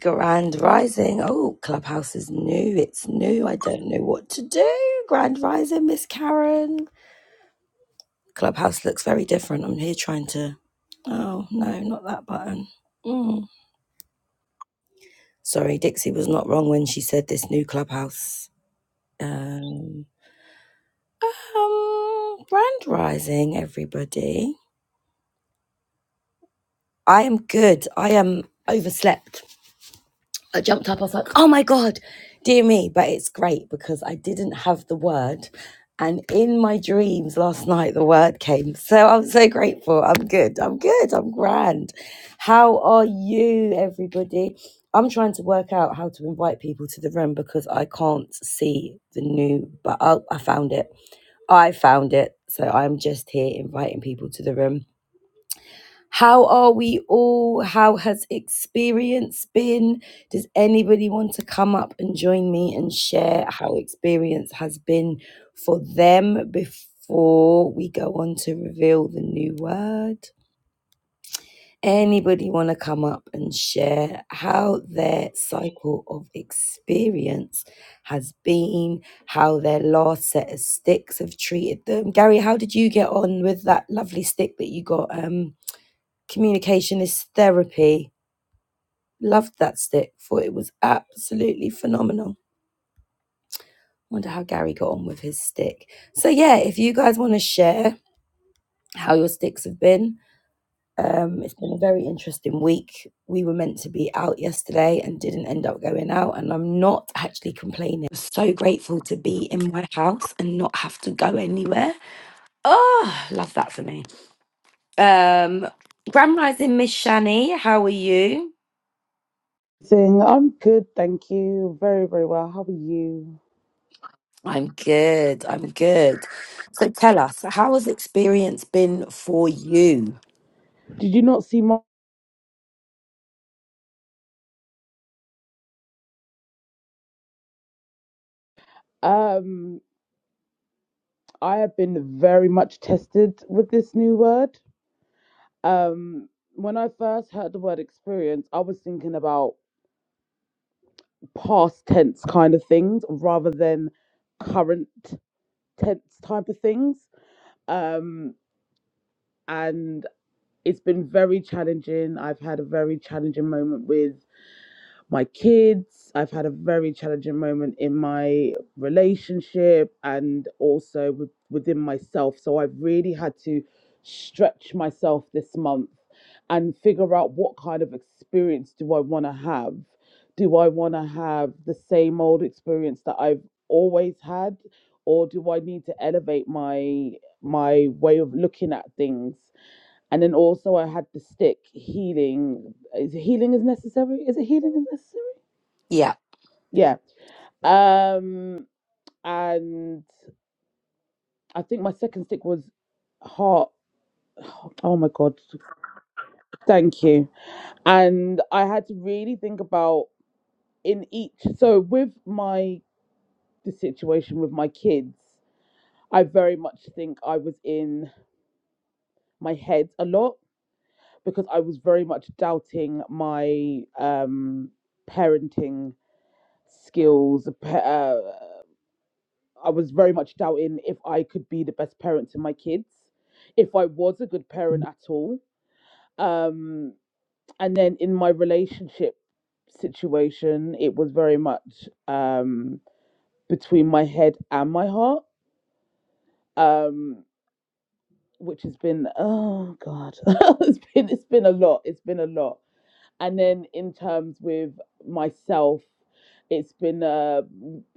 Grand Rising. Oh, Clubhouse is new. It's new. I don't know what to do. Grand Rising, Miss Karen. Clubhouse looks very different. I'm here trying to. Oh, no, not that button. Mm. Sorry, Dixie was not wrong when she said this new Clubhouse. Um, um, Grand Rising, everybody. I am good. I am overslept. I jumped up. I was like, oh my God, dear me. But it's great because I didn't have the word. And in my dreams last night, the word came. So I'm so grateful. I'm good. I'm good. I'm grand. How are you, everybody? I'm trying to work out how to invite people to the room because I can't see the new, but oh, I found it. I found it. So I'm just here inviting people to the room. How are we all? How has experience been? Does anybody want to come up and join me and share how experience has been for them before we go on to reveal the new word? Anybody want to come up and share how their cycle of experience has been, how their last set of sticks have treated them? Gary, how did you get on with that lovely stick that you got? Um. Communication is therapy. Loved that stick. Thought it was absolutely phenomenal. Wonder how Gary got on with his stick. So yeah, if you guys want to share how your sticks have been, um, it's been a very interesting week. We were meant to be out yesterday and didn't end up going out, and I'm not actually complaining. I'm So grateful to be in my house and not have to go anywhere. Oh, love that for me. Um, Grand Rising Miss Shani, how are you? Thing. I'm good, thank you. Very, very well. How are you? I'm good. I'm good. So tell us, how has experience been for you? Did you not see my um I have been very much tested with this new word. Um when I first heard the word experience, I was thinking about past tense kind of things rather than current tense type of things. Um and it's been very challenging. I've had a very challenging moment with. my kids. I've had a very challenging moment in my relationship and also with, within myself. So I've really had to stretch myself this month and figure out what kind of experience do I want to have? Do I want to have the same old experience that I've always had or do I need to elevate my my way of looking at things? And then also I had the stick healing is healing is necessary? Is it healing is necessary? Yeah. yeah. Um, and I think my second stick was heart. Oh my god, thank you. And I had to really think about in each. So with my the situation with my kids, I very much think I was in my head a lot because I was very much doubting my um parenting skills, pa- uh, I was very much doubting if I could be the best parent to my kids, if I was a good parent at all. Um, and then in my relationship situation, it was very much um, between my head and my heart, um, which has been oh god, it's been it's been a lot. It's been a lot. and then in terms with myself it's been a,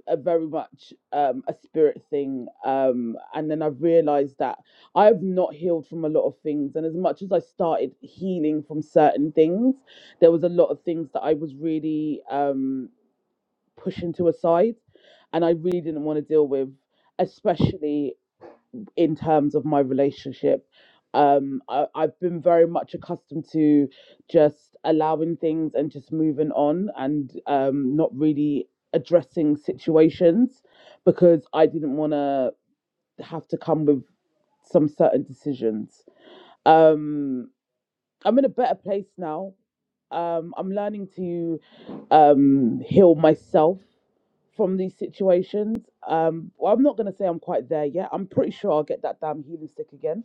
a very much um, a spirit thing um, and then i've realized that i've not healed from a lot of things and as much as i started healing from certain things there was a lot of things that i was really um, pushing to a side and i really didn't want to deal with especially in terms of my relationship. Um, I, I've been very much accustomed to just allowing things and just moving on and um, not really addressing situations because I didn't want to have to come with some certain decisions. Um, I'm in a better place now. Um, I'm learning to um, heal myself from these situations. Um, well, I'm not going to say I'm quite there yet. I'm pretty sure I'll get that damn healing stick again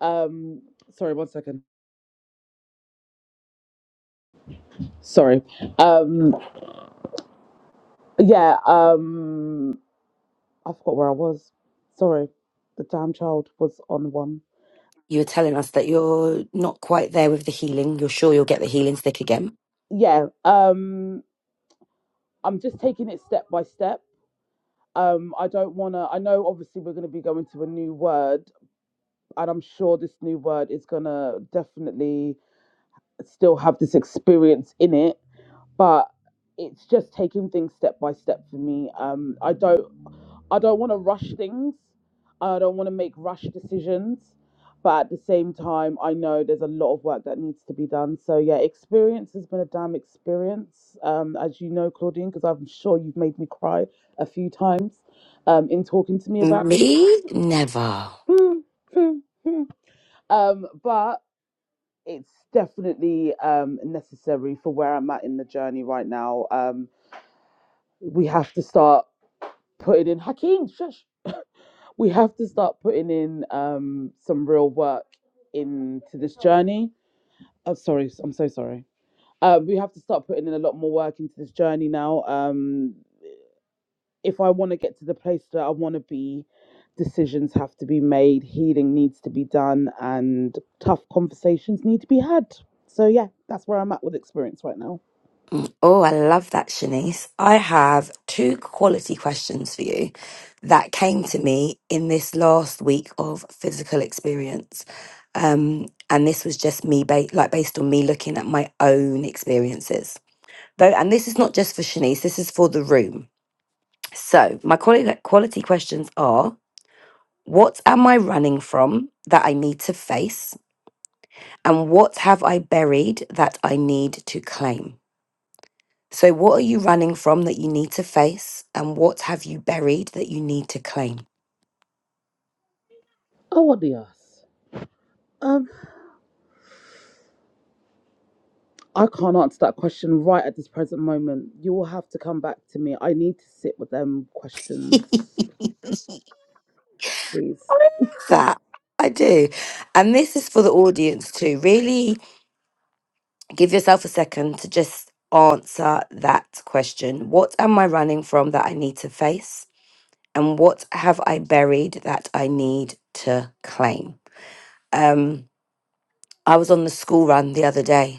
um, sorry, one second. Sorry. Um, yeah. Um, I forgot where I was. Sorry, the damn child was on one. You were telling us that you're not quite there with the healing. You're sure you'll get the healing stick again. Yeah. Um, I'm just taking it step by step. Um, I don't wanna. I know obviously we're gonna be going to a new word, and I'm sure this new word is gonna definitely still have this experience in it, but it's just taking things step by step for me. Um, I don't. I don't want to rush things. I don't want to make rush decisions. But at the same time, I know there's a lot of work that needs to be done. So, yeah, experience has been a damn experience, um, as you know, Claudine, because I'm sure you've made me cry a few times um, in talking to me about this. Me? Never. um, but it's definitely um, necessary for where I'm at in the journey right now. Um, we have to start putting in Hakeem. Shush we have to start putting in um, some real work into this journey. Oh, sorry, I'm so sorry. Uh, we have to start putting in a lot more work into this journey now. Um, if I want to get to the place that I want to be, decisions have to be made, healing needs to be done, and tough conversations need to be had. So yeah, that's where I'm at with experience right now. Oh, I love that, Shanice. I have two quality questions for you that came to me in this last week of physical experience. Um, and this was just me, ba- like based on me looking at my own experiences. Though, and this is not just for Shanice, this is for the room. So, my quality, quality questions are what am I running from that I need to face? And what have I buried that I need to claim? So, what are you running from that you need to face? And what have you buried that you need to claim? Oh, what the ass? Um, I can't answer that question right at this present moment. You will have to come back to me. I need to sit with them I questions, please. love that. I do. And this is for the audience too. Really give yourself a second to just answer that question. What am I running from that I need to face? And what have I buried that I need to claim? Um, I was on the school run the other day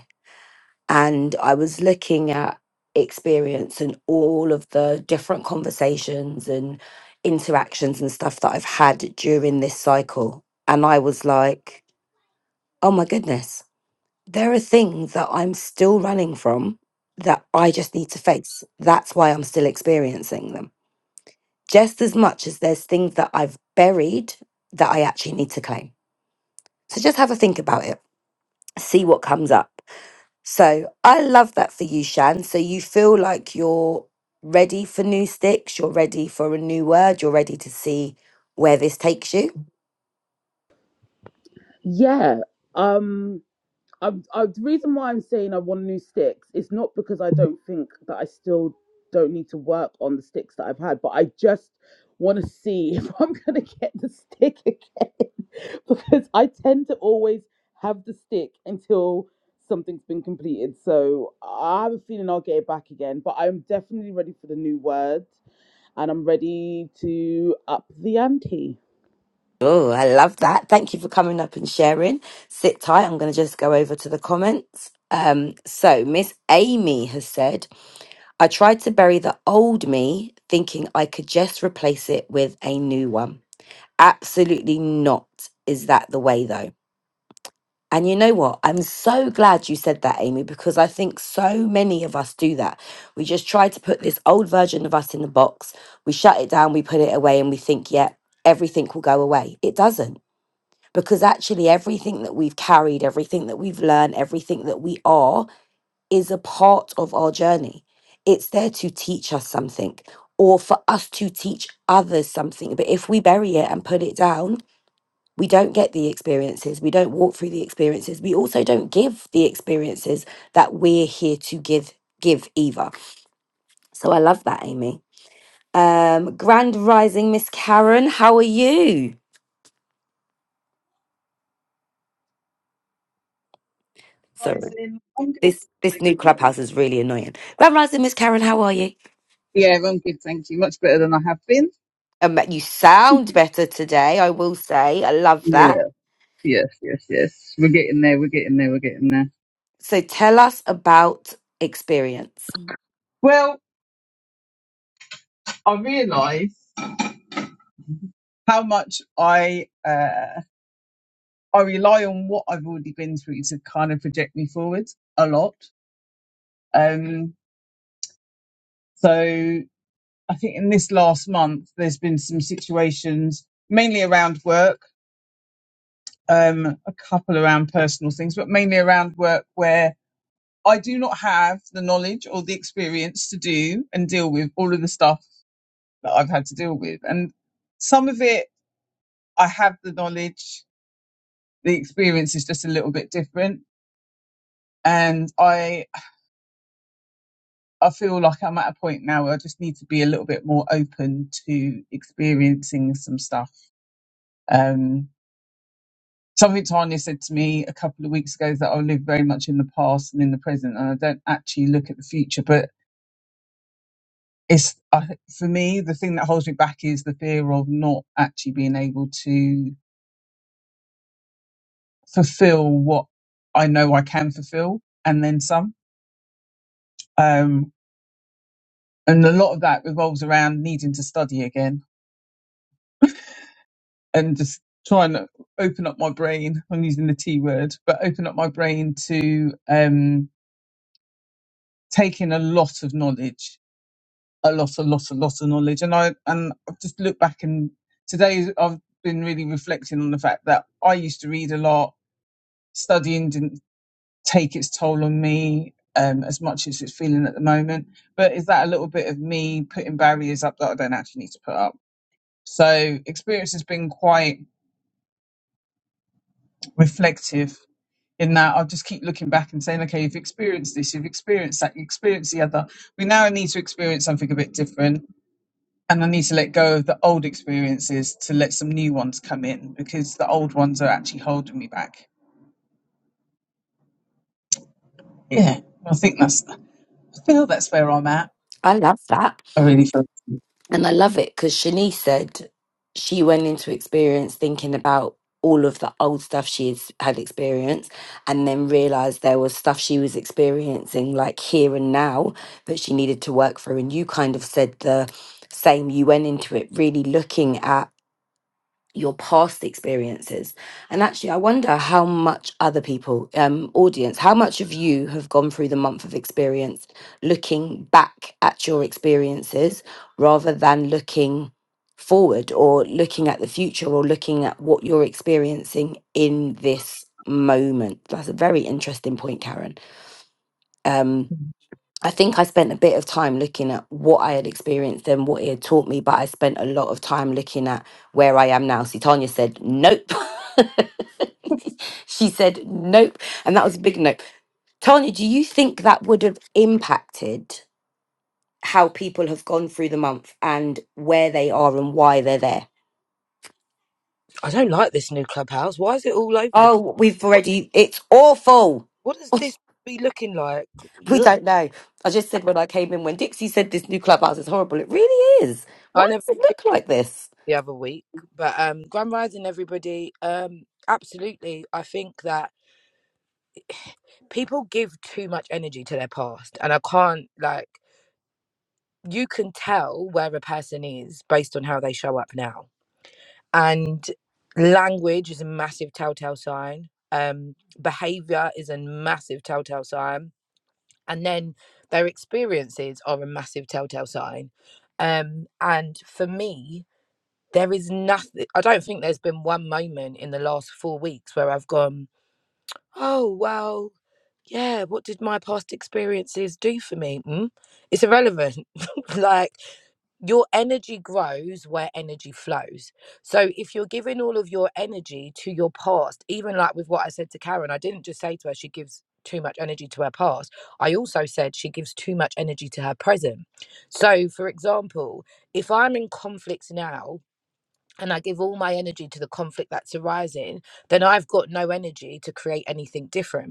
and I was looking at experience and all of the different conversations and interactions and stuff that I've had during this cycle. And I was like, oh my goodness, there are things that I'm still running from that I just need to face. That's why I'm still experiencing them. Just as much as there's things that I've buried that I actually need to claim. So just have a think about it, see what comes up. So I love that for you, Shan. So you feel like you're ready for new sticks, you're ready for a new word, you're ready to see where this takes you. Yeah. Um i I, the reason why I'm saying I want new sticks is not because I don't think that I still don't need to work on the sticks that I've had, but I just want to see if I'm going to get the stick again because I tend to always have the stick until something's been completed. So I have a feeling I'll get it back again, but I'm definitely ready for the new word and I'm ready to up the ante. Oh, I love that. Thank you for coming up and sharing. Sit tight. I'm going to just go over to the comments. Um, so, Miss Amy has said, I tried to bury the old me thinking I could just replace it with a new one. Absolutely not. Is that the way, though? And you know what? I'm so glad you said that, Amy, because I think so many of us do that. We just try to put this old version of us in the box, we shut it down, we put it away, and we think, yeah, everything will go away. It doesn't, because actually, everything that we've carried, everything that we've learned, everything that we are is a part of our journey. It's there to teach us something or for us to teach others something. But if we bury it and put it down, we don't get the experiences. We don't walk through the experiences. We also don't give the experiences that we're here to give give either. So I love that, Amy. Um, Grand Rising Miss Karen, how are you? Sorry. guys in. I'm good, This this thank new you. clubhouse is really annoying. Grand Rising Miss Karen, how are you? Yeah, I'm good, thank you. Much better than I have been. Um, you sound better today, I will say. I love that. Yeah, yes, yes, yes. We're getting there. We're getting there. We're getting there. So tell us about experience. Well, I realise how much I uh, I rely on what I've already been through to kind of project me forward a lot. Um, so I think in this last month, there's been some situations mainly around work, um, a couple around personal things, but mainly around work where I do not have the knowledge or the experience to do and deal with all of the stuff that I've had to deal with. And some of it, I have the knowledge. The experience is just a little bit different. And I, I feel like I'm at a point now where I just need to be a little bit more open to experiencing some stuff. Um, something Tanya said to me a couple of weeks ago is that I live very much in the past and in the present, and I don't actually look at the future. But it's uh, for me the thing that holds me back is the fear of not actually being able to fulfill what I know I can fulfill and then some um and a lot of that revolves around needing to study again and just trying to open up my brain I'm using the T word but open up my brain to um take in a lot of knowledge a lot a lot a lot of knowledge and I and I've just looked back and today I've been really reflecting on the fact that I used to read a lot studying didn't take its toll on me um, as much as it's feeling at the moment. But is that a little bit of me putting barriers up that I don't actually need to put up? So experience has been quite reflective in that I'll just keep looking back and saying, okay, you've experienced this, you've experienced that, you experienced the other. We now need to experience something a bit different. And I need to let go of the old experiences to let some new ones come in because the old ones are actually holding me back. Yeah, I think that's, I feel that's where I'm at. I love that. I really feel. And I love it because Shanice said she went into experience thinking about all of the old stuff she has- had experienced and then realized there was stuff she was experiencing like here and now that she needed to work through. And you kind of said the same. You went into it really looking at your past experiences and actually i wonder how much other people um audience how much of you have gone through the month of experience looking back at your experiences rather than looking forward or looking at the future or looking at what you're experiencing in this moment that's a very interesting point karen Um, I think I spent a bit of time looking at what I had experienced and what it had taught me, but I spent a lot of time looking at where I am now. See, Tanya said, nope. she said, nope. And that was a big nope. Tanya, do you think that would have impacted how people have gone through the month and where they are and why they're there? I don't like this new clubhouse. Why is it all over the? place? Oh, we've What already, it's awful. what does this be looking like? we Ugh. don't know. I just said when I came in, when Dixie said this new clubhouse is horrible, it really is. Why I never does it did look like this? the other week, but um, Grand Rising, everybody. Um, absolutely. I think that people give too much energy to their past, and I can't like. You can tell where a person is based on how they show up now, and language is a massive telltale sign. Um, behavior is a massive telltale sign and then their experiences are a massive telltale sign um and for me there is nothing i don't think there's been one moment in the last four weeks where i've gone oh well yeah what did my past experiences do for me mm? it's irrelevant like your energy grows where energy flows. So if you're giving all of your energy to your past, even like with what I said to Karen, I didn't just say to her she gives too much energy to her past. I also said she gives too much energy to her present. So for example, if I'm in conflict now and I give all my energy to the conflict that's arising, then I've got no energy to create anything different.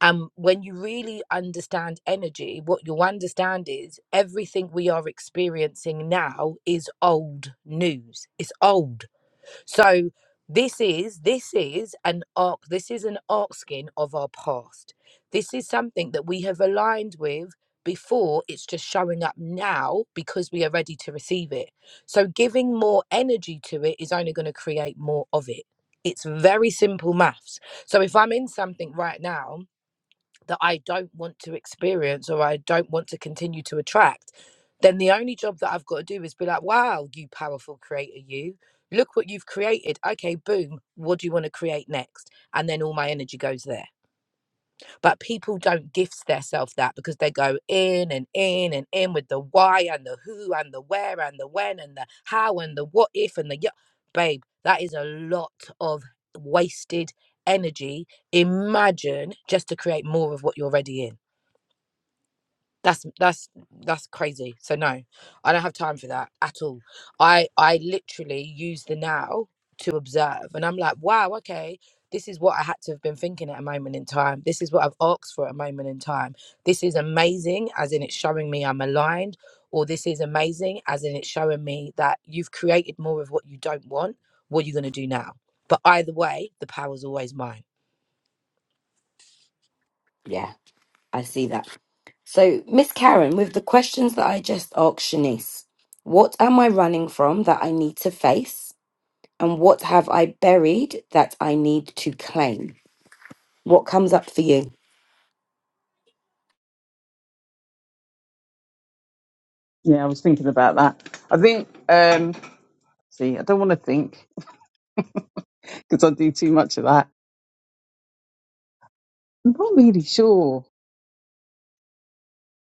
And when you really understand energy, what you'll understand is everything we are experiencing now is old news. It's old. So this is this is an arc. This is an arc skin of our past. This is something that we have aligned with before. It's just showing up now because we are ready to receive it. So giving more energy to it is only going to create more of it. It's very simple maths. So if I'm in something right now that I don't want to experience or I don't want to continue to attract, then the only job that I've got to do is be like, wow, you powerful creator, you. Look what you've created. Okay, boom. What do you want to create next? And then all my energy goes there. But people don't gift themselves that because they go in and in and in with the why and the who and the where and the when and the how and the what if and the yeah. Babe, that is a lot of wasted energy. Imagine just to create more of what you're already in that's that's that's crazy so no i don't have time for that at all i i literally use the now to observe and i'm like wow okay this is what i had to have been thinking at a moment in time this is what i've asked for at a moment in time this is amazing as in it's showing me i'm aligned or this is amazing as in it's showing me that you've created more of what you don't want what are you going to do now but either way the power's always mine Yeah, I see that. So, Miss Karen, with the questions that I just asked Shanice, what am I running from that I need to face? And what have I buried that I need to claim? What comes up for you? Yeah, I was thinking about that. I think, um, see, I don't want to think because I do too much of that. I'm not really sure.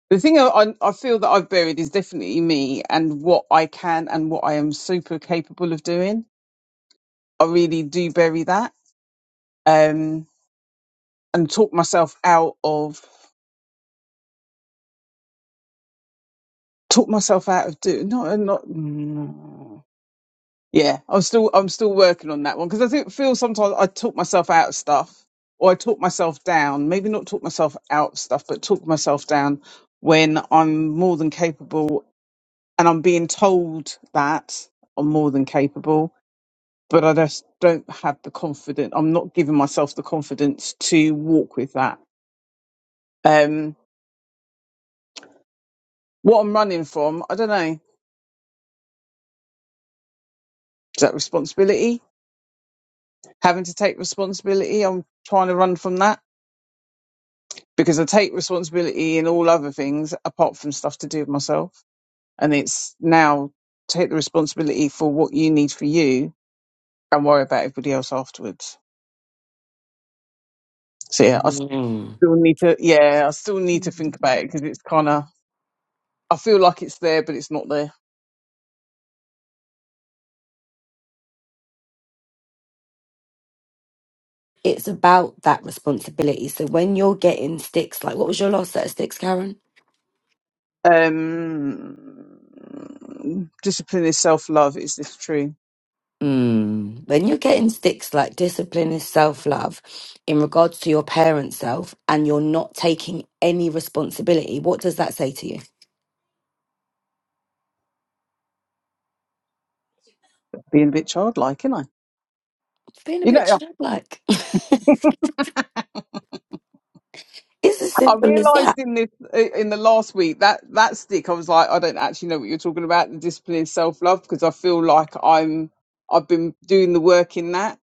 The thing I, I I feel that I've buried is definitely me and what I can and what I am super capable of doing. I really do bury that um, and talk myself out of talk myself out of do not not. Yeah, I'm still I'm still working on that one because I think feel sometimes I talk myself out of stuff or I talk myself down. Maybe not talk myself out of stuff, but talk myself down when I'm more than capable and I'm being told that I'm more than capable, but I just don't have the confidence. I'm not giving myself the confidence to walk with that. Um, what I'm running from, I don't know. Is that responsibility? Having to take responsibility. I'm trying to run from that because I take responsibility in all other things apart from stuff to do with myself. And it's now take the responsibility for what you need for you and worry about everybody else afterwards. So yeah, I Mm. still need to, yeah, I still need to think about it because it's kind of, I feel like it's there, but it's not there. It's about that responsibility. So, when you're getting sticks, like what was your last set of sticks, Karen? Um, discipline is self love. Is this true? Mm. When you're getting sticks like discipline is self love in regards to your parent self and you're not taking any responsibility, what does that say to you? Being a bit childlike, isn't I? Being a You bit know, childlike. it's as I simple as that. realised in this in the last week that that stick I was like I don't actually know what you're talking about the discipline is self love because I feel like I'm I've been doing the work in that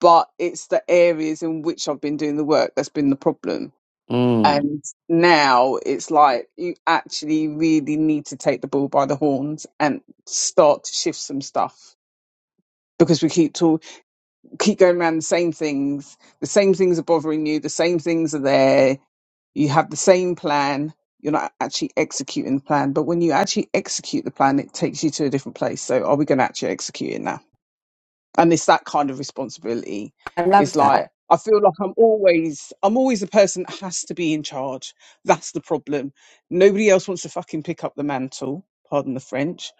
but it's the areas in which I've been doing the work that's been the problem Mm. and now it's like you actually really need to take the bull by the horns and start to shift some stuff because we keep talk, keep going around the same things the same things are bothering you the same things are there you have the same plan you're not actually executing the plan but when you actually execute the plan it takes you to a different place so are we going to actually execute it now and it's that kind of responsibility I love it's that. like i feel like i'm always i'm always the person that has to be in charge that's the problem nobody else wants to fucking pick up the mantle pardon the french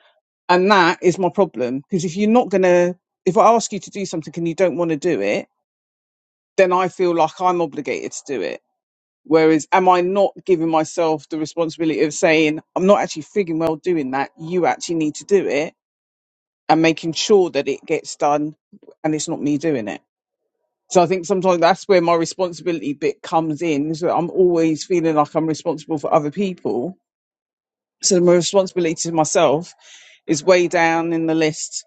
and that is my problem because if you're not going to if i ask you to do something and you don't want to do it then i feel like i'm obligated to do it Whereas, am I not giving myself the responsibility of saying, I'm not actually figuring well doing that, you actually need to do it, and making sure that it gets done and it's not me doing it? So I think sometimes that's where my responsibility bit comes in, is that I'm always feeling like I'm responsible for other people. So my responsibility to myself is way down in the list.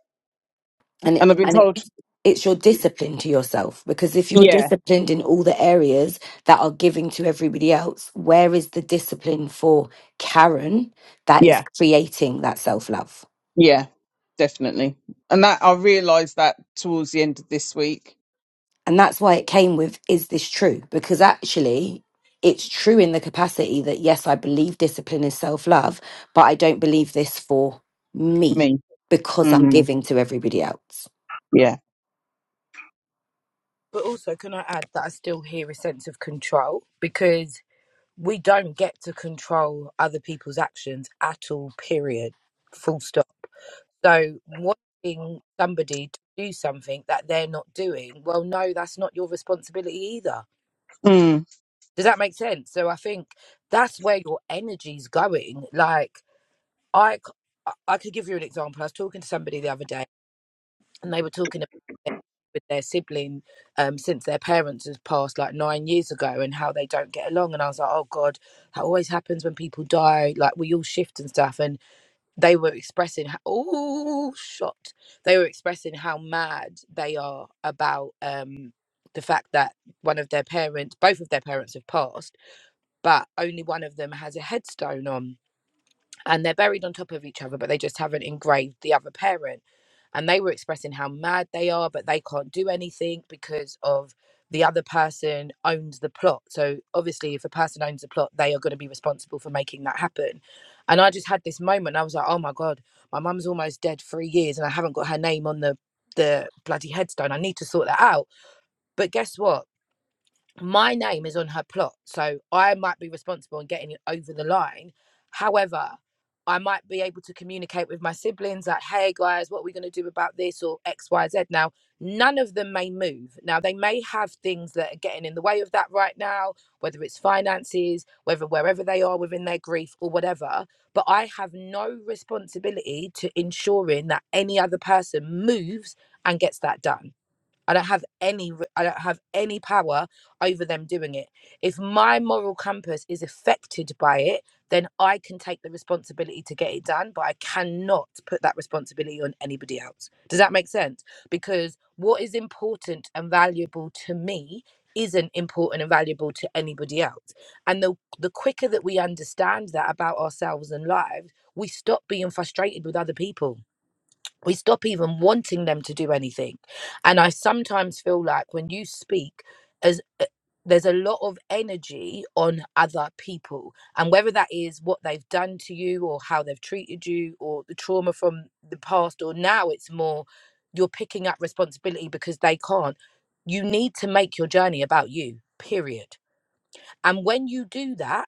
And And it I've been and told, it, it's your discipline to yourself because if you're yeah, disciplined in all the areas that are giving to everybody else, where is the discipline for Karen that is yeah, creating that self love? yeah, definitely. And that I realised that towards the end of this week. And that's why it came with, is this true? Because actually, it's true in the capacity that, yes, I believe discipline is self love, but I don't believe this for me Me. because I'm Mm, giving to everybody else. yeah. but also can i add that i still hear a sense of control because we don't get to control other people's actions at all period full stop so wanting somebody to do something that they're not doing well no that's not your responsibility either Mm. does that make sense so i think that's where your energy's going like i c- i I could give you an example i was talking to somebody the other day and they were talking with their sibling um, since their parents has passed like nine years ago and how they don't get along. And I was like, oh God, that always happens when people die. Like we all shift and stuff. And they were expressing, how, oh, shot. They were expressing how mad they are about um, the fact that one of their parents, both of their parents have passed, but only one of them has a headstone on and they're buried on top of each other, but they just haven't engraved the other parent. And they were expressing how mad they are, but they can't do anything because of the other person owns the plot. So obviously, if a person owns the plot, they are going to be responsible for making that happen. And I just had this moment. I was like, oh my god, my mum's almost dead three years, and I haven't got her name on the the bloody headstone. I need to sort that out. But guess what? my name is on her plot, so I might be responsible in getting it over the line. However, I might be able to communicate with my siblings, like, hey guys, what are we going to do about this or X, Y, Z. Now, none of them may move. Now, they may have things that are getting in the way of that right now, whether it's finances, whether wherever they are within their grief or whatever. But I have no responsibility to ensuring that any other person moves and gets that done. I don't have any I I don't have any power over them doing it. If my moral compass is affected by it, then I can take the responsibility to get it done, but I cannot put that responsibility on anybody else. Does that make sense? Because what is important and valuable to me isn't important and valuable to anybody else. And the the quicker that we understand that about ourselves and lives, we stop being frustrated with other people we stop even wanting them to do anything and i sometimes feel like when you speak as uh, there's a lot of energy on other people and whether that is what they've done to you or how they've treated you or the trauma from the past or now it's more you're picking up responsibility because they can't you need to make your journey about you period and when you do that,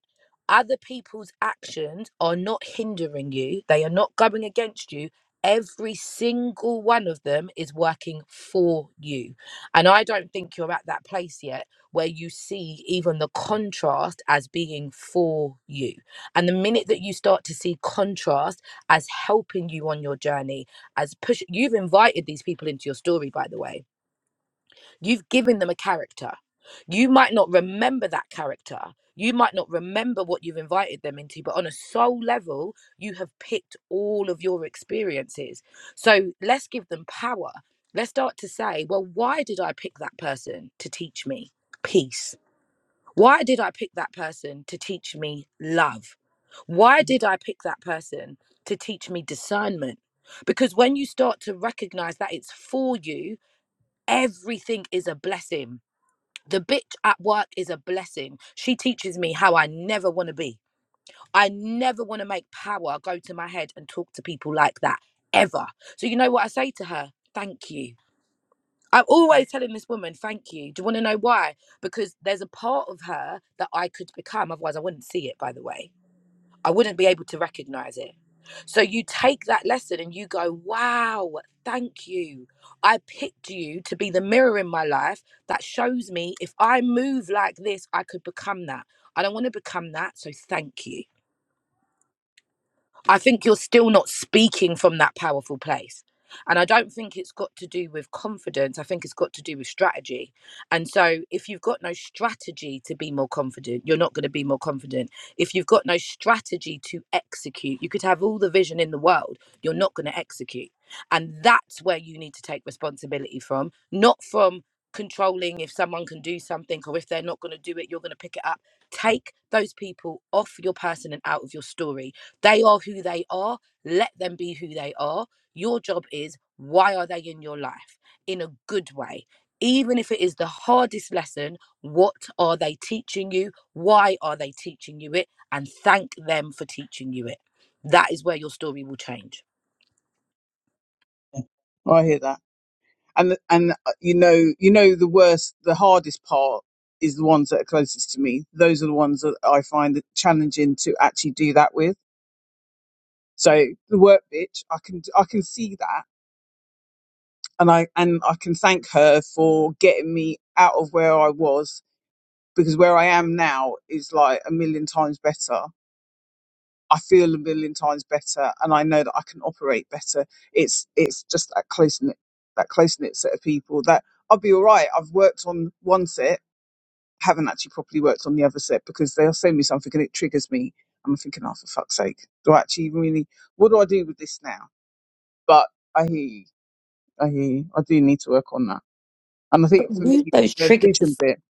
other people's actions are not hindering you, they are not going against you. Every single one of them is working for you. And I don't think you're at that place yet where you see even the contrast as being for you. And the minute that you start to see contrast as helping you on your journey, as push you've invited these people into your story, by the way You've given them a character. You might not remember that character. You might not remember what you've invited them into, but on a soul level, you have picked all of your experiences. So let's give them power. Let's start to say, well, why did I pick that person to teach me peace? Why did I pick that person to teach me love? Why did I pick that person to teach me discernment? Because when you start to recognize that it's for you, everything is a blessing the bitch at work is a blessing. She teaches me how I never want to be. I never want to make power go to my head and talk to people like that ever. So, you know what I say to her? Thank you. I'm always telling this woman, thank you. Do you want to know why? Because there's a part of her that I could become, otherwise, I wouldn't see it, by the way I wouldn't be able to recognize it. So you take that lesson and you go, wow, thank you. I picked you to be the mirror in my life that shows me if I move like this, I could become that. I don't want to become that. So thank you. I think you're still not speaking from that powerful place. And I don't think it's got to do with confidence. I think it's got to do with strategy. And so, if you've got no strategy to be more confident, you're not going to be more confident. If you've got no strategy to execute, you could have all the vision in the world, you're not going to execute. And that's where you need to take responsibility from, not from controlling if someone can do something or if they're not going to do it, you're going to pick it up. Take those people off your person and out of your story they are who they are. Let them be who they are. Your job is why are they in your life in a good way? Even if it is the hardest lesson, what are they teaching you? Why are they teaching you it? And thank them for teaching you it. That is where your story will change. Oh, I hear that. And and uh, you know, you know, the worst, the hardest part is the ones that are closest to me. Those are the ones that I find it challenging to actually do that with. So the work bitch, I can I can see that, and I and I can thank her for getting me out of where I was because where I am now is like a million times better. I feel a million times better, and I know that I can operate better. It's it's just that close knit that close knit set of people that I'll be all right. I've worked on one set, haven't actually properly worked on the other set because they'll send me something and it triggers me. I'm thinking, oh for fuck's sake, do I actually even really? What do I do with this now? But I hear you. I hear you. I do need to work on that, and I But think for me use those the vision triggers bit.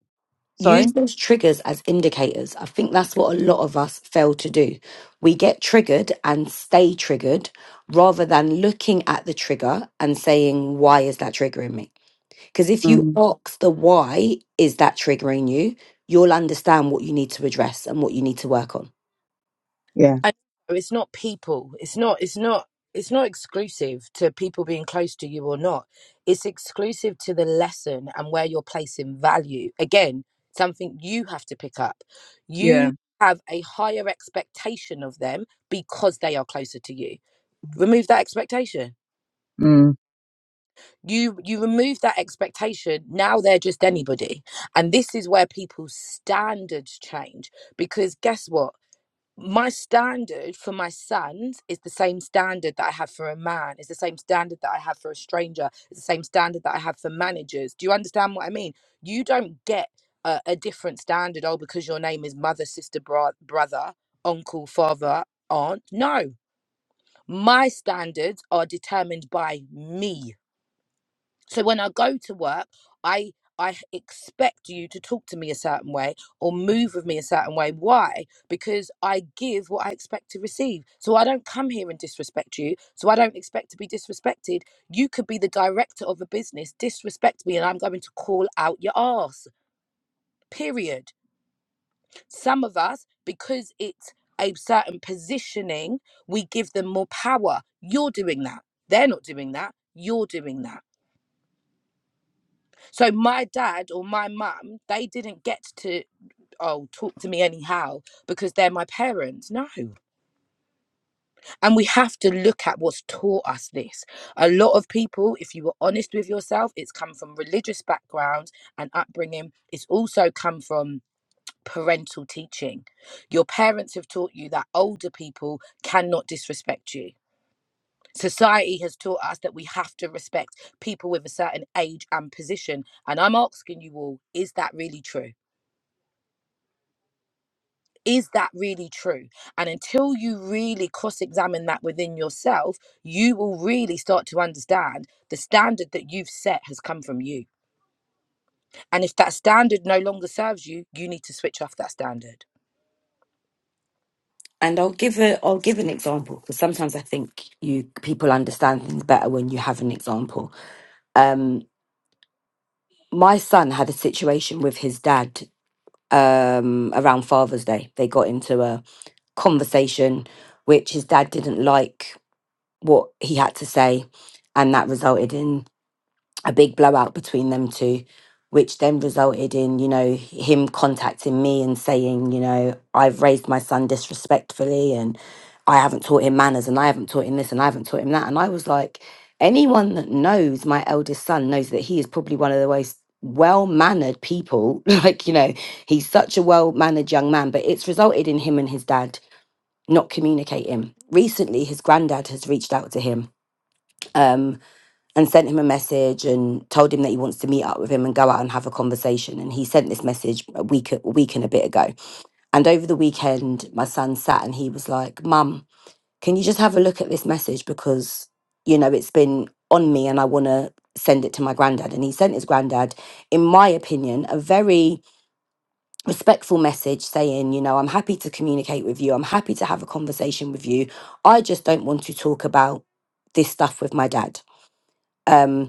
Sorry. Use those triggers as indicators. I think that's what a lot of us fail to do. We get triggered and stay triggered rather than looking at the trigger and saying, why is that triggering me? Because if you Mm, ask the why is that triggering you, you'll understand what you need to address and what you need to work on. yeah. I know it's not people. It's not it's not it's not exclusive to people being close to you or not. It's exclusive to the lesson and where you're placing value. Again, something you have to pick up. You Yeah. have a higher expectation of them because they are closer to you. Remove that expectation. Mm. You you remove that expectation, now they're just anybody. And this is where people's standards change because guess what? my standard for my sons is the same standard that I have for a man, it's the same standard that I have for a stranger, it's the same standard that I have for managers. Do you understand what I mean? You don't get a, a different standard, oh, because your name is mother, sister, bro- brother, uncle, father, aunt. No, my standards are determined by me. So when I go to work, I I expect you to talk to me a certain way or move with me a certain way. Why? Because I give what I expect to receive. So I don't come here and disrespect you. So I don't expect to be disrespected. You could be the director of a business, disrespect me, and I'm going to call out your ass. Period. Some of us, because it's a certain positioning, we give them more power. You're doing that. They're not doing that. You're doing that So my dad or my mum, they didn't get to oh talk to me anyhow because they're my parents. No. And we have to look at what's taught us this. A lot of people, if you were honest with yourself, it's come from religious backgrounds and upbringing. It's also come from parental teaching. Your parents have taught you that older people cannot disrespect you. Society has taught us that we have to respect people with a certain age and position. And I'm asking you all, is that really true? is that really true? And until you really cross examine that within yourself, you will really start to understand the standard that you've set has come from you. And if that standard no longer serves you, you need to switch off that standard. And I'll give a I'll give an example because sometimes I think you people understand things better when you have an example. Um, my son had a situation with his dad um, around Father's Day. They got into a conversation which his dad didn't like what he had to say, and that resulted in a big blowout between them two, which then resulted in, you know, him contacting me and saying, you know, I've raised my son disrespectfully and I haven't taught him manners and I haven't taught him this and I haven't taught him that. And I was like, anyone that knows my eldest son knows that he is probably one of the most well mannered people. like, you know, he's such a well mannered young man, but it's resulted in him and his dad not communicating. Recently, his granddad has reached out to him Um, and sent him a message and told him that he wants to meet up with him and go out and have a conversation. And he sent this message a week, a week and a bit ago. And over the weekend, my son sat and he was like, Mum, can you just have a look at this message? Because, you know, it's been on me and I want to send it to my granddad. And he sent his granddad, in my opinion, a very respectful message saying, you know, I'm happy to communicate with you. I'm happy to have a conversation with you. I just don't want to talk about this stuff with my dad. Um,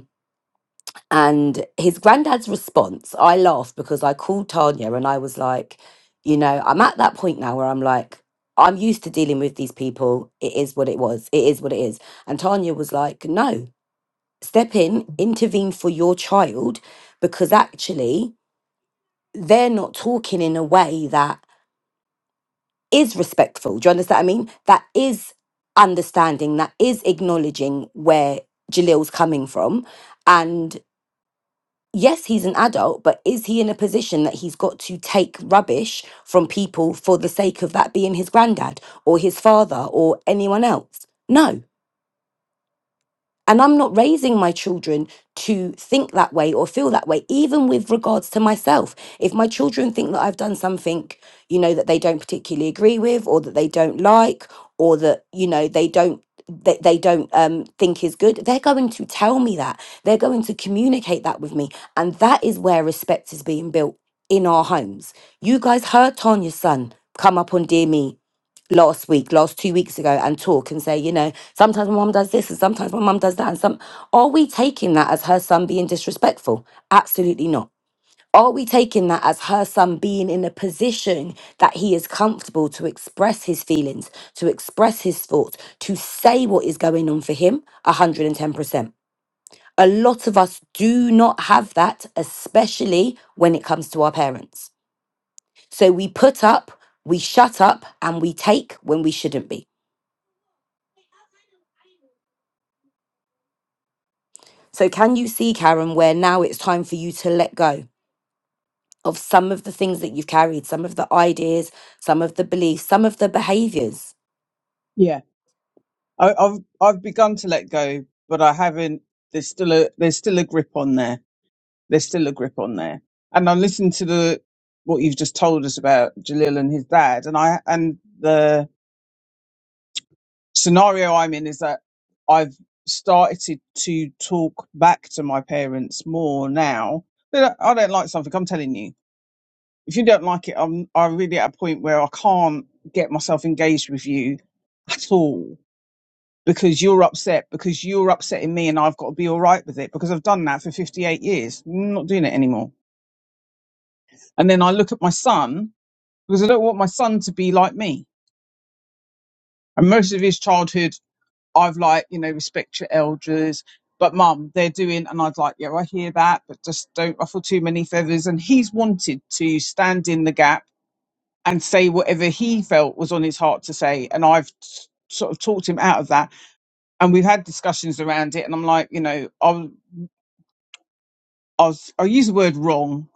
and his granddad's response, I laughed because I called Tanya and I was like, you know, I'm at that point now where I'm like, I'm used to dealing with these people. It is what it was. It is what it is. And Tanya was like, no, step in, intervene for your child because actually they're not talking in a way that is respectful. Do you understand what I mean? That is understanding, that is acknowledging where Jalil's coming from. yes, he's an adult, but is he in a position that he's got to take rubbish from people for the sake of that being his granddad or his father or anyone else? No. And I'm not raising my children to think that way or feel that way, even with regards to myself. If my children think that I've done something, you know, that they don't particularly agree with or that they don't like or that, you know, they don't. They, they don't um, think is good, they're going to tell me that. They're going to communicate that with me. And that is where respect is being built in our homes. You guys heard Tanya's son come up on Dear Me last week, last two weeks ago, and talk and say, you know, sometimes my mum does this and sometimes my mum does that. And some are we taking that as her son being disrespectful? Absolutely not. Are we taking that as her son being in a position that he is comfortable to express his feelings, to express his thoughts, to say what is going on for him? 110%. A lot of us do not have that, especially when it comes to our parents. So we put up, we shut up, and we take when we shouldn't be. So, can you see, Karen, where now it's time for you to let go of some of the things that you've carried, some of the ideas, some of the beliefs, some of the behaviors Yeah. I, I've I've begun to let go, but I haven't. There's still a there's still a grip on there. There's still a grip on there. And I listened to the what you've just told us about Jalil and his dad, and I and the scenario I'm in is that I've started to talk back to my parents more now. They don't- I don't like something. I'm telling you, if you don't like it, I'm I'm really at a point where I can't get myself engaged with you at all because you're upset because you're upsetting me and I've got to be all right with it because I've done that for 58 years. I'm not doing it anymore. And then I look at my son because I don't want my son to be like me. And most of his childhood, I've like, you know, respect your elders, but mum, they're doing, and I'd like, yeah, I hear that, but just don't ruffle too many feathers. And he's wanted to stand in the gap and say whatever he felt was on his heart to say. And I've s- sort of talked him out of that and we've had discussions around it and i'm like you know I'll. I was, I'll use the word wrong,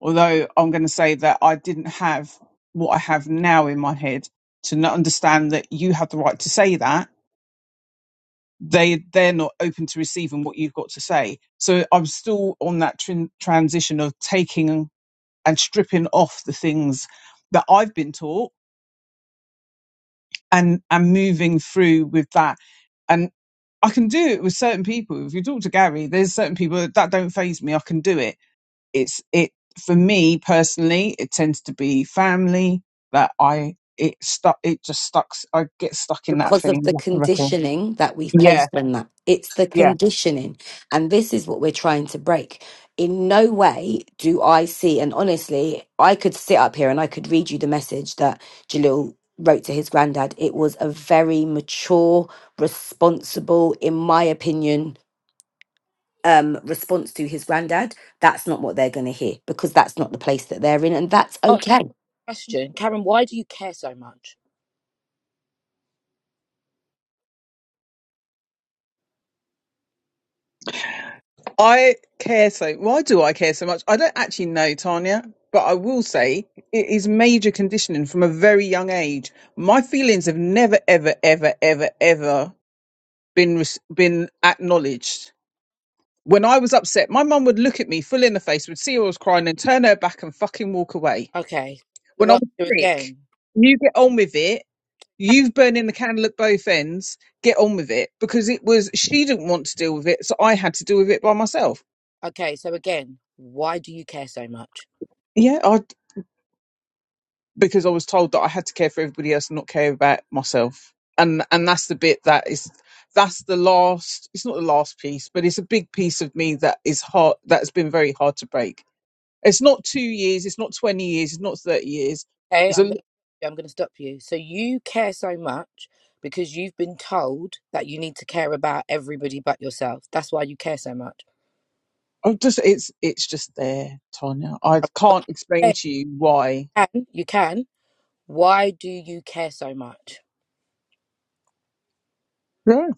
although I'm going to say that I didn't have what I have now in my head to not understand that you have the right to say that. They, they're not open to receiving what you've got to say. So I'm still on that tran- transition of taking and stripping off the things that I've been taught and, and moving through with that. And I can do it with certain people. If you talk to Gary, there's certain people that don't phase me. I can do it it's it for me personally it tends to be family that i it stuck it just stuck i get stuck in that because of thing the That's the record. conditioning that we've yeah placed on that? It's the yeah conditioning. And this is what we're trying to break. In no way do I see, and honestly, I could sit up here and I could read you the message that Jalil wrote to his granddad. It was a very mature, responsible, in my opinion, um response to his granddad that's not what they're going to hear because that's not the place that they're in and that's Ask the okay question, Karen, why do you care so much? I care so. Why do I care so much? I don't actually know, Tanya, but I will say it is major conditioning from a very young age. My feelings have never, ever, ever, ever, ever been res- been acknowledged. When I was upset, my mum would look at me full in the face, would see I was crying, and turn her back and fucking walk away. Okay. So when I'm ask you sick, again. you get on with it. You've burning the candle at both ends. Get on with it because it was she didn't want to deal with it, so I had to deal with it by myself. Okay, so again, why do you care so much? Yeah, I because I was told that I had to care for everybody else and not care about myself, and and that's the bit that is that's the last. It's not the last piece, but it's a big piece of me that is hard. That's been very hard to break. It's not two years. It's not twenty years. It's not thirty years. Okay, It's I'm a gonna I'm gonna stop you. So you care so much because you've been told that you need to care about everybody but yourself. That's why you care so much. i just it's it's just there, Tanya. I can't explain Okay, to you why. you can you can. Why do you care so much? Yeah.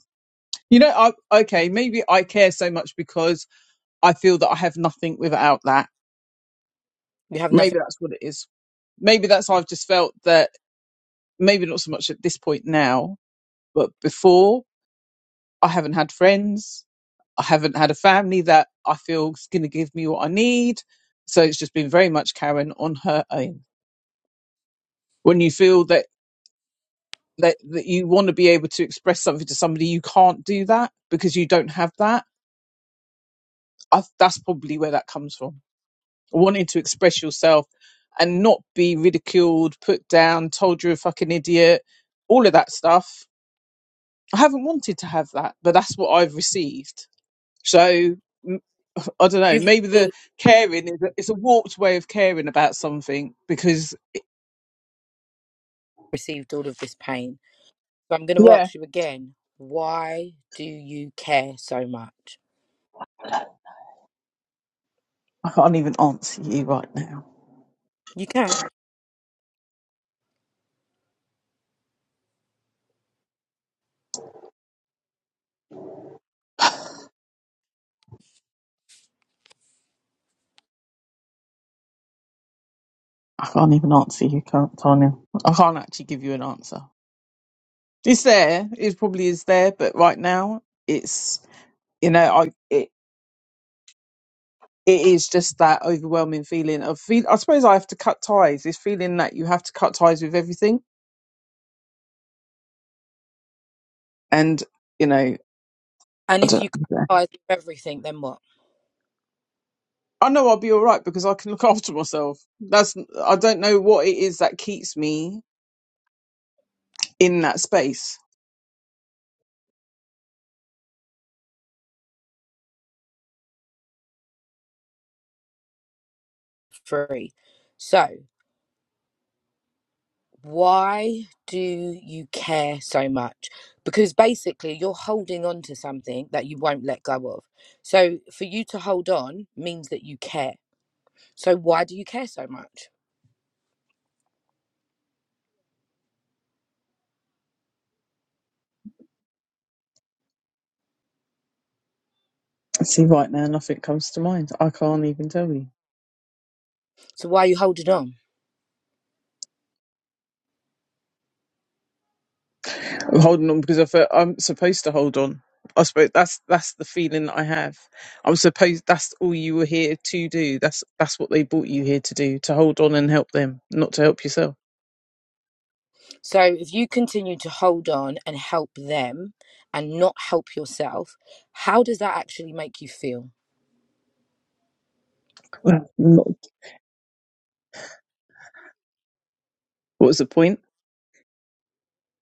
You know, I okay, maybe I care so much because I feel that I have nothing without that. You have nothing. Maybe that's what it is. Maybe that's I've just felt that maybe not so much at this point now, but before I haven't had friends. I haven't had a family that I feel is going to give me what I need. So it's just been very much Karen on her own. When you feel that that, that you want to be able to express something to somebody you can't do that because you don't have that I, that's probably where that comes from wanting to express yourself and not be ridiculed put down told you're a fucking idiot all of that stuff i haven't wanted to have that but that's what i've received so m- i don't know You've maybe the already caring is a, it's a warped way of caring about something because received all of this pain. So I'm gonna yeah ask you again. Why do you care so much? i can't even answer you right now You can. I can't even answer you, can't- Tanya. I can't actually give you an answer. It's there. It probably is there, but right now, it's you know, I it it is just that overwhelming feeling of feel. I suppose I have to cut ties. This feeling that you have to cut ties with everything, and you know, And I if don't. you cut yeah. ties with everything, then what? I know I'll be all right because I can look after myself. That's I don't know what it is that keeps me in that space. Free. So why do you care so much? Because basically, you're holding on to something that you won't let go of. So, for you to hold on means that you care. So, why do you care so much? See, right now, nothing comes to mind. I can't even tell you. So, why are you holding on? I'm holding on because I feel I'm supposed to hold on. I suppose that's that's the feeling that I have. I'm supposed that's all you were here to do. That's that's what they brought you here to do to hold on and help them, not to help yourself. So, if you continue to hold on and help them and not help yourself, how does that actually make you feel? Well, not- what was the point?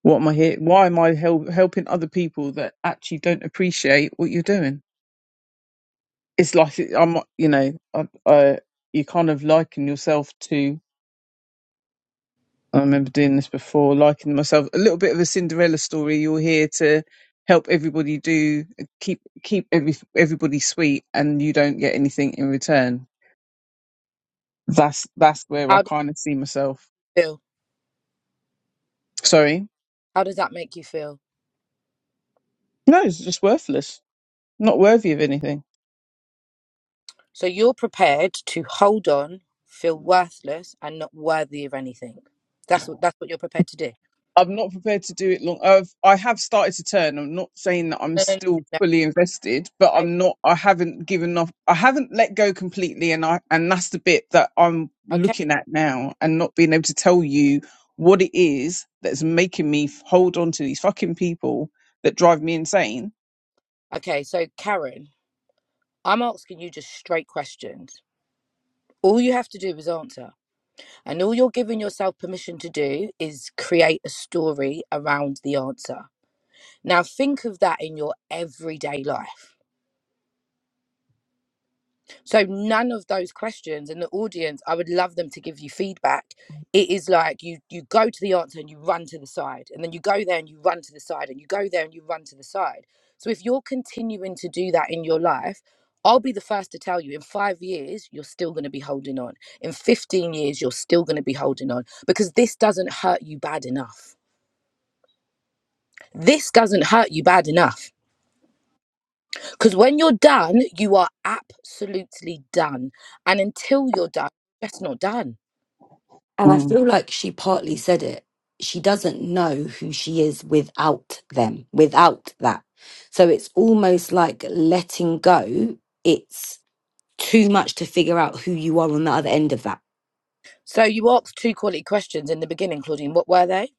What am I here? Why am I help, helping other people that actually don't appreciate what you're doing? It's like I'm, you know, I, I you kind of liken yourself to I remember doing this before, liking myself a little bit of a Cinderella story. You're here to help everybody do keep keep every everybody sweet, and you don't get anything in return. That's that's where I How does kind of see myself. it feel? Sorry, How does that make you feel? no, it's just worthless, not worthy of anything. So, you're prepared to hold on, feel worthless, and not worthy of anything. That's what that's what you're prepared to do. I'm not prepared to do it long. I've, I have started to turn. I'm not saying that I'm No, no, no, still no, fully invested, but no. I'm not. I haven't given up. I haven't let go completely, and I and that's the bit that I'm Okay, looking at now, and not being able to tell you what it is that's making me f- hold on to these fucking people that drive me insane. okay. So, Karen, I'm asking you just straight questions. All you have to do is answer, and all you're giving yourself permission to do is create a story around the answer. Now, think of that in your everyday life. So none of those questions and the audience, I would love them to give you feedback. It is like you you go to the answer and you run to the side, and then you go there and you run to the side, and you go there and you run to the side. So if you're continuing to do that in your life, I'll be the first to tell you in five years, you're still going to be holding on. In 15 years, you're still going to be holding on because this doesn't hurt you bad enough. This doesn't hurt you bad enough. Because when you're done, you are absolutely done. And until you're done, that's not done. and i Mm. feel like she partly said it she doesn't know who she is without them without that so it's almost like letting go it's too much to figure out who you are on the other end of that. So you asked two quality questions in the beginning, Claudine. What were they?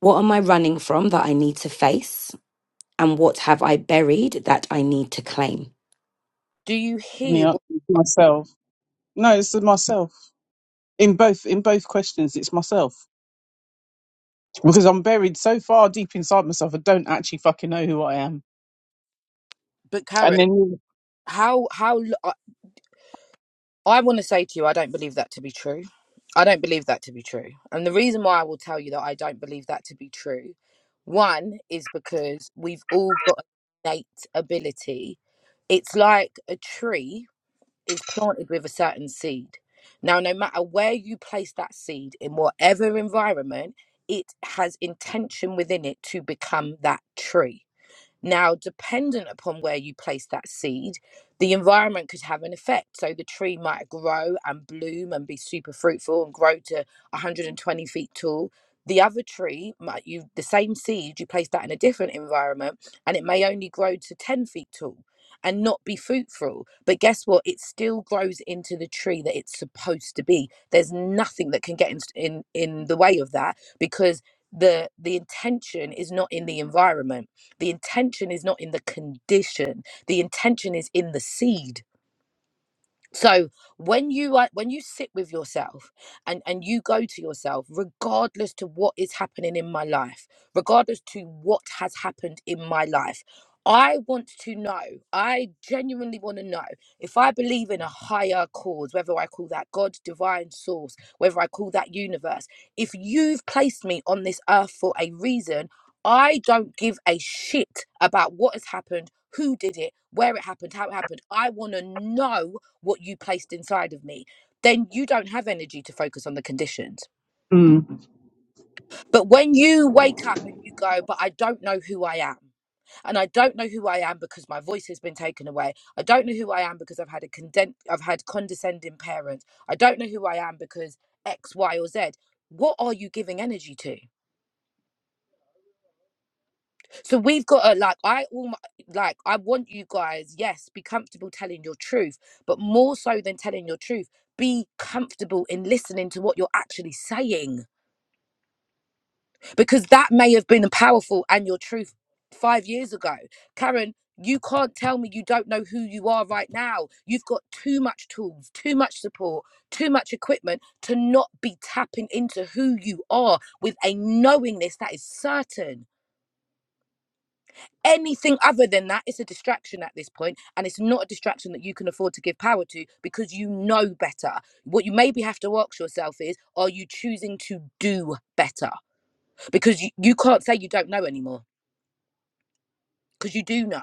What am I running from that I need to face? And what have I buried that I need to claim? Do you And the hear answer what, is myself. No, it's myself. in both in both questions it's myself because i'm buried so far deep inside myself i don't actually fucking know who i am but and Karen, then you- how, how, l- I, I want to say to you, I don't believe that to be true. I don't believe that to be true. And the reason why I will tell you that I don't believe that to be true, one is because we've all got an innate ability. It's like a tree is planted with a certain seed. Now, no matter where you place that seed, in whatever environment, it has intention within it to become that tree. Now, dependent upon where you place that seed, the environment could have an effect. So the tree might grow and bloom and be super fruitful and grow to 120 feet tall. The other tree might you the same seed, you place that in a different environment and it may only grow to 10 feet tall and not be fruitful. But guess what? It still grows into the tree that it's supposed to be. There's nothing that can get in in, in the way of that because the the intention is not in the environment the intention is not in the condition, the intention is in the seed so when you are when you sit with yourself and and you go to yourself regardless to what is happening in my life regardless to what has happened in my life i want to know i genuinely want to know if i believe in a higher cause whether i call that god divine source whether i call that universe if you've placed me on this earth for a reason i don't give a shit about what has happened who did it where it happened how it happened i want to know what you placed inside of me, then you don't have energy to focus on the conditions. mm, But when you wake up and you go, but I don't know who I am, and I don't know who I am because my voice has been taken away. I don't know who I am because I've had a conden- I've had condescending parents. I don't know who I am because X, Y, or Z. What are you giving energy to? So we've got to like I all my, like I want you guys, yes, be comfortable telling your truth, but more so than telling your truth, be comfortable in listening to what you're actually saying because that may have been powerful and your truth 5 years ago. Karen, you can't tell me you don't know who you are right now. You've got too much tools, too much support, too much equipment to not be tapping into who you are with a knowingness that is certain. anything other than that it's a distraction at this point and it's not a distraction that you can afford to give power to because you know better what you maybe have to ask yourself is are you choosing to do better because you, you can't say you don't know anymore because you do know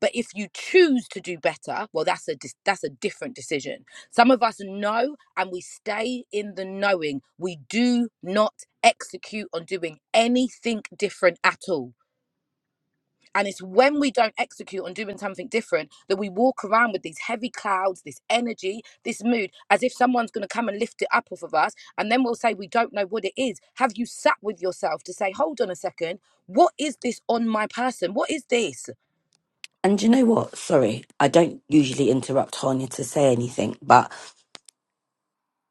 but if you choose to do better well that's a dis- that's a different decision some of us know and we stay in the knowing we do not execute on doing anything different at all And it's when we don't execute on doing something different that we walk around with these heavy clouds, this energy, this mood, as if someone's going to come and lift it up off of us. And then we'll say, we don't know what it is. Have you sat with yourself to say, hold on a second, what is this on my person? What is this? And do you know what? Sorry, I don't usually interrupt Hanya to say anything, but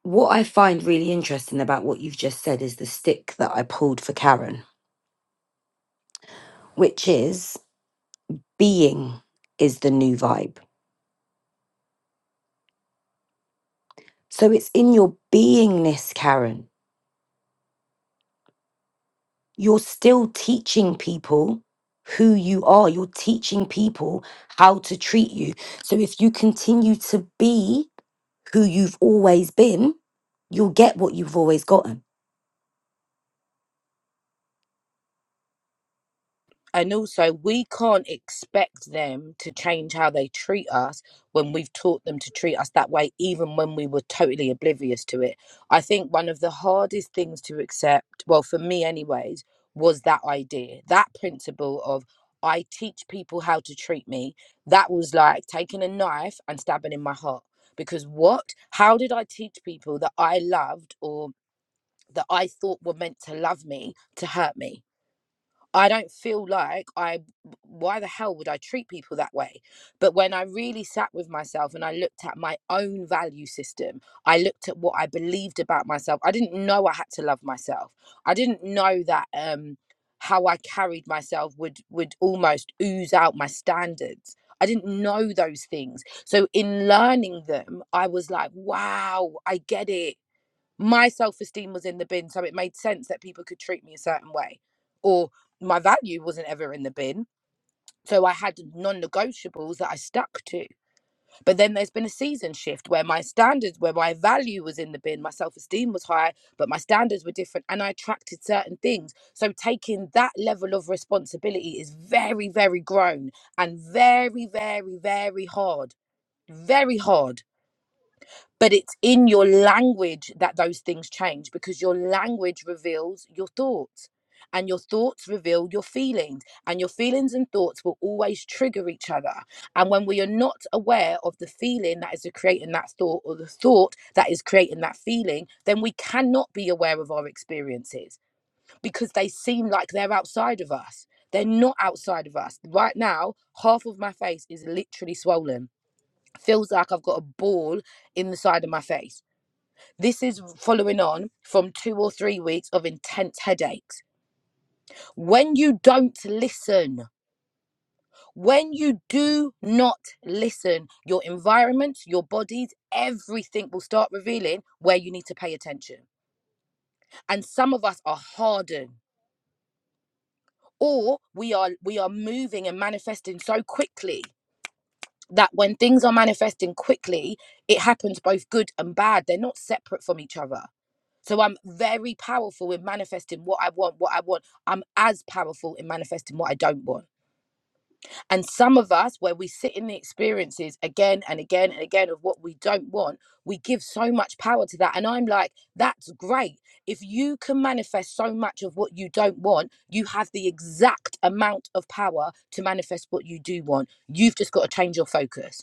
What I find really interesting about what you've just said is the stick that I pulled for Karen, which is being is the new vibe. So it's in your beingness, Karen. You're still teaching people who you are, you're teaching people how to treat you. So if you continue to be who you've always been, you'll get what you've always gotten. and also we can't expect them to change how they treat us when we've taught them to treat us that way even when we were totally oblivious to it i think one of the hardest things to accept well for me anyways was that idea that principle of i teach people how to treat me that was like taking a knife and stabbing in my heart because what how did i teach people that i loved or that i thought were meant to love me to hurt me I don't feel like I, why the hell would I treat people that way? But when I really sat with myself and I looked at my own value system, I looked at what I believed about myself. I didn't know I had to love myself. I didn't know that um, how I carried myself would would almost ooze out my standards. I didn't know those things. So in learning them, I was like, wow, I get it my self esteem was in the bin, so it made sense that people could treat me a certain way, or my value wasn't ever in the bin. So I had non negotiables that I stuck to. But then there's been a season shift where my standards, where my value was in the bin, my self esteem was high, but my standards were different and I attracted certain things. So taking that level of responsibility is very, very grown and very, very, very hard. Very hard but it's in your language that those things change because your language reveals your thoughts and your thoughts reveal your feelings and your feelings and thoughts will always trigger each other and when we are not aware of the feeling that is creating that thought or the thought that is creating that feeling then we cannot be aware of our experiences because they seem like they're outside of us they're not outside of us right now half of my face is literally swollen feels like i've got a ball in the side of my face this is following on from two or three weeks of intense headaches. When you don't listen, when you do not listen, your environment, your bodies, everything will start revealing where you need to pay attention. And some of us are hardened or we are we are moving and manifesting so quickly that when things are manifesting quickly, it happens both good and bad. They're not separate from each other. So I'm very powerful in manifesting what I want, what I want. I'm as powerful in manifesting what I don't want. And some of us, where we sit in the experiences again and again and again of what we don't want, we give so much power to that. And I'm like, that's great. If you can manifest so much of what you don't want, you have the exact amount of power to manifest what you do want. You've just got to change your focus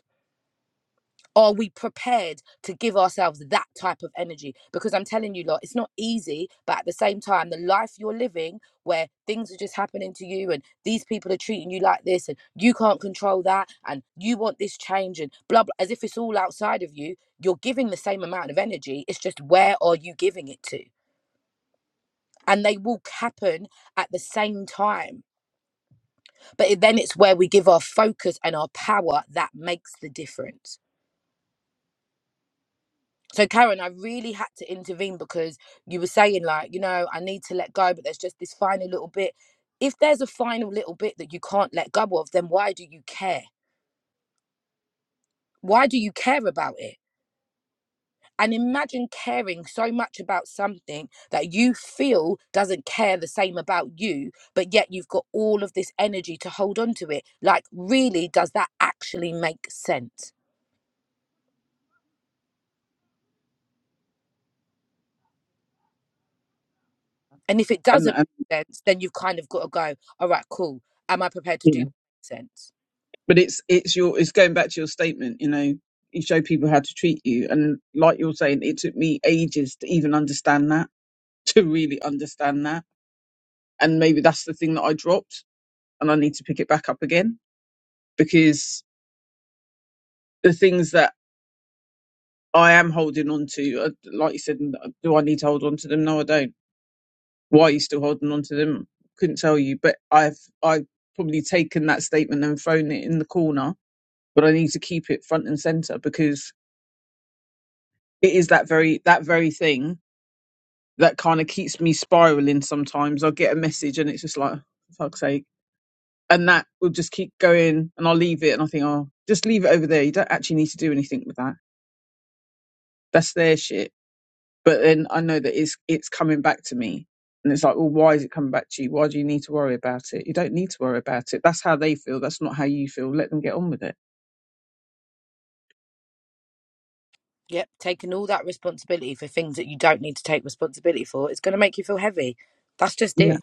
are we prepared to give ourselves that type of energy? Because I'm telling you, lot, it's not easy, but at the same time, the life you're living where things are just happening to you and these people are treating you like this and you can't control that and you want this change and blah, blah, as if it's all outside of you, you're giving the same amount of energy. It's just where are you giving it to? And they will happen at the same time. But then it's where we give our focus and our power that makes the difference. So Karen, I really had to intervene because you were saying like, you know, I need to let go, but there's just this final little bit. If there's a final little bit that you can't let go of, then why do you care? Why do you care about it? And imagine caring so much about something that you feel doesn't care the same about you, but yet you've got all of this energy to hold on to it. Like, really, does that actually make sense? And if it and, doesn't and make sense, then you've kind of got to go, all right, cool. Am I prepared to you do know what makes sense? but it's it's your it's going back to your statement you know you show people how to treat you and like you're saying it took me ages to even understand that to really understand that and maybe that's the thing that i dropped and i need to pick it back up again because the things that I am holding on to, uh, like you said, n- uh, do I need to hold on to them? No, I don't. Why are you still holding on to them? Couldn't tell you, but I've I've probably taken that statement and thrown it in the corner. But I need to keep it front and center because it is that very that very thing that kind of keeps me spiraling. Sometimes I get a message and it's just like fuck's sake, and that will just keep going, and I'll leave it and I think, oh, just leave it over there. You don't actually need to do anything with that. That's their shit But then I know that it's it's coming back to me. And it's like, well, why is it coming back to you? Why do you need to worry about it? You don't need to worry about it. That's how they feel. That's not how you feel. Let them get on with it. Yep, taking all that responsibility for things that you don't need to take responsibility for is going to make you feel heavy. That's just it. Yeah.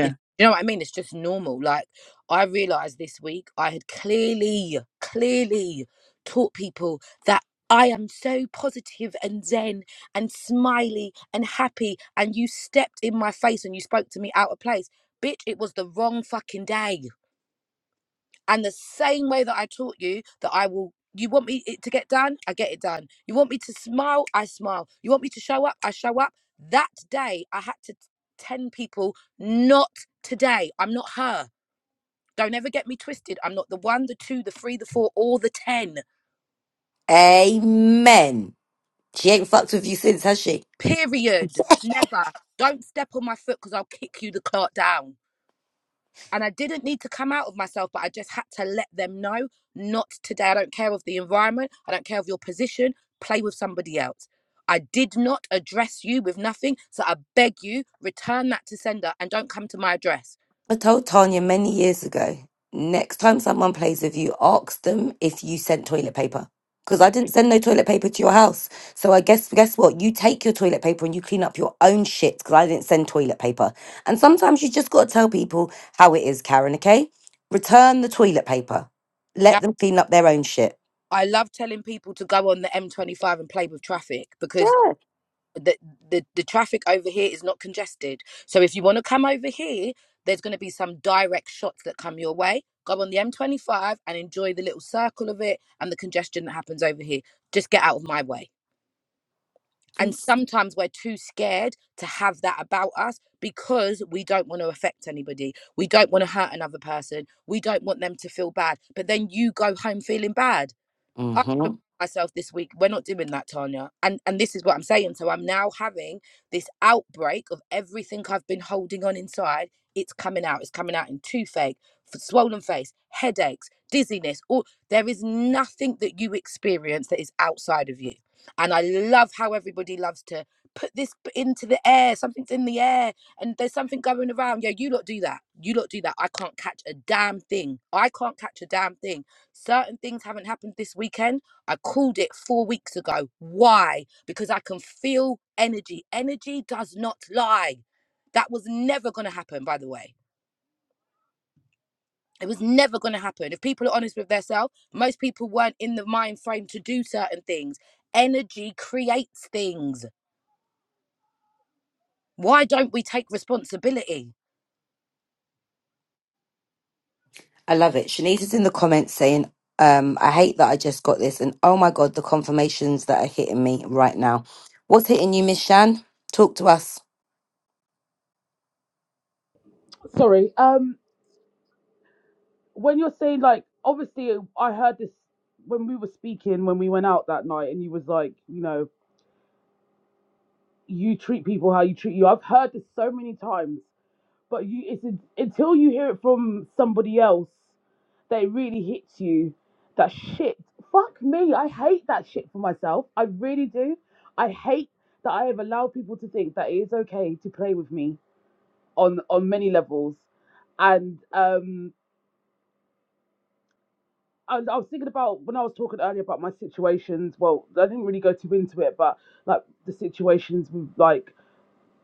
It, you know what I mean? It's just normal. Like I realized this week, I had clearly, clearly taught people that I am so positive and zen and smiley and happy, and you stepped in my face and you spoke to me out of place. Bitch, it was the wrong fucking day. And the same way that I taught you that I will, you want me it to get done, I get it done. You want me to smile, I smile. You want me to show up, I show up. That day, I had to 10 people, not today. I'm not her. Don't ever get me twisted. I'm not the one, the two, the three, the four, or the 10. Amen. She ain't fucked with you since, has she? Period. Never. Don't step on my foot because I'll kick you the cart down. And I didn't need to come out of myself, but I just had to let them know not today. I don't care of the environment, I don't care of your position, play with somebody else. I did not address you with nothing, so I beg you, return that to sender and don't come to my address. I told Tanya many years ago, next time someone plays with you, ask them if you sent toilet paper. Because I didn't send no toilet paper to your house. So I guess guess what? You take your toilet paper and you clean up your own shit because I didn't send toilet paper. And sometimes you just gotta tell people how it is, Karen, okay? Return the toilet paper. Okay? Let them clean up their own shit. I love telling people to go on the M25 and play with traffic because Yeah. the, the the traffic over here is not congested. So if you want to come over here, there's going to be some direct shots that come your way. Go on the M25 and enjoy the little circle of it and the congestion that happens over here. Just get out of my way. And sometimes we're too scared to have that about us because we don't want to affect anybody. We don't want to hurt another person. We don't want them to feel bad. But then you go home feeling bad. I Mm-hmm. reminded myself this week we're not doing that tanya and and this is what i'm saying so i'm now having this outbreak of everything i've been holding on inside it's coming out it's coming out in toothache f- swollen face headaches dizziness or there is nothing that you experience that is outside of you and i love how everybody loves to put this b- into the air something's in the air and there's something going around yeah you lot do that you lot do that i can't catch a damn thing i can't catch a damn thing Certain things haven't happened this weekend. I called it four weeks ago. Why? Because I can feel energy. Energy does not lie. That was never going to happen, by the way. It was never going to happen. If people are honest with themselves, most people weren't in the mind frame to do certain things. Energy creates things. Why don't we take responsibility? I love it. Shanice is in the comments saying, um, I hate that I just got this. And oh my God, the confirmations that are hitting me right now. What's hitting you, Miss Shan? Talk to us. Sorry, um, when you're saying like, obviously, uh, I heard this when we were speaking when we went out that night, and you was like, you know, you treat people how you treat you. I've heard this so many times but you it's until you hear it from somebody else that it really hits you that shit fuck me i hate that shit for myself i really do i hate that i have allowed people to think that it is okay to play with me on on many levels and um I, was- I was thinking about when I was talking earlier about my situations. Well, I didn't really go too into it, but like the situations with like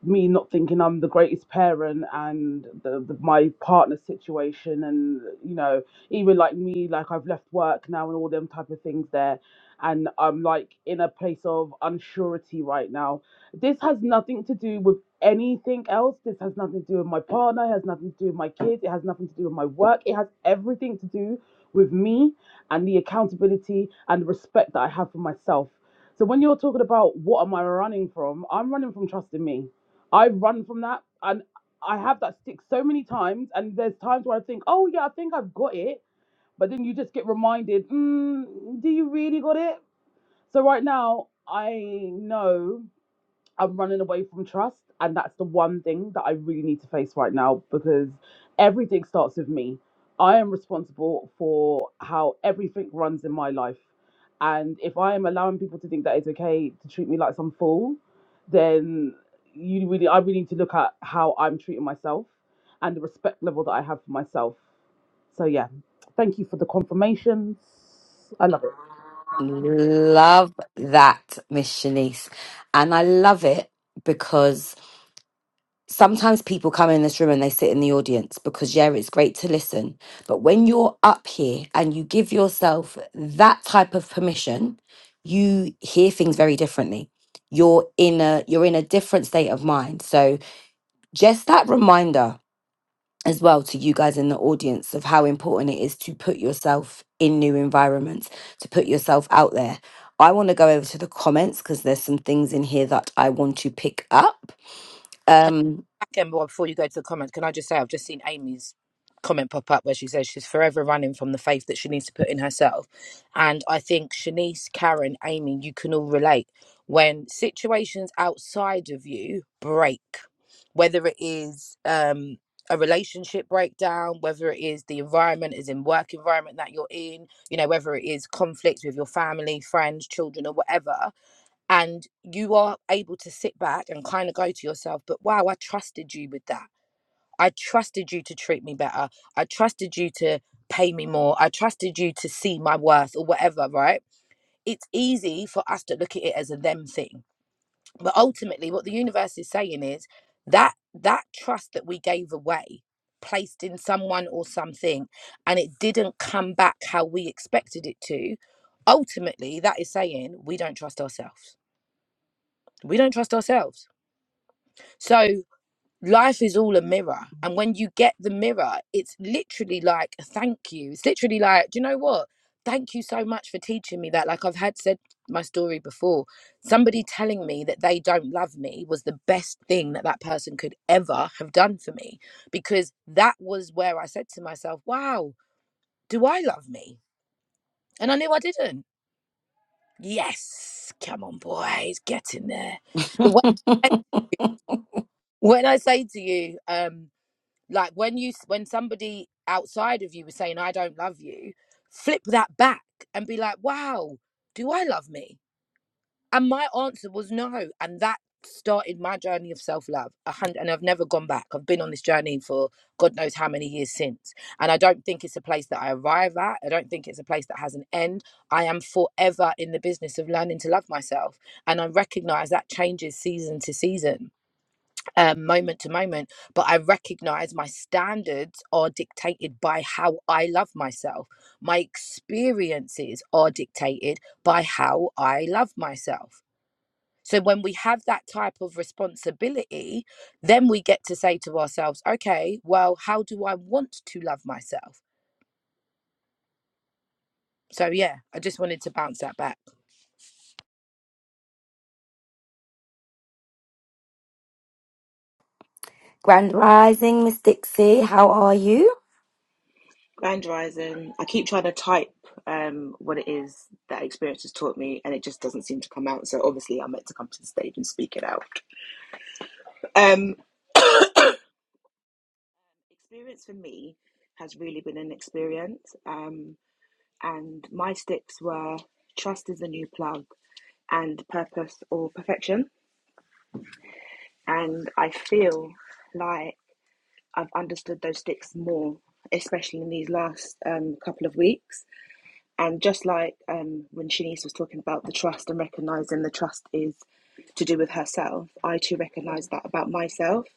me not thinking I'm the greatest parent and the, the my partner situation and you know even like me like I've left work now and all them type of things there and I'm like in a place of unsurety right now. This has nothing to do with anything else. This has nothing to do with my partner, it has nothing to do with my kids, it has nothing to do with my work. It has everything to do with me and the accountability and respect that I have for myself. So when you're talking about what am I running from, I'm running from trusting me I've run from that and I have that stick so many times and there's times where I think, oh yeah, I think I've got it, but then you just get reminded, mm, do you really got it? So right now I know I'm running away from trust, and that's the one thing that I really need to face right now because everything starts with me. I am responsible for how everything runs in my life. And if I am allowing people to think that it's okay to treat me like some fool, then you really I really need to look at how I'm treating myself and the respect level that I have for myself. So yeah, thank you for the confirmations. I love it. Love that, Miss Shanice. And I love it because sometimes people come in this room and they sit in the audience because, yeah, it's great to listen. But when you're up here and you give yourself that type of permission, you hear things very differently. You're in a you're in a different state of mind. So just that reminder as well to you guys in the audience of how important it is to put yourself in new environments, to put yourself out there. I want to go over to the comments because there's some things in here that I want to pick up. Um, Again, well, before you go to the comments, can I just say I've just seen Amy's comment pop up where she says she's forever running from the faith that she needs to put in herself. And I think Shanice, Karen, Amy, you can all relate. When situations outside of you break, whether it is um, a relationship breakdown, whether it is the environment, is in work environment that you're in, you know, whether it is conflicts with your family, friends, children, or whatever, and you are able to sit back and kind of go to yourself but wow i trusted you with that i trusted you to treat me better i trusted you to pay me more i trusted you to see my worth or whatever right it's easy for us to look at it as a them thing but ultimately what the universe is saying is that that trust that we gave away placed in someone or something and it didn't come back how we expected it to ultimately that is saying we don't trust ourselves we don't trust ourselves So life is all a mirror. And when you get the mirror, it's literally like a thank you. It's literally like, do you know what? Thank you so much for teaching me that. Like I've had said my story before, somebody telling me that they don't love me was the best thing that that person could ever have done for me because that was where I said to myself, wow, do I love me? And I knew I didn't. Yes, come on, boys, get in there. The way- When I say to you, um, like when you when somebody outside of you was saying i don't love you flip that back and be like wow do i love me and my answer was no and that started my journey of self-love A hundred, and i've never gone back i've been on this journey for god knows how many years since and i don't think it's a place that i arrive at i don't think it's a place that has an end i am forever in the business of learning to love myself and i recognize that changes season to season um, moment to moment, but I recognize my standards are dictated by how I love myself. My experiences are dictated by how I love myself. So when we have that type of responsibility, then we get to say to ourselves, okay, well, how do I want to love myself? So yeah, I just wanted to bounce that back. Grand Rising, Miss Dixie, how are you? Grand Rising. I keep trying to type um, what it is that experience has taught me, and it just doesn't seem to come out. So obviously, I'm meant to come to the stage and speak it out. Um, experience for me has really been an experience, um, and my sticks were trust is the new plug, and purpose or perfection. And I feel like I've understood those sticks more, especially in these last um, couple of weeks And just like um, when Shanice was talking about the trust and recognizing the trust is to do with herself, I too recognize that about myself.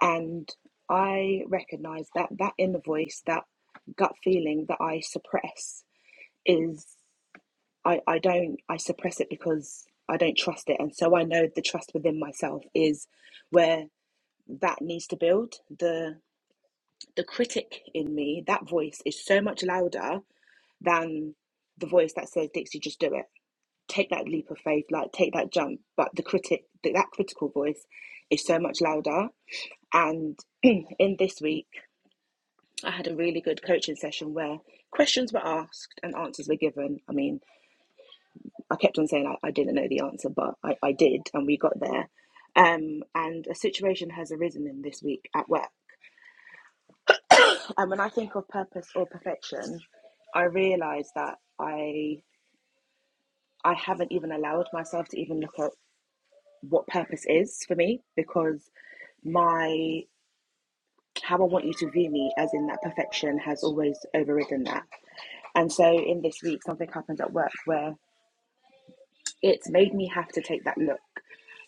And I recognize that that inner voice, that gut feeling that I suppress is, I, I don't, I suppress it because I don't trust it. And so I know the trust within myself is where that needs to build. The, the critic in me, that voice is so much louder than the voice that says, Dixie, just do it take that leap of faith, like take that jump. But the critic, that critical voice, is so much louder. And in this week, I had a really good coaching session where questions were asked and answers were given. I mean, I kept on saying I, I didn't know the answer, but I, I did, and we got there. Um, and a situation has arisen in this week at work. And when I think of purpose or perfection, I realise that I I haven't even allowed myself to even look at what purpose is for me because my how I want you to view me, as in that perfection has always overridden that. And so in this week, something happened at work where it's made me have to take that look.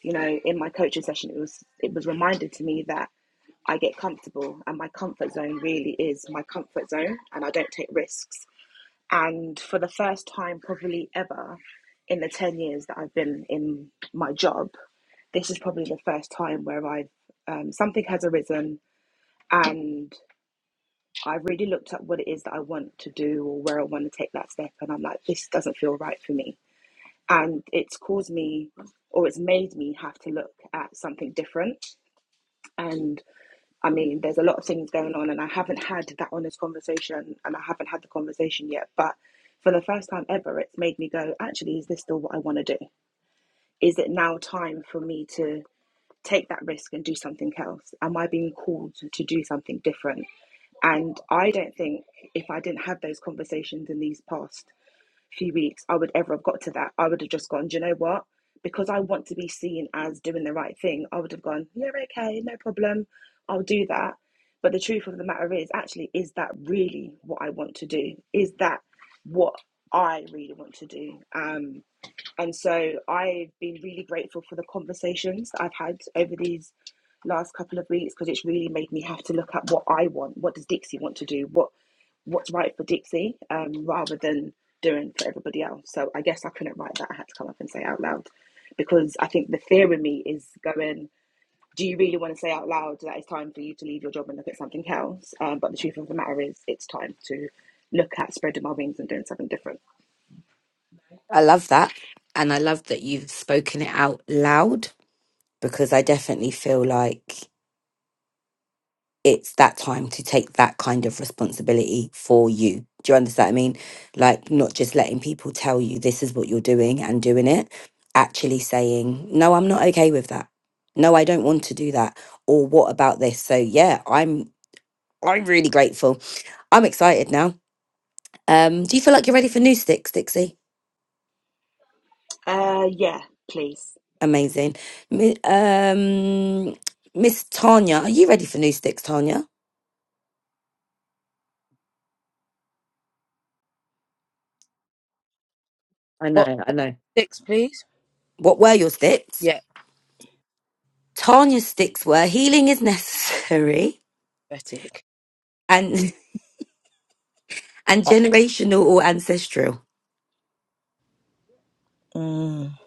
You know, in my coaching session, it was it was reminded to me that I get comfortable, and my comfort zone really is my comfort zone, and I don't take risks. And for the first time, probably ever, in the ten years that I've been in my job, this is probably the first time where I've um, something has arisen and I've really looked at what it is that I want to do or where I want to take that step, and I'm like, this doesn't feel right for me. And it's caused me, or it's made me have to look at something different. And I mean, there's a lot of things going on, and I haven't had that honest conversation, and I haven't had the conversation yet. But for the first time ever, it's made me go, actually, is this still what I want to do? Is it now time for me to? take that risk and do something else? Am I being called to do something different? And I don't think if I didn't have those conversations in these past few weeks, I would ever have got to that. I would have just gone, do you know what? Because I want to be seen as doing the right thing, I would have gone, yeah, okay, no problem. I'll do that. But the truth of the matter is, actually, is that really what I want to do? Is that what I really want to do? Um, and so I've been really grateful for the conversations that I've had over these last couple of weeks because it's really made me have to look at what I want. What does Dixie want to do? What what's right for Dixie um, rather than doing for everybody else. So I guess I couldn't write that. I had to come up and say out loud because I think the fear in me is going, do you really want to say out loud that it's time for you to leave your job and look at something else? Um, but the truth of the matter is, it's time to look at spreading my wings and doing something different. I love that. And I love that you've spoken it out loud because I definitely feel like. it's that time to take that kind of responsibility for you. Do you understand what I mean? Like, not just letting people tell you this is what you're doing and doing it, actually saying, no, I'm not okay with that. No, I don't want to do that. Or what about this? So, yeah, I'm. I'm really grateful. I'm excited now. Um, do you feel like you're ready for new sticks, Dixie? Uh, yeah, please. Amazing. Mi- Um, Miss Tanya, are you ready for new sticks, Tanya? I don't What know. six, please? What were your sticks? Yeah, Tanya's sticks were healing is necessary pathetic. and and Uh, generational or ancestral. mm,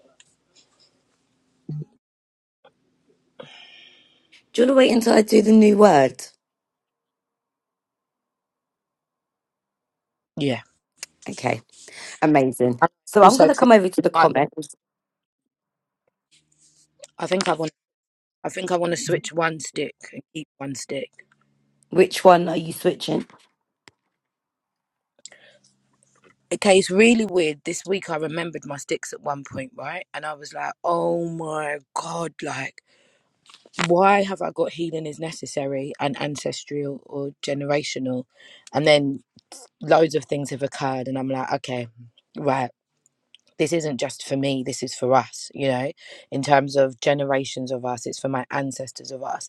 Do you want to wait until I do the new word? yeah. Okay, amazing. I So I'm also, going to feel come over to the like I might. wa- comments. I think I want. I think I want to switch one stick and keep one stick. Which one are you switching? Okay, it's really weird. This week I remembered my sticks at one point, right? And I was like, oh my God, like, why have I got healing is necessary and ancestral or generational? And then loads of things have occurred, and I'm like, okay, right. This isn't just for me, this is for us, you know, in terms of generations of us, it's for my ancestors of us.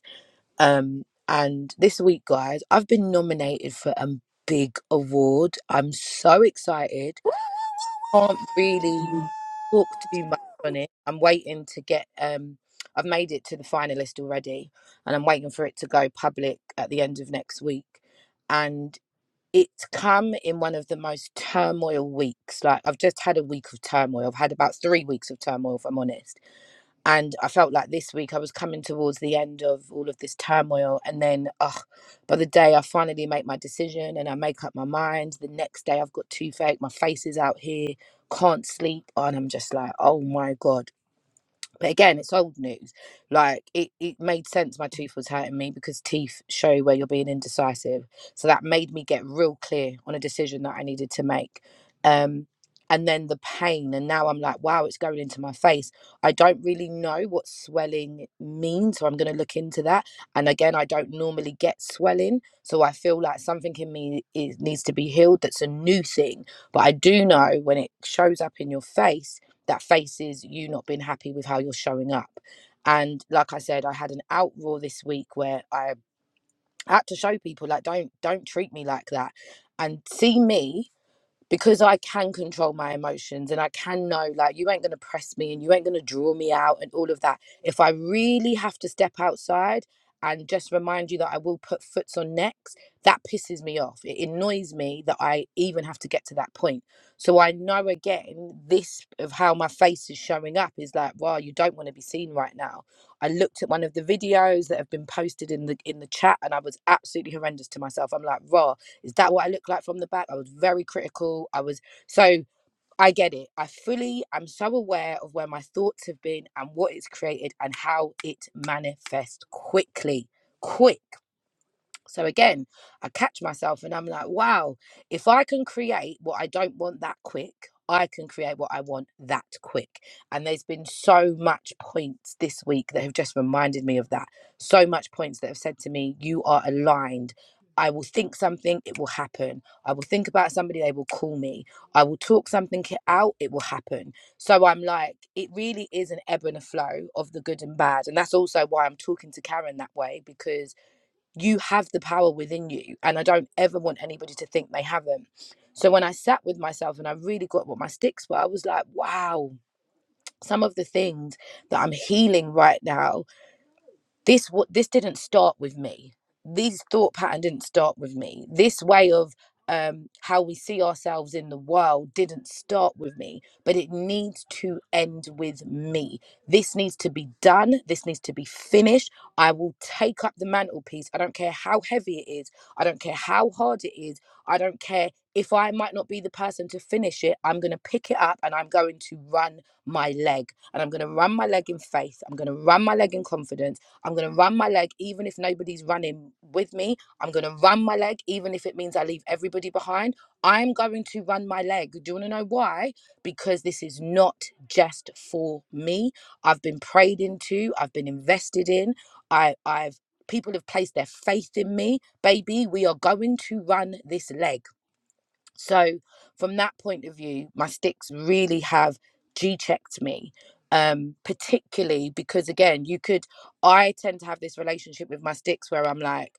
Um, and this week, guys, I've been nominated for a big award. I'm so excited. Can't really talk too much on it. I'm waiting to get. Um, I've made it to the finalist already, and I'm waiting for it to go public at the end of next week. And it's come in one of the most turmoil weeks. Like I've just had a week of turmoil. I've had about three weeks of turmoil, if I'm honest and I felt like this week I was coming towards the end of all of this turmoil. And then, ugh, by the day I finally make my decision and I make up my mind, the next day I've got toothache, my face is out here, can't sleep. And I'm just like, oh my God. But again, it's old news. Like it, it made sense my tooth was hurting me because teeth show where you're being indecisive. So that made me get real clear on a decision that I needed to make. Um and then the pain and now I'm like, wow, it's going into my face. I don't really know what swelling means, so I'm gonna look into that. And again, I don't normally get swelling. So I feel like something in me is needs to be healed that's a new thing. But I do know when it shows up in your face that faces you not being happy with how you're showing up. And like I said, I had an outroar this week where I had to show people like don't don't treat me like that. And see me because I can control my emotions and I can know like you ain't gonna press me and you ain't gonna draw me out and all of that. If I really have to step outside and just remind you that I will put foots on necks, that pisses me off. It annoys me that I even have to get to that point. So I know again this of how my face is showing up is like, wow, you don't want to be seen right now. I looked at one of the videos that have been posted in the in the chat and I was absolutely horrendous to myself. I'm like, raw is that what I look like from the back? I was very critical. I was so I get it. I fully I'm so aware of where my thoughts have been and what it's created and how it manifests quickly. Quick. So again, I catch myself and I'm like, wow, if I can create what I don't want that quick, I can create what I want that quick. And there's been so much points this week that have just reminded me of that. So much points that have said to me, you are aligned. I will think something, it will happen. I will think about somebody, they will call me. I will talk something out, it will happen. So I'm like, it really is an ebb and a flow of the good and bad. And that's also why I'm talking to Karen that way because you have the power within you and i don't ever want anybody to think they haven't so when i sat with myself and i really got what my sticks were i was like wow some of the things that i'm healing right now this wa- this didn't start with me these thought pattern didn't start with me this way of um, how we see ourselves in the world didn't start with me but it needs to end with me this needs to be done this needs to be finished i will take up the mantelpiece i don't care how heavy it is i don't care how hard it is i don't care if i might not be the person to finish it i'm going to pick it up and i'm going to run my leg and i'm going to run my leg in faith i'm going to run my leg in confidence I'm going to run my leg, even if nobody's running with me. I'm going to run my leg, even if it means I leave everybody behind. I'm going to run my leg. Do you want to know why? Because this is not just for me. I've been prayed into, I've been invested in, I, I've People have placed their faith in me. Baby, we are going to run this leg. So from that point of view, my sticks really have G checked me. Um, particularly because again, you could I tend to have this relationship with my sticks where I'm like,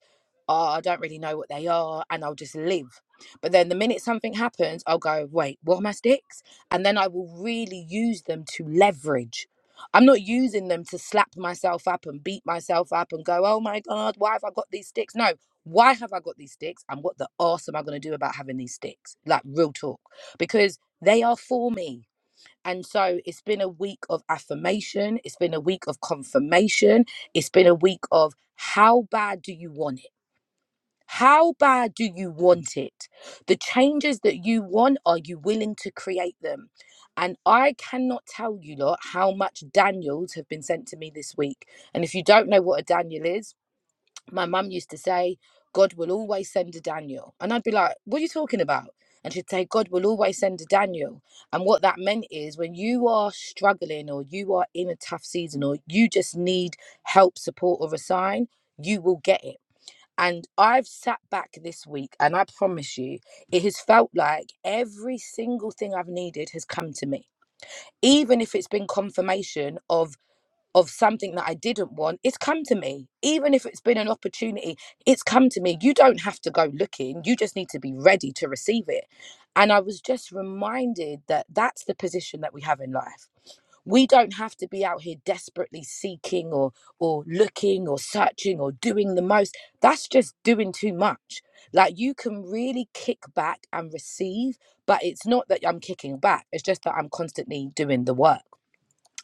oh, I don't really know what they are, and I'll just live. But then the minute something happens, I'll go, wait, what are my sticks? And then I will really use them to leverage. I'm not using them to slap myself up and beat myself up and go, oh my God, why have I got these sticks? No, why have I got these sticks? And what the arse am I going to do about having these sticks? Like, real talk, because they are for me. And so it's been a week of affirmation. It's been a week of confirmation. It's been a week of how bad do you want it? How bad do you want it? The changes that you want, are you willing to create them? And I cannot tell you lot how much Daniels have been sent to me this week. And if you don't know what a Daniel is, my mum used to say, God will always send a Daniel. And I'd be like, what are you talking about? And she'd say, God will always send a Daniel. And what that meant is when you are struggling or you are in a tough season or you just need help, support, or a sign, you will get it. And I've sat back this week and I promise you, it has felt like every single thing I've needed has come to me. Even if it's been confirmation of of something that I didn't want, it's come to me. Even if it's been an opportunity, it's come to me. You don't have to go looking. You just need to be ready to receive it. And I was just reminded that that's the position that we have in life. We don't have to be out here desperately seeking or or looking or searching or doing the most. That's just doing too much. Like you can really kick back and receive, but it's not that I'm kicking back. It's just that I'm constantly doing the work.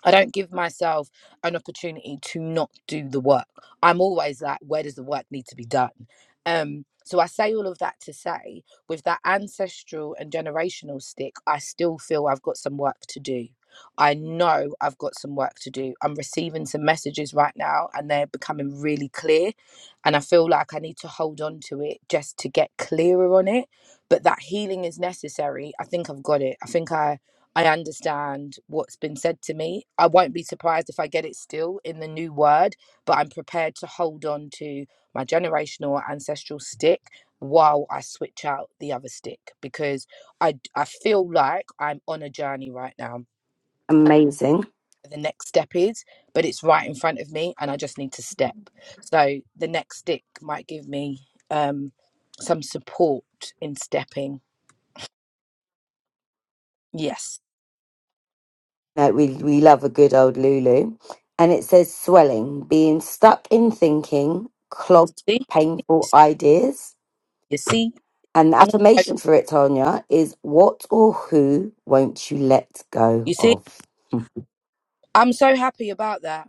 I don't give myself an opportunity to not do the work. I'm always like, where does the work need to be done? Um, so I say all of that to say, with that ancestral and generational stick, I still feel I've got some work to do. I know I've got some work to do. I'm receiving some messages right now and they're becoming really clear. And I feel like I need to hold on to it just to get clearer on it. But that healing is necessary. I think I've got it. I think I I understand what's been said to me. I won't be surprised if I get it still in the new word, but I'm prepared to hold on to my generational or ancestral stick while I switch out the other stick because I I feel like I'm on a journey right now. Amazing. The next step is, but it's right in front of me and I just need to step. So the next stick might give me um, some support in stepping. Yes. Like we we love a good old Lulu. And it says swelling, being stuck in thinking, clogged, See? You painful see? ideas. You see? And the I'm gonna go- affirmation for it, Tanya, is what or who won't you let You go see? of? Hmm. I'm so happy about that.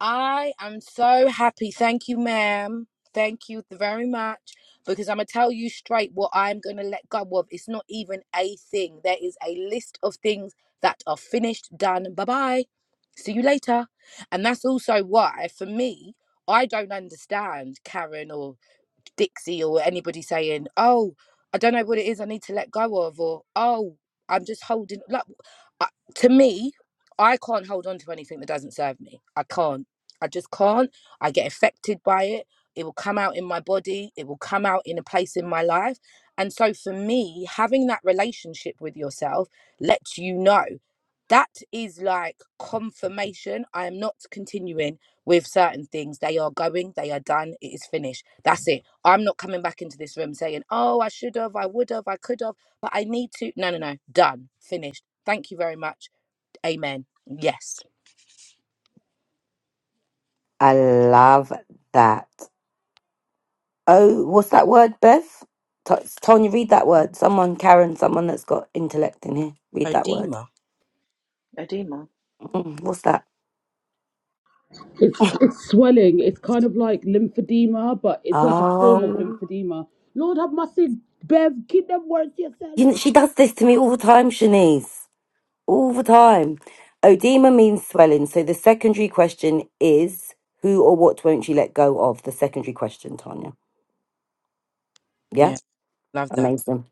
I am so happy. Thank you, ma'am. Thank you very much. Because I'm going to tell you straight what I'm going to let go of. It's not even a thing. There is a list of things that are finished, done. Bye bye. See you later. And that's also why, for me, I don't understand Karen or Dixie or anybody saying, "Oh, I don't know what it is I need to let go of," or "Oh, I'm just holding." Like, I, to me, I can't hold on to anything that doesn't serve me. I can't. I just can't. I get affected by it. It will come out in my body. It will come out in a place in my life. And so, for me, having that relationship with yourself lets you know that is like confirmation. I am not continuing with certain things. They are going, they are done, it is finished. That's it. I'm not coming back into this room saying, oh, I should have, I would have, I could have, but I need to. No, no, no. Done, finished. Thank you very much. Amen. Yes. I love that. Oh, what's that word, Bev? T- Tanya, read that word. Someone, Karen, someone that's got intellect in here, read that word. Odema. Adima. Mm, What's that? It's it's swelling. It's kind of like lymphedema, but it's like a form of Oh. lymphedema. Lord have mercy, Bev. Keep them words to yourself. You know, she does this to me all the time, Shanice. All the time. Oedema means swelling. So the secondary question is who or what won't you let go of? The secondary question, Tanya. Yeah? Yeah, love that. Amazing.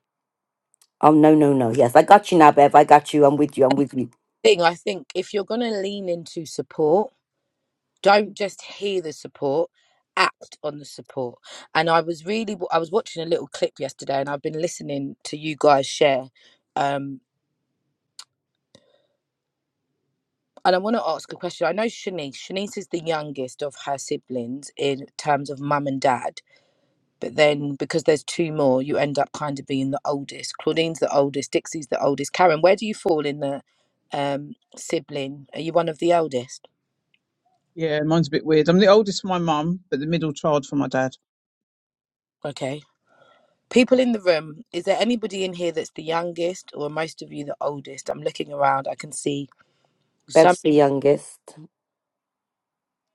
Oh, no, no, no. Yes, I got you now, Bev. I got you. I'm with you. I'm with you. Thing, I think if you're going to lean into support, don't just hear the support act on the support and i was really i was watching a little clip yesterday and i've been listening to you guys share um and i want to ask a question i know shanice shanice is the youngest of her siblings in terms of mum and dad but then because there's two more you end up kind of being the oldest claudine's the oldest dixie's the oldest karen where do you fall in the um sibling are you one of the eldest Yeah. Mine's a bit weird. I'm the oldest for my mum, but the middle child for my dad. okay People in the room, is there anybody in here that's the youngest or are most of you the oldest? I'm looking around, I can see some Bev's the youngest.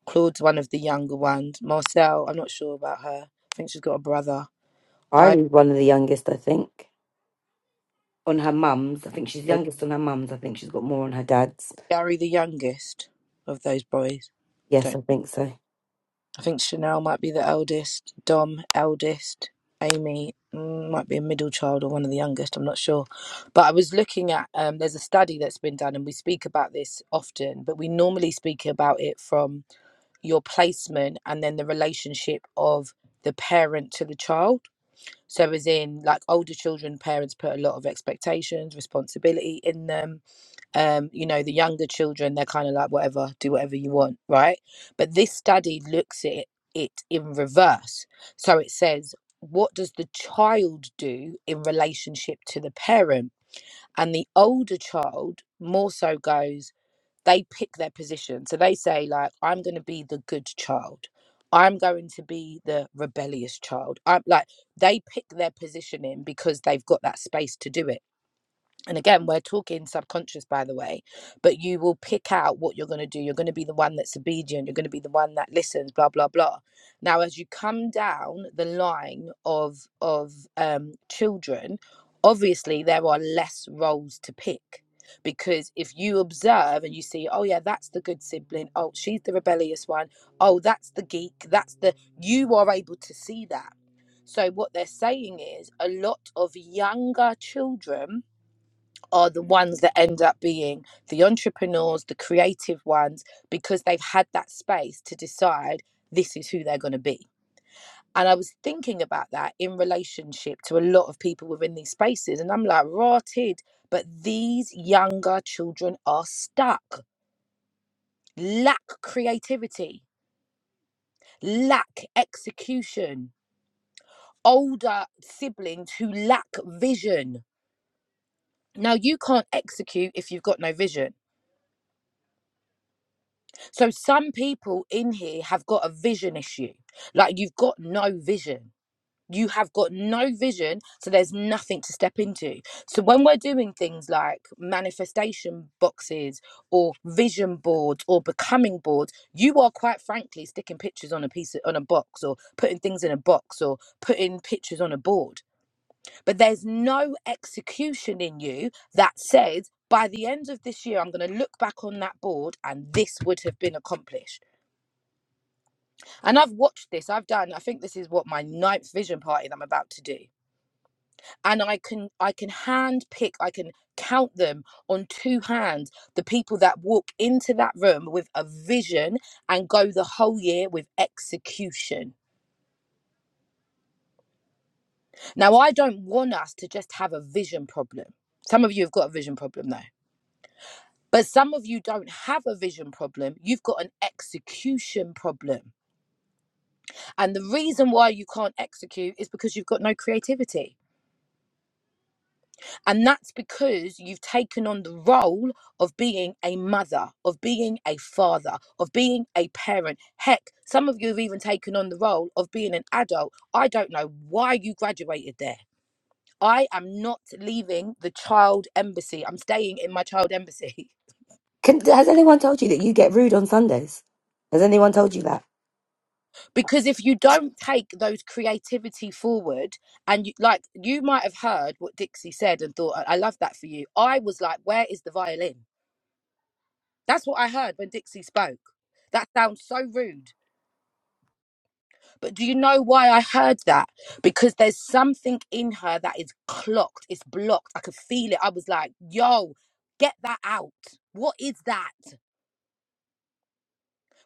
Claude's one of the younger ones. Marcel, I'm not sure about her. I think she's got a brother. I Irie's one of the youngest, I think. On her mum's. I think she's youngest on her mum's. I think she's got more on her dad's. Gary the youngest of those boys. Yes, Don't I think so. I think Chanel might be the eldest, Dom eldest, Amy mm, might be a middle child or one of the youngest, I'm not sure. But I was looking at um there's a study that's been done and we speak about this often, but we normally speak about it from your placement and then the relationship of the parent to the child. So, as in, like older children, parents put a lot of expectations, responsibility in them. Um, you know, the younger children, they're kind of like, whatever, do whatever you want, right? But this study looks at it in reverse. So, it says, what does the child do in relationship to the parent? And the older child more so goes, they pick their position. So they say, like, I'm going to be the good child. I'm going to be the rebellious child. I'm like, they pick their positioning because they've got that space to do it and again we're talking subconscious by the way but you will pick out what you're going to do you're going to be the one that's obedient you're going to be the one that listens blah blah blah now as you come down the line of of um children obviously there are less roles to pick because if you observe and you see oh yeah that's the good sibling oh she's the rebellious one. Oh, that's the geek that's the you are able to see that so what they're saying is a lot of younger children are the ones that end up being the entrepreneurs, the creative ones, because they've had that space to decide this is who they're going to be. And I was thinking about that in relationship to a lot of people within these spaces. And I'm like, rotted. But these younger children are stuck, lack creativity, lack execution, older siblings who lack vision. Now, you can't execute if you've got no vision So some people in here have got a vision issue. Like you've got no vision. You have got no vision, so there's nothing to step into. So when we're doing things like manifestation boxes or vision boards or becoming boards, you are quite frankly sticking pictures on a piece of, on a box or putting things in a box or putting pictures on a board. But there's no execution in you that says by the end of this year, I'm going to look back on that board and this would have been accomplished. And I've watched this. I've done. I think this is what my ninth vision party that I'm about to do. And I can I can hand pick. I can count them on two hands. The people that walk into that room with a vision and go the whole year with execution. Now I don't want us to just have a vision problem. Some of you have got a vision problem though. But some of you don't have a vision problem. You've got an execution problem. And the reason why you can't execute is because you've got no creativity And that's because you've taken on the role of being a mother, of being a father, of being a parent. Heck, some of you have even taken on the role of being an adult. I don't know why you graduated there. I am not leaving the child embassy. I'm staying in my child embassy. Can, has anyone told you that you get rude on Sundays? Has anyone told you that? Because if you don't take those creativity forward, and you, like you might have heard what Dixie said and thought, I I love that for you. I was like, where is the violin? That's what I heard when Dixie spoke. That sounds so rude. But do you know why I heard that? Because there's something in her that is clocked, it's blocked. I could feel it. I was like, yo, get that out. What is that?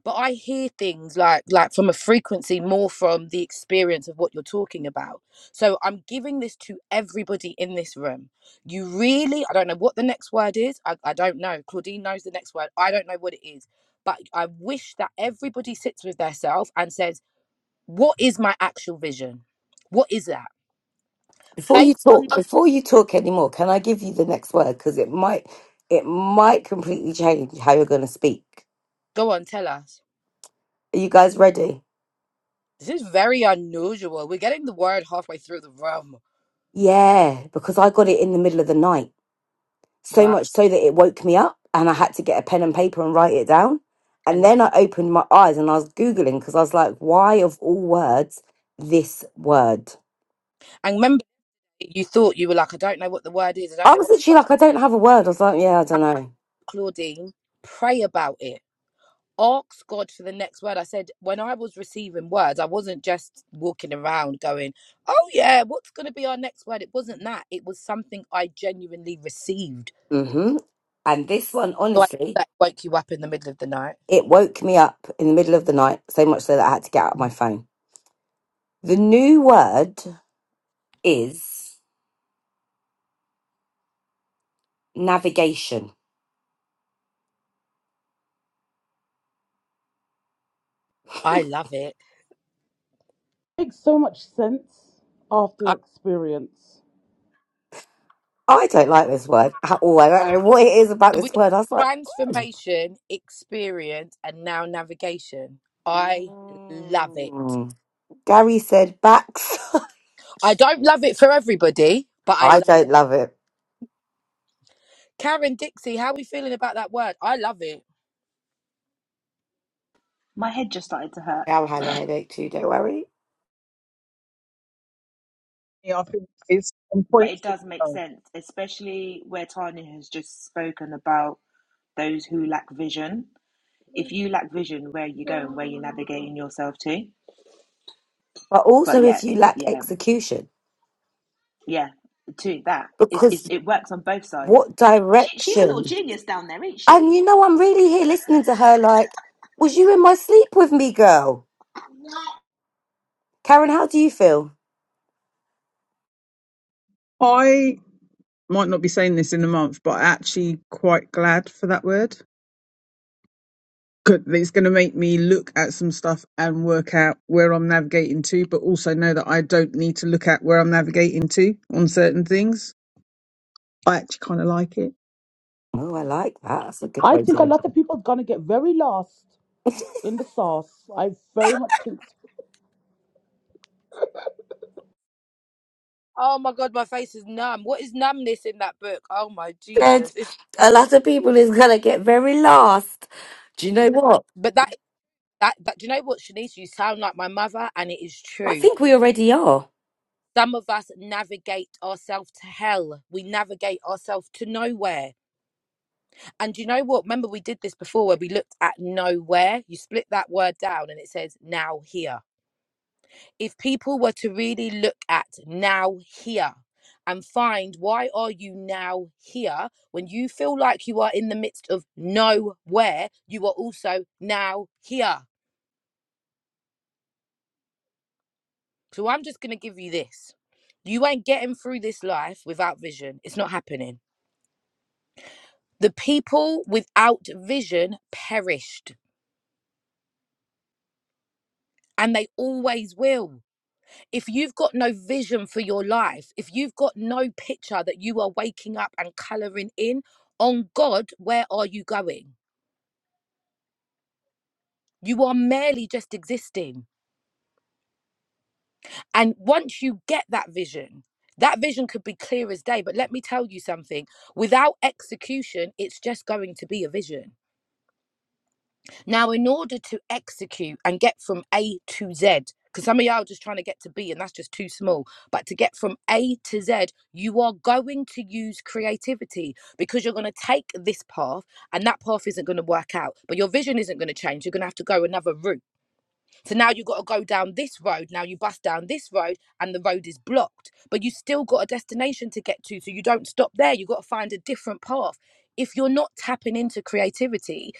but I hear things like like from a frequency more from the experience of what you're talking about. So I'm giving this to everybody in this room. You really, I don't know what the next word is. I, I don't know. Claudine knows the next word. I don't know what it is. But I wish that everybody sits with themselves and says, what is my actual vision? What is that? Before you Based on talk, before you talk anymore, can I give you the next word because it might, it might completely change how you're going to speak. go on, tell us. Are you guys ready? This is very unusual. We're getting the word halfway through the room. Yeah, because I got it in the middle of the night, so Wow. much so that it woke me up, and I had to get a pen and paper and write it down. I And love then I opened my eyes and I was googling because I was like, "Why of all words, this word?" and remember you thought you were like, I don't know what the word is. I don't I know was what the literally word like, "I don't have a word." I was like, "Yeah, I is. don't know." Claudine, pray about it. Ask God for the next word. I said, when I was receiving words, I wasn't just walking around going, oh, yeah, what's going to be our next word? It wasn't that. It was something I genuinely received. hmm And this one, So I love honestly, that it woke you up in the middle of the night. It woke me up in the middle of the night, so much so that I had to get out of my phone. The new word is navigation. I love it. Makes so much sense after I, experience. I don't like this word at all. I don't know what it is about so we this word. I was like, transformation, experience, and now navigation. I love it. mm. Gary said backs. I don't love it for everybody, but I I don't love it. Karen Dixie, how we feeling about that word? I love it. My head just started to hurt, Al had a headache too, don't worry. Yeah, I think it's on but point. it for- does make oh. sense, especially where Tanya has just spoken about those who lack vision. If you lack vision, where are you going? Where are you navigating yourself to? But But also yeah, if you it lack yeah execution, yeah to that it's, it's because it works on both sides. what She, she's a little direction? genius down there, ain't And she? you know, I'm really here listening to her like, was you in my sleep with me, girl? Karen, how do you feel? I might not be saying this in a month, but I'm actually quite glad for that word. good it's going to make me look at some stuff and work out where i'm navigating to but also know that i don't need to look at where i'm navigating to on certain things i actually kind of like it Oh, I like that. That's a good I way to think a look lot of people are gonna get very lost in the sauce. I very much think so. Oh my god, my face is numb. What is numbness in that book? Oh my said Jesus. It's, a lot of people is gonna get very lost. Do you know what? but that that that do you know what, Shanice? You sound like my mother, and it is I true. think we already are. Some of us navigate ourselves to hell. We navigate ourselves to nowhere. And do you know what? Remember, we did this before where we looked at nowhere. You split that word down and it says now here if people were to really look at now here and find why are you now here when you feel like you are in the midst of nowhere you are also now here so i'm just going to give you this you ain't getting through this life without vision it's not happening the people without vision perished and they always will if you've got no vision for your life, if you've got no picture that you are waking up and colouring in on God, where are you going? You are merely just existing. And once you get that vision, that vision could be clear as day. But let me tell you something without execution, it's just going to be a vision. Now, in order to execute and get from A to Z, because some of y'all are just trying to get to B and that's just too small, but to get from A to Z, you are going to use creativity because you're going to take this path and that path isn't going to work out, but your vision isn't going to change. You're going to have to go another route. So now you've got to go down this road. Now you bust down this road and the road is blocked, but you still got a destination to get to. So you don't stop there. You've got to find a different path. If you're not tapping into creativity,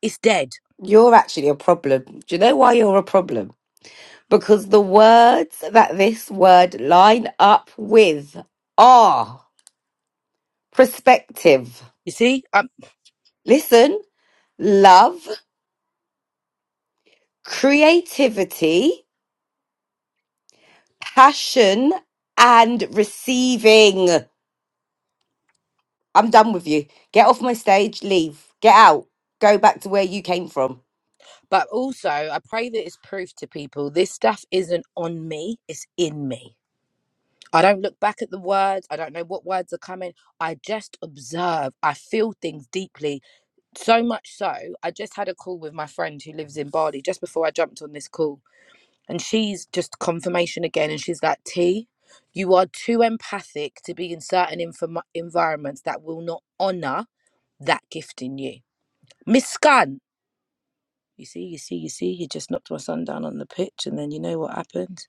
it's dead You're actually a problem. Do you know why you're a problem? Because the words that this word line up with are perspective. You see, um, Listen, love, creativity, passion, and receiving. I'm done with you. Get off my stage, leave, get out, go back to where you came from. but also I pray that it's proof to people this stuff isn't on me, it's in me. I don't look back at the words. I don't know what words are coming. I just observe. I feel things deeply. So much so, I just had a call with my friend who lives in Bali just before I jumped on this call. And she's just confirmation again. And she's like, T, you are too empathic to be in certain inform- environments that will not honor that gift in you. Miscan. You see, you see, you see, he just knocked my son down on the pitch, and then you know what happened?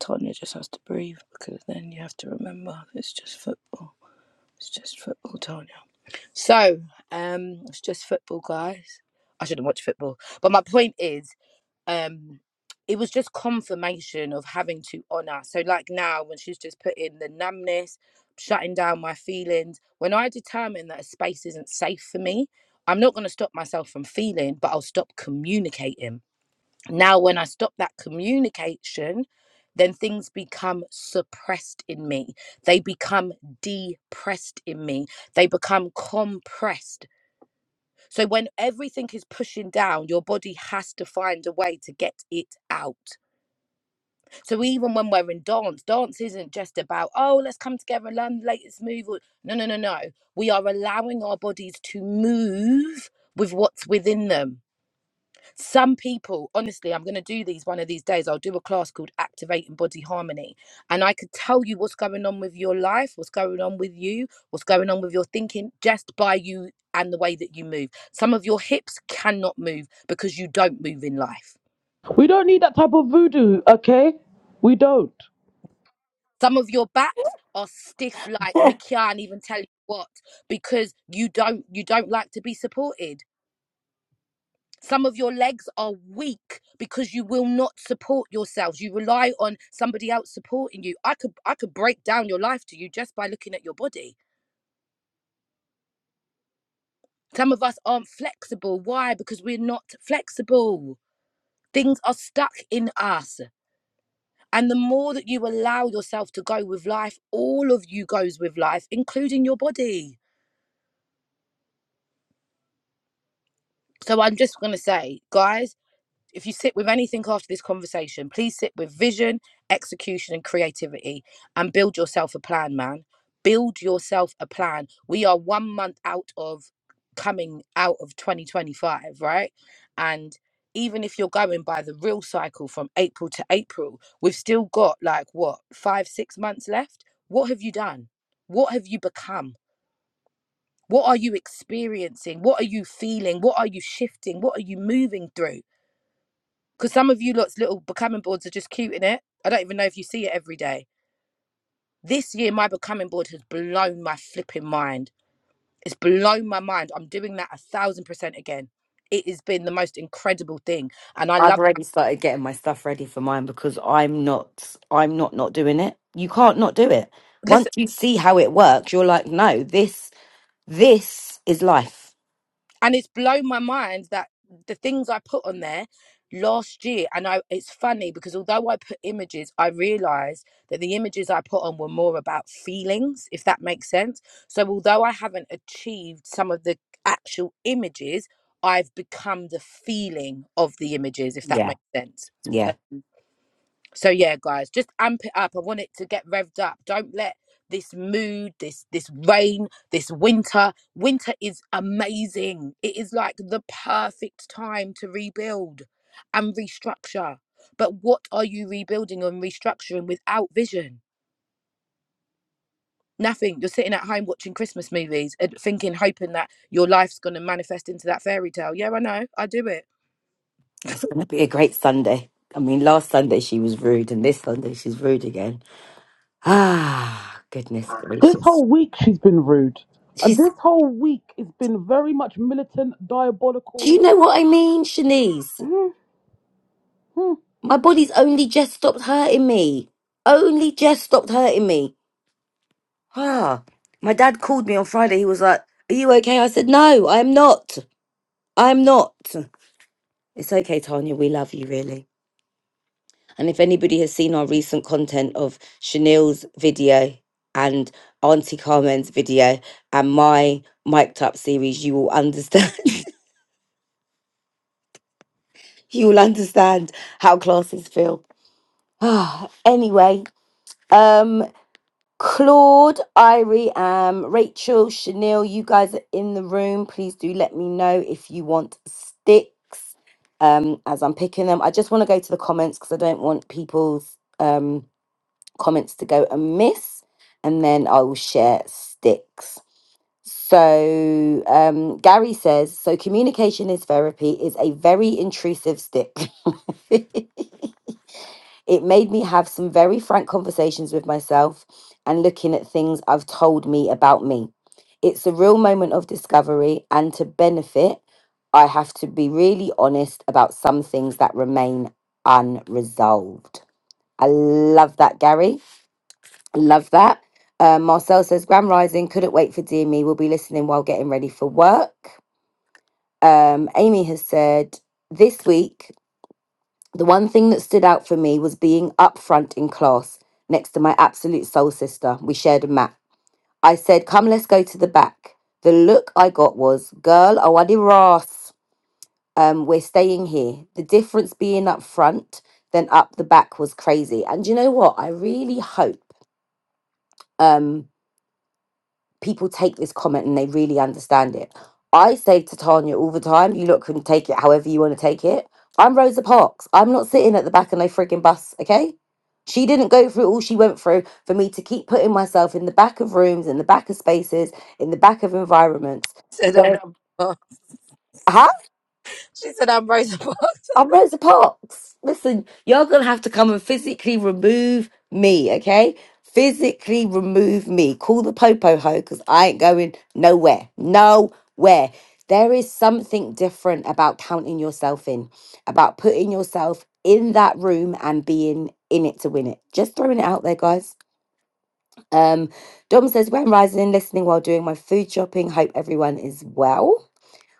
Tanya just has to breathe because then you have to remember it's just football. It's just football, Tanya. So, um, it's just football, guys. I shouldn't watch football, but my point is, um, it was just confirmation of having to honor. So, like now, when she's just put in the numbness, shutting down my feelings, when I determine that a space isn't safe for me, I'm not going to stop myself from feeling, but I'll stop communicating. Now, when I stop that communication, then things become suppressed in me. They become depressed in me. They become compressed. So, when everything is pushing down, your body has to find a way to get it out. So, even when we're in dance, dance isn't just about, oh, let's come together and learn the latest move. or- No, no, no, no. We are allowing our bodies to move with what's within them some people honestly i'm going to do these one of these days i'll do a class called activating body harmony and i could tell you what's going on with your life what's going on with you what's going on with your thinking just by you and the way that you move some of your hips cannot move because you don't move in life we don't need that type of voodoo. Okay, we don't. some of your backs are stiff like me can't even tell you what because you don't you don't like to be supported Some of your legs are weak because you will not support yourselves. You rely on somebody else supporting you. I could I could break down your life to you just by looking at your body. Some of us aren't flexible. Why? Because we're not flexible. Things are stuck in us. And the more that you allow yourself to go with life, all of you goes with life, including your body. So I'm just going to say, guys, if you sit with anything after this conversation, please sit with vision, execution, and creativity and build yourself a plan, man. Build yourself a plan. We are one month out of coming out of 2025, right? And even if you're going by the real cycle from April to April, we've still got like what, five, six months left? What have you done? What have you become? What are you experiencing? What are you feeling? What are you shifting? What are you moving through? because some of you lot's little becoming boards are just cute in it. I don't even know if you see it every day. This year, my becoming board has blown my flipping mind. It's blown my mind. I'm doing that a thousand percent again. It has been the most incredible thing, and I I've love. already started getting my stuff ready for mine because I'm not I'm not not doing it. You can't not do it. listen. Once you see how it works, you're like, no, this this is life. and it's blown my mind that the things I put on there last year and I it's funny because although I put images I realized that the images I put on were more about feelings if that makes sense so although I haven't achieved some of the actual images I've become the feeling of the images if that Yeah. makes sense Yeah. so yeah, guys, just amp it up. I want it to get revved up. Don't let this mood, this this rain, this winter. Winter is amazing. It is like the perfect time to rebuild and restructure. But what are you rebuilding and restructuring without vision? Nothing. You're sitting at home watching Christmas movies and thinking, hoping that your life's going to manifest into that fairy tale. Yeah, I know. I do it. It's going to be a great Sunday. I mean, last Sunday she was rude and this Sunday she's rude again. Ah, goodness This gracious. whole week she's been rude. Uh, She's This whole week has been very much militant, Do you diabolical. know what I mean, Shanice? Mhm. My body's only just stopped hurting me. Only just stopped hurting me Ah, my dad called me on Friday. He was like, "Are you okay?" I said, "No, I am not. I am not." It's okay, Tanya. We love you, really. And if anybody has seen our recent content of Chanel's video and Auntie Carmen's video and my mic'd up series, you will understand. you will understand how classes feel. Ah, anyway, um, Claude, Irie, um, Rachel, Chanel, you guys are in the room. Please do let me know if you want sticks um, as I'm picking them. I just want to go to the comments because I don't want people's um, comments to go amiss. And then I will share sticks. So um, Gary says, so communication is therapy is a very intrusive stick. It made me have some very frank conversations with myself and looking at things I've told me about me. It's a real moment of discovery, and to benefit, I have to be really honest about some things that remain unresolved. I love that, Gary. Love that. Uh, Marcel says, Grand Rising, couldn't wait for Dear Me. We'll be listening while getting ready for work. Um, Amy has said, This week the one thing that stood out for me was being up front in class next to my absolute soul sister. We shared a map. I said, Come, let's go to the back. The look I got was, Girl, oh, I did wrath. Um, we're staying here. The difference being up front than up the back was crazy. And you know what? I really hope. um, people take this comment and they really understand it. I say to Tanya all the time, you look can take it however you want to take it. I'm Rosa Parks. I'm not sitting at the back of no frigging bus, okay? She didn't go through all she went through for me to keep putting myself in the back of rooms, in the back of spaces, in the back of environments. Said I'm. There- Huh? She said I'm Rosa Parks. I'm Rosa Parks. Listen, you're going to have to come and physically remove me, okay? Physically remove me. Call the popo ho because I ain't going nowhere. Nowhere. There is something different about counting yourself in, about putting yourself in that room and being in it to win it. Just throwing it out there, guys. Um, Dom says, Grand Rising, listening while doing my food shopping. Hope everyone is well.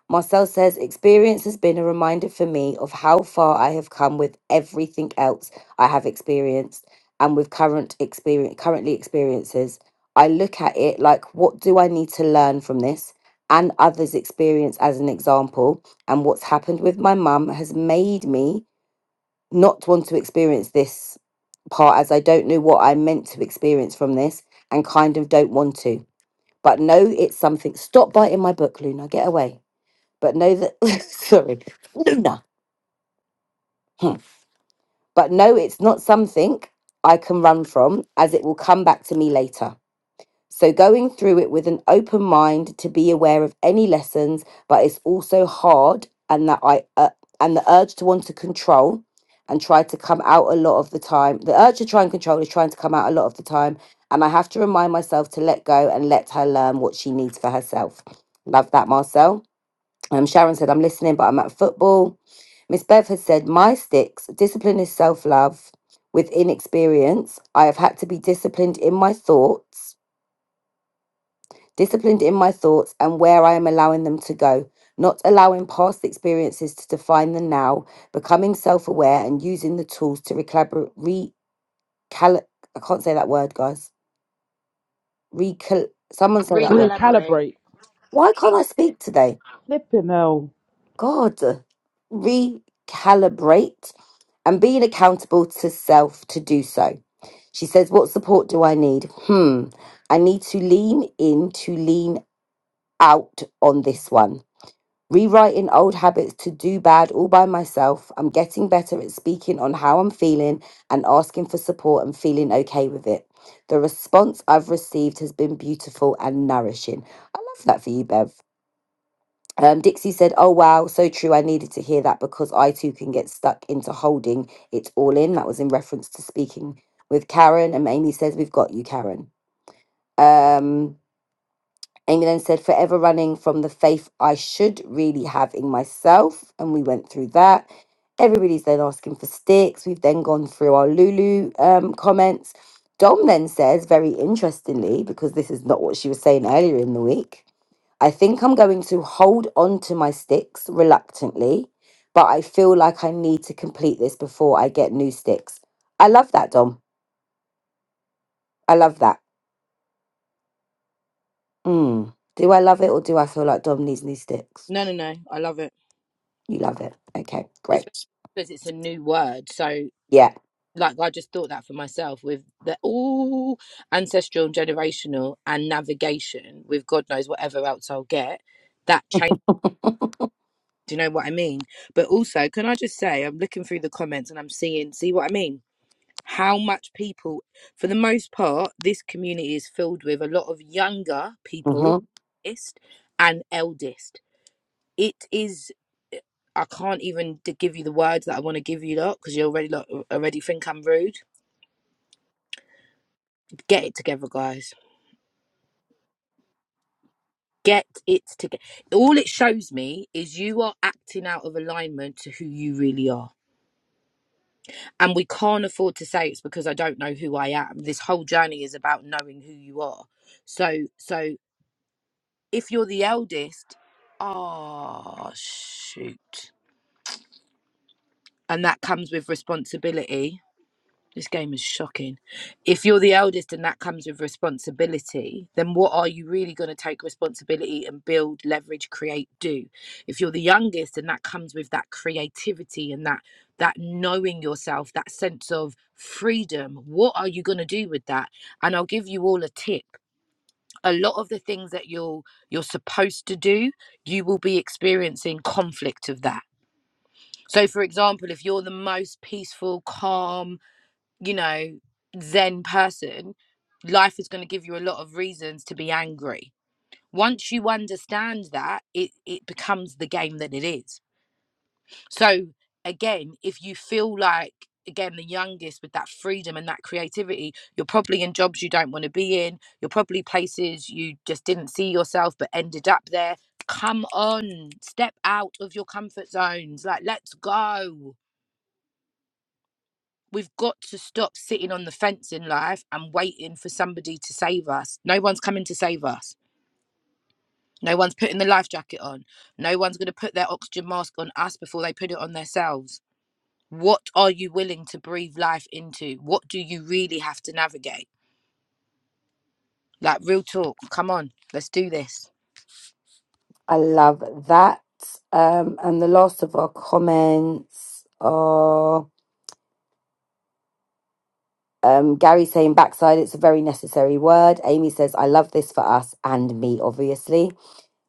Marcel says, Experience has been a reminder for me of how far I have come with everything else I have experienced and with current experience, currently experiences. I look at it like, what do I need to learn from this and others' experience as an example? And what's happened with my mum has made me not want to experience this part as I don't know what I'm meant to experience from this and kind of don't want to. But no, it's something. Stop biting my book, Luna. Get away. But know that, sorry, Luna. Hmm. But no, it's not something I can run from, as it will come back to me later. So going through it with an open mind to be aware of any lessons, but it's also hard, and that I uh, and the urge to want to control and try to come out a lot of the time. The urge to try and control is trying to come out a lot of the time, and I have to remind myself to let go and let her learn what she needs for herself. Love that, Marcel. Um, Sharon said, "I'm listening, but I'm at football." Miss Bev has said, My sticks, discipline is self love. With inexperience, I have had to be disciplined in my thoughts, disciplined in my thoughts and where I am allowing them to go, not allowing past experiences to define the now, becoming self aware and using the tools to recalibrate. Recal- I can't say that word, guys. Recal- Someone say that Caleb, word. Recollaborate. Recalibrate. Why can't I speak today? Flipping hell. God, recalibrate and being accountable to self to do so. She says, What support do I need? Hmm, I need to lean in to lean out on this one. Rewriting old habits to do bad all by myself. I'm getting better at speaking on how I'm feeling and asking for support and feeling okay with it. The response I've received has been beautiful and nourishing. I love that for you, Bev. Um, Dixie said, Oh, wow, so true. I needed to hear that because I too can get stuck into holding it all in. That was in reference to speaking with Karen. And Amy says, We've got you, Karen. Um, Amy then said, Forever running from the faith I should really have in myself. And we went through that. Everybody's then asking for sticks. We've then gone through our Lulu um, comments. Dom then says, very interestingly, because this is not what she was saying earlier in the week. I think I'm going to hold on to my sticks reluctantly, but I feel like I need to complete this before I get new sticks. I love that, Dom. I love that. Mm. Do I love it or do I feel like Dom needs new sticks? No, no, no. I love it. You love it. Okay, especially great. because it's a new word. So, Yeah. like, I just thought that for myself with the all ancestral and generational and navigation with God knows whatever else I'll get. That change. Do you know what I mean? But also, can I just say, I'm looking through the comments and I'm seeing, see what I mean? How much people, for the most part, this community is filled with a lot of younger people, hmm eldest and eldest. It is. I can't even d- give you the words that I want to give you lot because you already lot already think I'm rude. Get it together, guys. Get it together. All it shows me is you are acting out of alignment to who you really are. And we can't afford to say it's because I don't know who I am. This whole journey is about knowing who you are. So so if you're the eldest, ah shoot. And that comes with responsibility This game is shocking. If you're the eldest and that comes with responsibility, then what are you really going to take responsibility and build, leverage, create, do? If you're the youngest and that comes with that creativity and that that knowing yourself, that sense of freedom, what are you going to do with that? And I'll give you all a tip. A lot of the things that you're you're supposed to do, you will be experiencing conflict of that. So for example, if you're the most peaceful, calm, you know, Zen person, life is going to give you a lot of reasons to be angry. Once you understand that, it, it becomes the game that it is. So, again, if you feel like, again, the youngest with that freedom and that creativity, you're probably in jobs you don't want to be in. You're probably places you just didn't see yourself but ended up there. Come on, step out of your comfort zones. Like, let's go we've got to stop sitting on the fence in life and waiting for somebody to save us. No one's coming to save us. No one's putting the life jacket on. No one's going to put their oxygen mask on us before they put it on themselves. What are you willing to breathe life into? What do you really have to navigate? Like, real talk. Come on, let's do this. I love that. Um, and the last of our comments are um, Gary saying backside, it's a very necessary word. Amy says, I love this for us and me, obviously.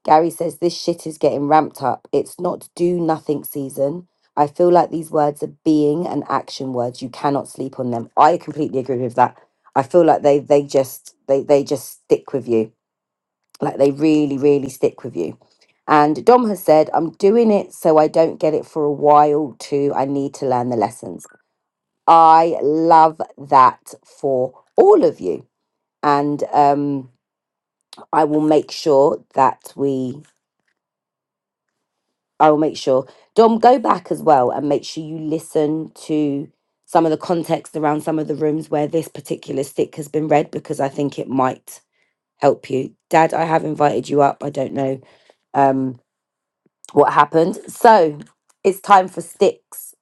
Gary says this shit is getting ramped up. It's not do nothing season. I feel like these words are being and action words. You cannot sleep on them. I completely agree with that. I feel like they they just they they just stick with you. Like they really really stick with you. And Dom has said, I'm doing it so I don't get it for a while too. I need to learn the lessons. I love that for all of you. And um I will make sure that we I'll make sure. Dom, go back as well and make sure you listen to some of the context around some of the rooms where this particular stick has been read because I think it might help you. Dad, I have invited you up. I don't know um, what happened. So it's time for sticks.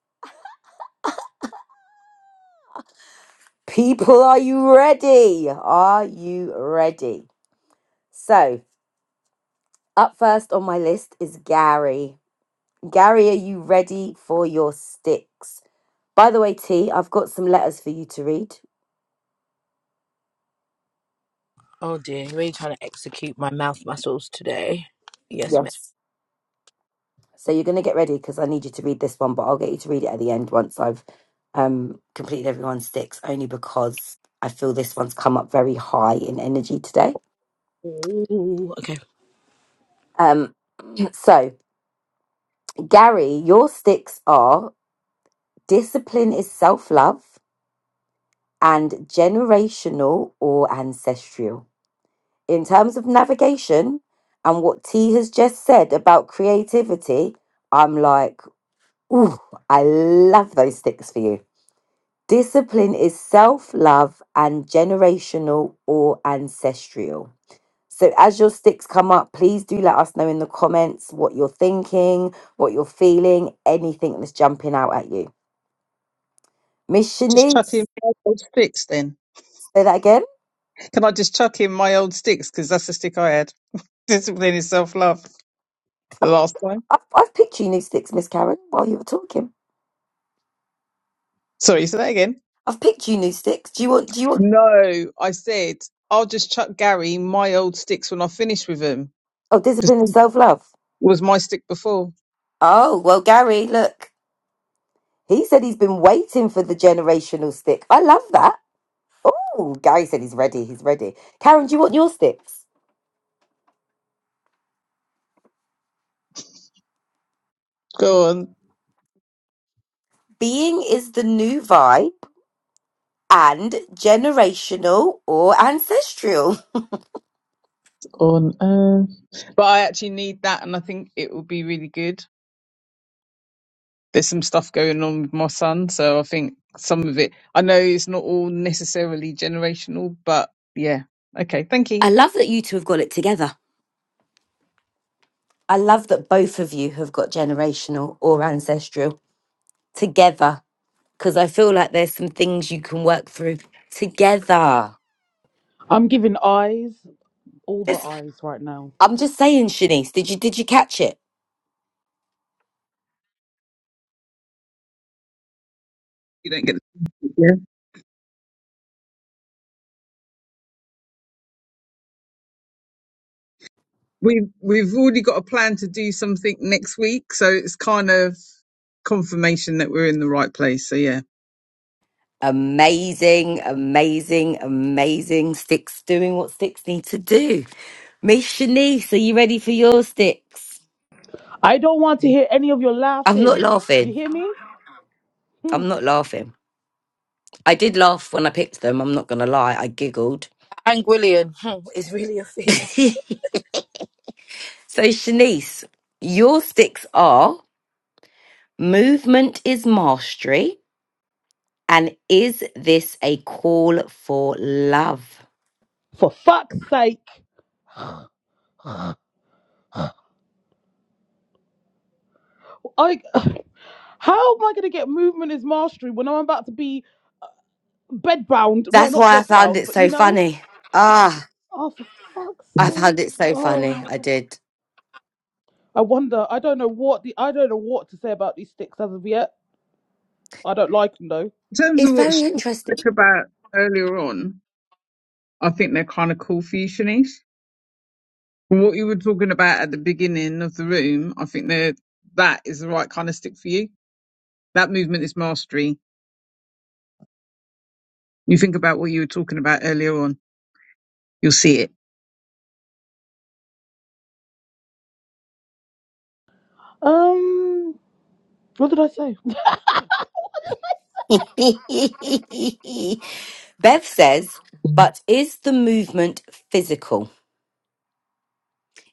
People, are you ready? Are you ready? So, up first on my list is Gary. Gary, are you ready for your sticks? By the way, T, I've got some letters for you to read. Oh dear, I'm really trying to execute my mouth muscles today. Yes, ma'am. Yes. So you're going to get ready because I need you to read this one, but I'll get you to read it at the end once I've um, completed everyone's sticks, only because I feel this one's come up very high in energy today. Ooh, okay. Um, so, Gary, your sticks are discipline is self love and generational or ancestral. In terms of navigation and what T has just said about creativity, I'm like, ooh, I love those sticks for you. Discipline is self love and generational or ancestral. So, as your sticks come up, please do let us know in the comments what you're thinking, what you're feeling, anything that's jumping out at you. Miss just chuck in Shanice, my old sticks then say that again. can i just chuck in my old sticks because that's the stick i had discipline is self-love the last time I've, I've picked you new sticks, Miss Karen, while you were talking. sorry say that again I've picked you new sticks. Do you want, do you want, no i said i'll just chuck gary my old sticks when i finish with him oh, because discipline and self love. was my stick before Oh, well, Gary, look. He said he's been waiting for the generational stick. I love that. Oh, Gary said he's ready. He's ready. Karen, do you want your sticks? go on Being is the new vibe and generational or ancestral. on earth. But I actually need that, and I think it will be really good. There's some stuff going on with my son, so I think some of it. I know it's not all necessarily generational, but yeah. Okay, thank you. I love that you two have got it together. I love that both of you have got generational or ancestral together because I feel like there's some things you can work through together. I'm giving eyes, all the This, eyes right now. I'm just saying, Shanice, did you did you catch it? You don't get. to speak, Yeah, we we've already got a plan to do something next week, so it's kind of confirmation that we're in the right place. So yeah, Amazing, amazing, amazing. Sticks doing what sticks need to do. Miss Shanice, are you ready for your sticks? I don't want to hear any of your I'm not laughing. You laughing. hear me? Hmm. I'm not laughing. I did laugh when I picked them. I'm not going to lie. I giggled. Angwillian. is really a thing. so, Shanice, your sticks are movement is mastery. And is this a call for love? For fuck's sake. I, how am I going to get movement Is mastery when I'm about to be bedbound? No, That's not why I found bedbound, it but so you know. funny. Ah, Oh, for fuck's I sake. found it so funny. Oh. I did. I wonder. I don't know what the. I don't know what to say about these sticks as of yet. I don't like them though. in terms It's of what she very interesting. spoke about earlier on, I think they're kind of cool for you, Shanice. From what you were talking about at the beginning of the room, I think that that is the right kind of stick for you. That movement is mastery. You think about what you were talking about earlier on, you'll see it. Um. What did I say? Bev says, but is the movement physical?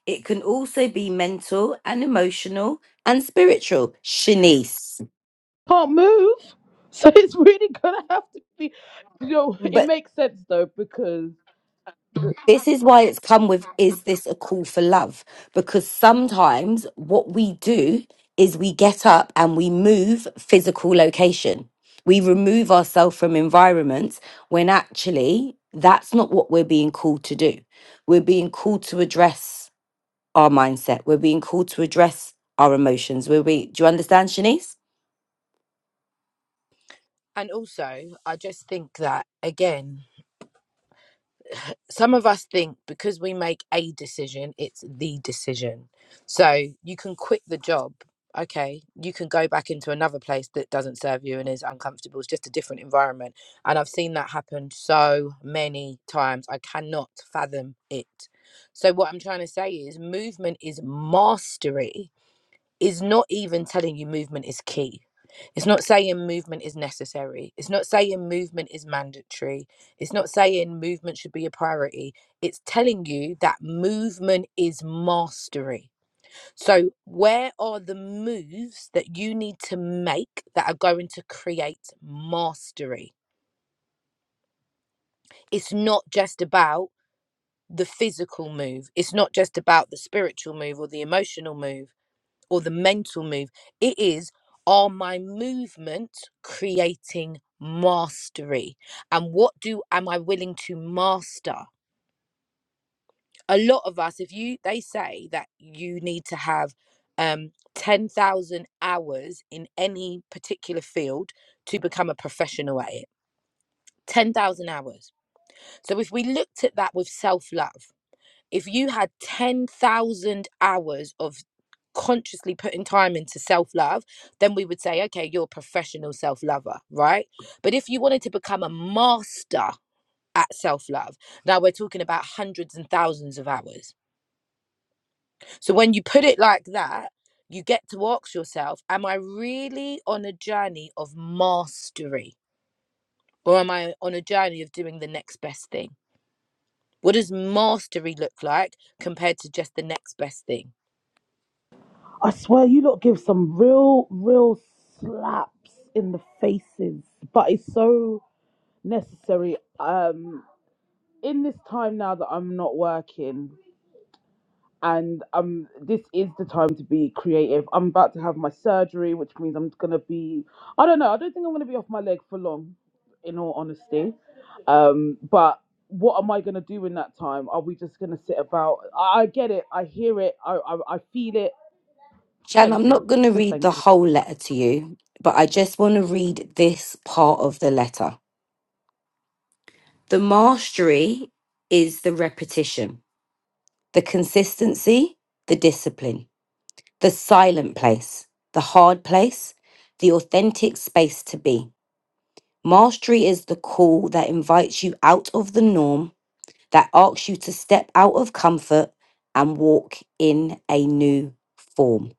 It can also be mental and emotional and spiritual. Shanice. can't move. So it's really gonna have to be, you know, it makes sense though because this is why it's come with is this a call for love because sometimes what we do is we get up and we move physical location we remove ourselves from environments when actually that's not what we're being called to do we're being called to address our mindset we're being called to address our emotions we're be- do you understand shanice And also, I just think that, again, some of us think because we make a decision, it's the decision. So you can quit the job. Okay, you can go back into another place that doesn't serve you and is uncomfortable. It's just a different environment. And I've seen that happen so many times. I cannot fathom it. So, what I'm trying to say is movement is mastery is not even telling you movement is key. It's not saying movement is necessary. It's not saying movement is mandatory. It's not saying movement should be a priority. It's telling you that movement is mastery. So, where are the moves that you need to make that are going to create mastery? It's not just about the physical move, it's not just about the spiritual move or the emotional move. or the mental move. It is are my movements creating mastery? And what do am I willing to master? A lot of us, if you they say that you need to have um 10,000 hours in any particular field to become a professional at it. 10,000 hours. So if we looked at that with self-love, if you had 10,000 hours of consciously putting time into self love, then we would say, okay, you're a professional self lover, right? But if you wanted to become a master at self love, now we're talking about hundreds and thousands of hours. So when you put it like that, you get to ask yourself, am I really on a journey of mastery? Or am I on a journey of doing the next best thing? What does mastery look like compared to just the next best thing? I swear you lot give some real, real slaps in the faces, but it's so necessary. Um, in this time now that I'm not working, and um this is the time to be creative i'm about to have my surgery which means i'm gonna be i don't know i don't think i'm gonna be off my leg for long in all honesty um but what am i gonna do in that time are we just gonna sit about i, I get it i hear it I, I i feel it shan thank i'm you not going to just read thank the you whole letter to you but i just want to read this part of the letter The mastery is the repetition, the consistency, the discipline, the silent place, the hard place, the authentic space to be. Mastery is the call that invites you out of the norm, that asks you to step out of comfort and walk in a new form.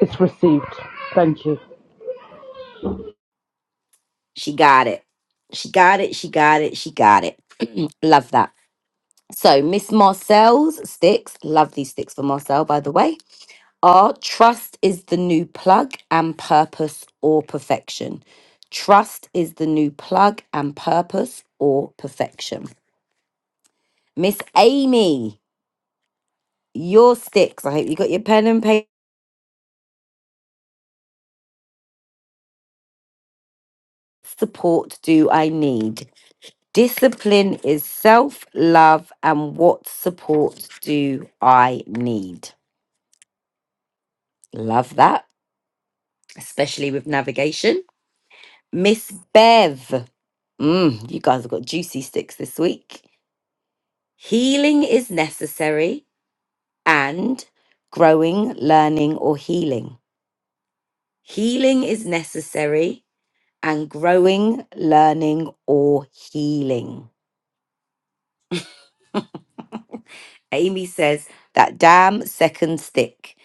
it's received thank you She got it. She got it. She got it. She got it. Love that. So, Miss Marcel's sticks, love these sticks for Marcel, by the way R, trust is the new plug and purpose or perfection. Trust is the new plug and purpose or perfection. Miss Amy, your sticks. I hope you got your pen and paper. Support do I need? Discipline is self love, and what support do I need? Love that, especially with navigation. Miss Bev, mm, you guys have got juicy sticks this week. Healing is necessary and growing, learning, or healing. Healing is necessary and growing, learning, or healing. Amy says, that damn second stick.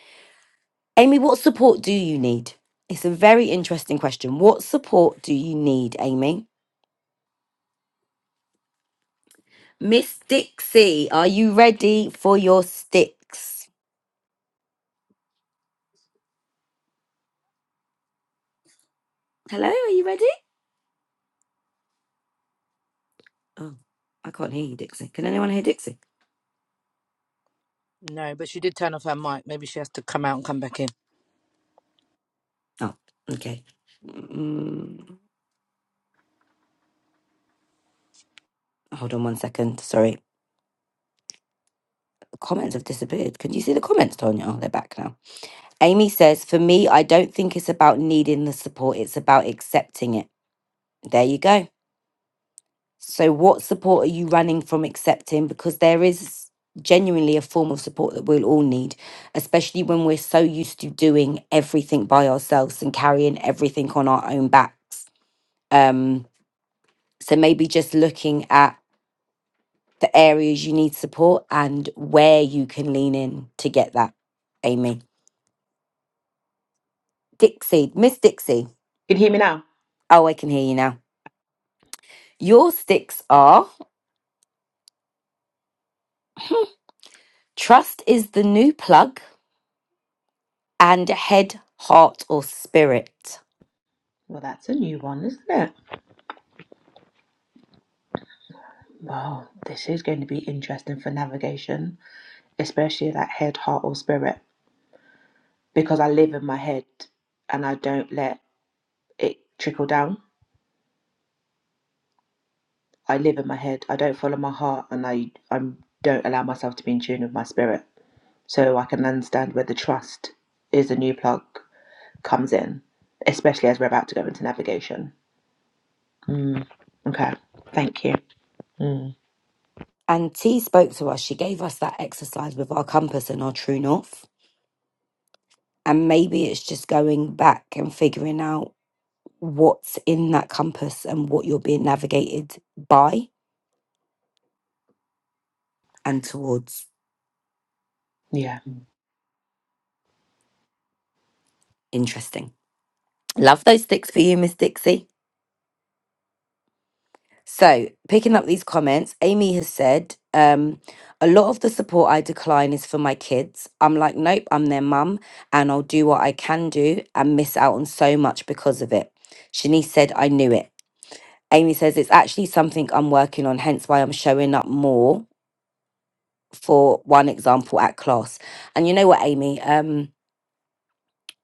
Amy, what support do you need? It's a very interesting question. What support do you need, Amy? Miss Dixie, are you ready for your sticks? Hello, are you ready? Oh, I can't hear you, Dixie. Can anyone hear Dixie? No, but she did turn off her mic. Maybe she has to come out and come back in. Oh, okay. Mm, hold on one second. Sorry. Comments have disappeared. Can you see the comments, Tonya? Oh, they're back now. Amy says, For me, I don't think it's about needing the support, it's about accepting it. There you go. So, what support are you running from accepting? Because there is genuinely a form of support that we'll all need, especially when we're so used to doing everything by ourselves and carrying everything on our own backs. Um, so, maybe just looking at the areas you need support and where you can lean in to get that, Amy. Dixie, Miss Dixie. Can you hear me now? Oh, I can hear you now. Your sticks are trust is the new plug and head, heart, or spirit. Well, that's a new one, isn't it? Well, this is going to be interesting for navigation, especially that head, heart, or spirit. because I live in my head and I don't let it trickle down. I live in my head. I don't follow my heart and I I don't allow myself to be in tune with my spirit. So I can understand where the trust is a new plug comes in, especially as we're about to go into navigation. Mm. Okay. Thank you. Mm. And T spoke to us. She gave us that exercise with our compass and our true north. And maybe it's just going back and figuring out what's in that compass and what you're being navigated by and towards. Yeah. Interesting. Love those sticks for you, Miss Dixie. So, picking up these comments, Amy has said, um, a lot of the support I decline is for my kids. I'm like, nope, I'm their mum and I'll do what I can do and miss out on so much because of it. Shanice said, I knew it. Amy says, it's actually something I'm working on, hence why I'm showing up more for one example at class. And you know what, Amy? Um,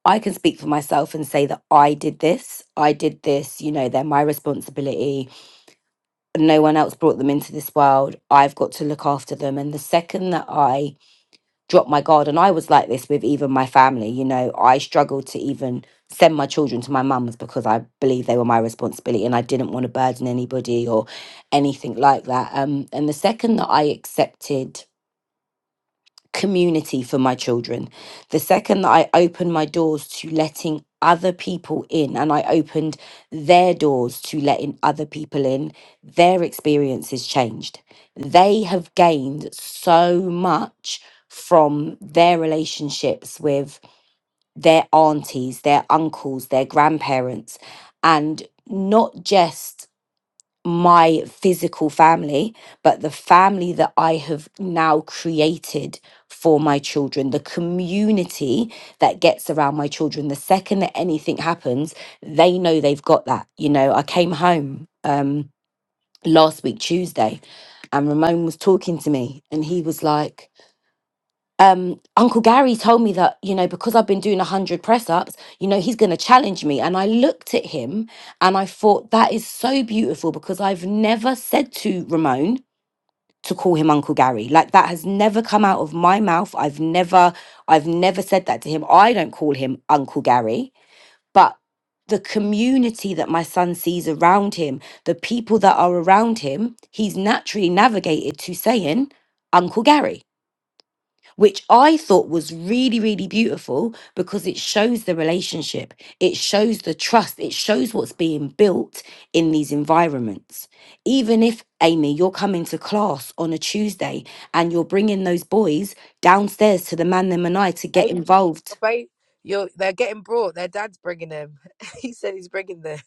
I can speak for myself and say that I did this. I did this. You know, they're my responsibility no one else brought them into this world. I've got to look after them. And the second that I dropped my guard, and I was like this with even my family, you know, I struggled to even send my children to my mum's because I believed they were my responsibility and I didn't want to burden anybody or anything like that. Um, and the second that I accepted community for my children. The second that I opened my doors to letting other people in and I opened their doors to letting other people in, their experiences changed. They have gained so much from their relationships with their aunties, their uncles, their grandparents, and not just my physical family, but the family that I have now created for my children, the community that gets around my children. The second that anything happens, they know they've got that. You know, I came home um, last week, Tuesday, and Ramon was talking to me, and he was like, um uncle gary told me that you know because i've been doing 100 press ups you know he's going to challenge me and i looked at him and i thought that is so beautiful because i've never said to ramon to call him uncle gary like that has never come out of my mouth i've never i've never said that to him i don't call him uncle gary but the community that my son sees around him the people that are around him he's naturally navigated to saying uncle gary which I thought was really, really beautiful because it shows the relationship, it shows the trust, it shows what's being built in these environments. Even if, Amy, you're coming to class on a Tuesday and you're bringing those boys downstairs to the man, them, and I to get Amy, you're, involved. ba- you're, they're getting brought. Their dad's bringing them. he said he's bringing them.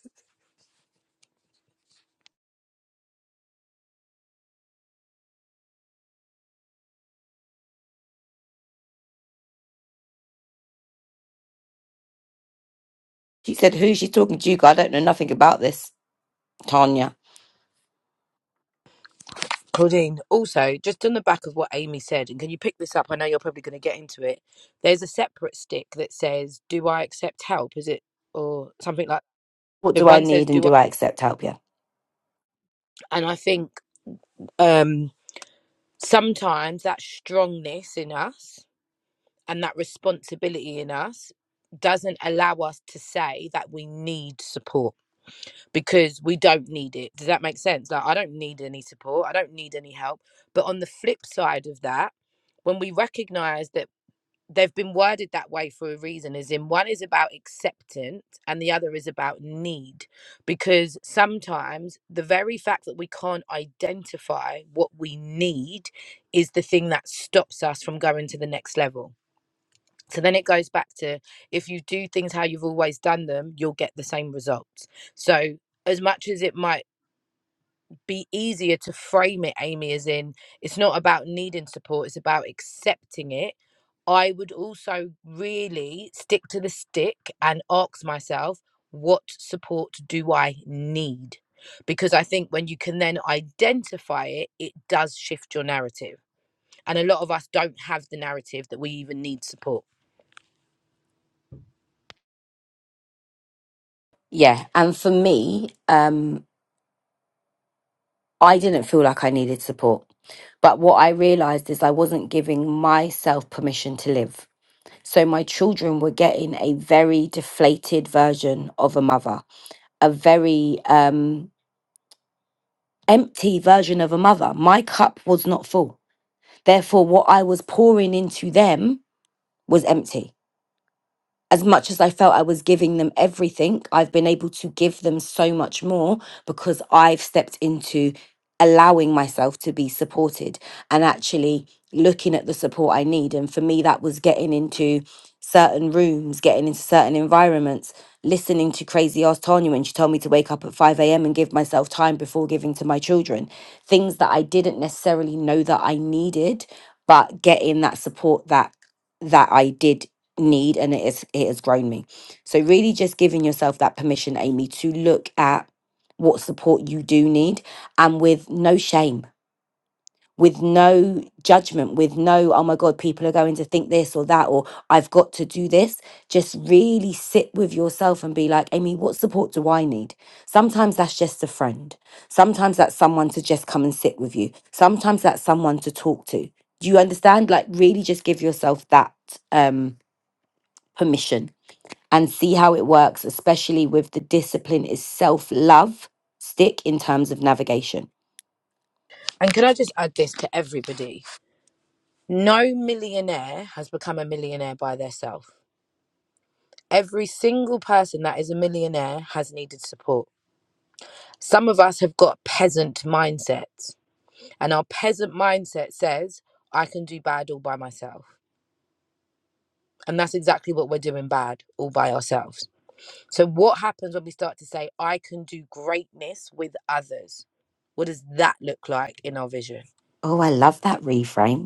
She said, Who's she talking to? You guys, I don't know nothing about this, Tanya. Claudine, also, just on the back of what Amy said, and can you pick this up? I know you're probably going to get into it. There's a separate stick that says, Do I accept help? Is it, or something like What The do I one says, need and Do I? do I accept help? Yeah. And I think um, sometimes that strongness in us and that responsibility in us doesn't allow us to say that we need support because we don't need it. Does that make sense? Like, I don't need any support. I don't need any help. But on the flip side of that, when we recognize that they've been worded that way for a reason, as in one is about acceptance and the other is about need, because sometimes the very fact that we can't identify what we need is the thing that stops us from going to the next level so then it goes back to if you do things how you've always done them, you'll get the same results. So as much as it might be easier to frame it, Amy, as in it's not about needing support, it's about accepting it. I would also really stick to the stick and ask myself, what support do I need? Because I think when you can then identify it, it does shift your narrative. And a lot of us don't have the narrative that we even need support Yeah. And for me, um, I didn't feel like I needed support. But what I realized is I wasn't giving myself permission to live. So my children were getting a very deflated version of a mother, a very um, empty version of a mother. My cup was not full. Therefore, what I was pouring into them was empty. as much as I felt I was giving them everything, I've been able to give them so much more because I've stepped into allowing myself to be supported and actually looking at the support I need. And for me, that was getting into certain rooms, getting into certain environments, listening to crazy ass Tanya when she told me to wake up at 5 a.m. and give myself time before giving to my children. Things that I didn't necessarily know that I needed, but getting that support that that I did need and it, is, it has grown me. So, really just giving yourself that permission, Amy, to look at what support you do need and with no shame, with no judgment, with no, oh my God, people are going to think this or that, or I've got to do this. Just really sit with yourself and be like, Amy, what support do I need? Sometimes that's just a friend. Sometimes that's someone to just come and sit with you. Sometimes that's someone to talk to. Do you understand? Like, really just give yourself that um, permission and see how it works, especially with the discipline is self love stick in terms of navigation. And can I just add this to everybody? No millionaire has become a millionaire by themselves. Every single person that is a millionaire has needed support. Some of us have got peasant mindsets, and our peasant mindset says, I can do bad all by myself. And that's exactly what we're doing bad all by ourselves. So, what happens when we start to say, I can do greatness with others? What does that look like in our vision? Oh, I love that reframe.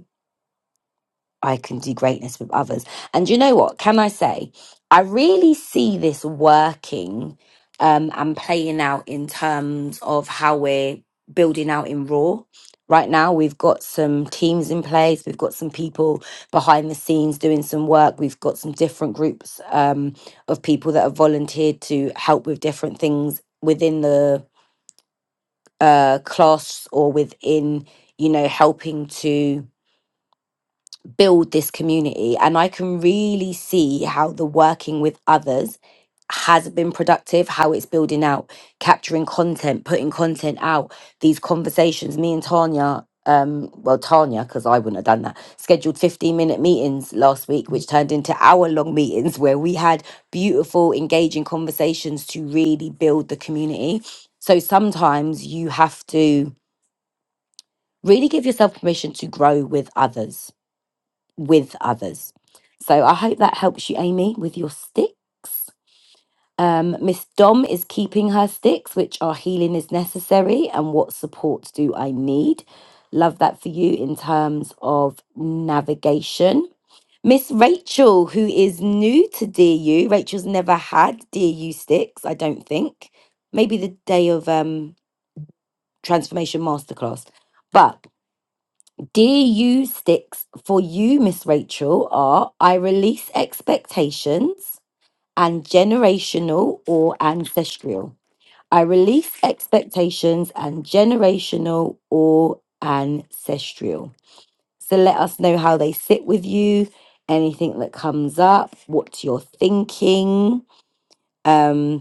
I can do greatness with others. And you know what? Can I say, I really see this working um, and playing out in terms of how we're building out in Raw. Right now, we've got some teams in place. We've got some people behind the scenes doing some work. We've got some different groups um, of people that have volunteered to help with different things within the uh, class or within, you know, helping to build this community and i can really see how the working with others has been productive how it's building out capturing content putting content out these conversations me and tanya um well tanya because i wouldn't have done that scheduled 15 minute meetings last week which turned into hour long meetings where we had beautiful engaging conversations to really build the community so sometimes you have to really give yourself permission to grow with others with others. So I hope that helps you, Amy, with your sticks. Um, Miss Dom is keeping her sticks, which are healing is necessary, and what support do I need? Love that for you in terms of navigation. Miss Rachel, who is new to DU, Rachel's never had DU sticks, I don't think. Maybe the day of um, transformation masterclass, but DU sticks for you, Miss Rachel, are I release expectations and generational or ancestral. I release expectations and generational or ancestral. So let us know how they sit with you, anything that comes up, what you're thinking. Um,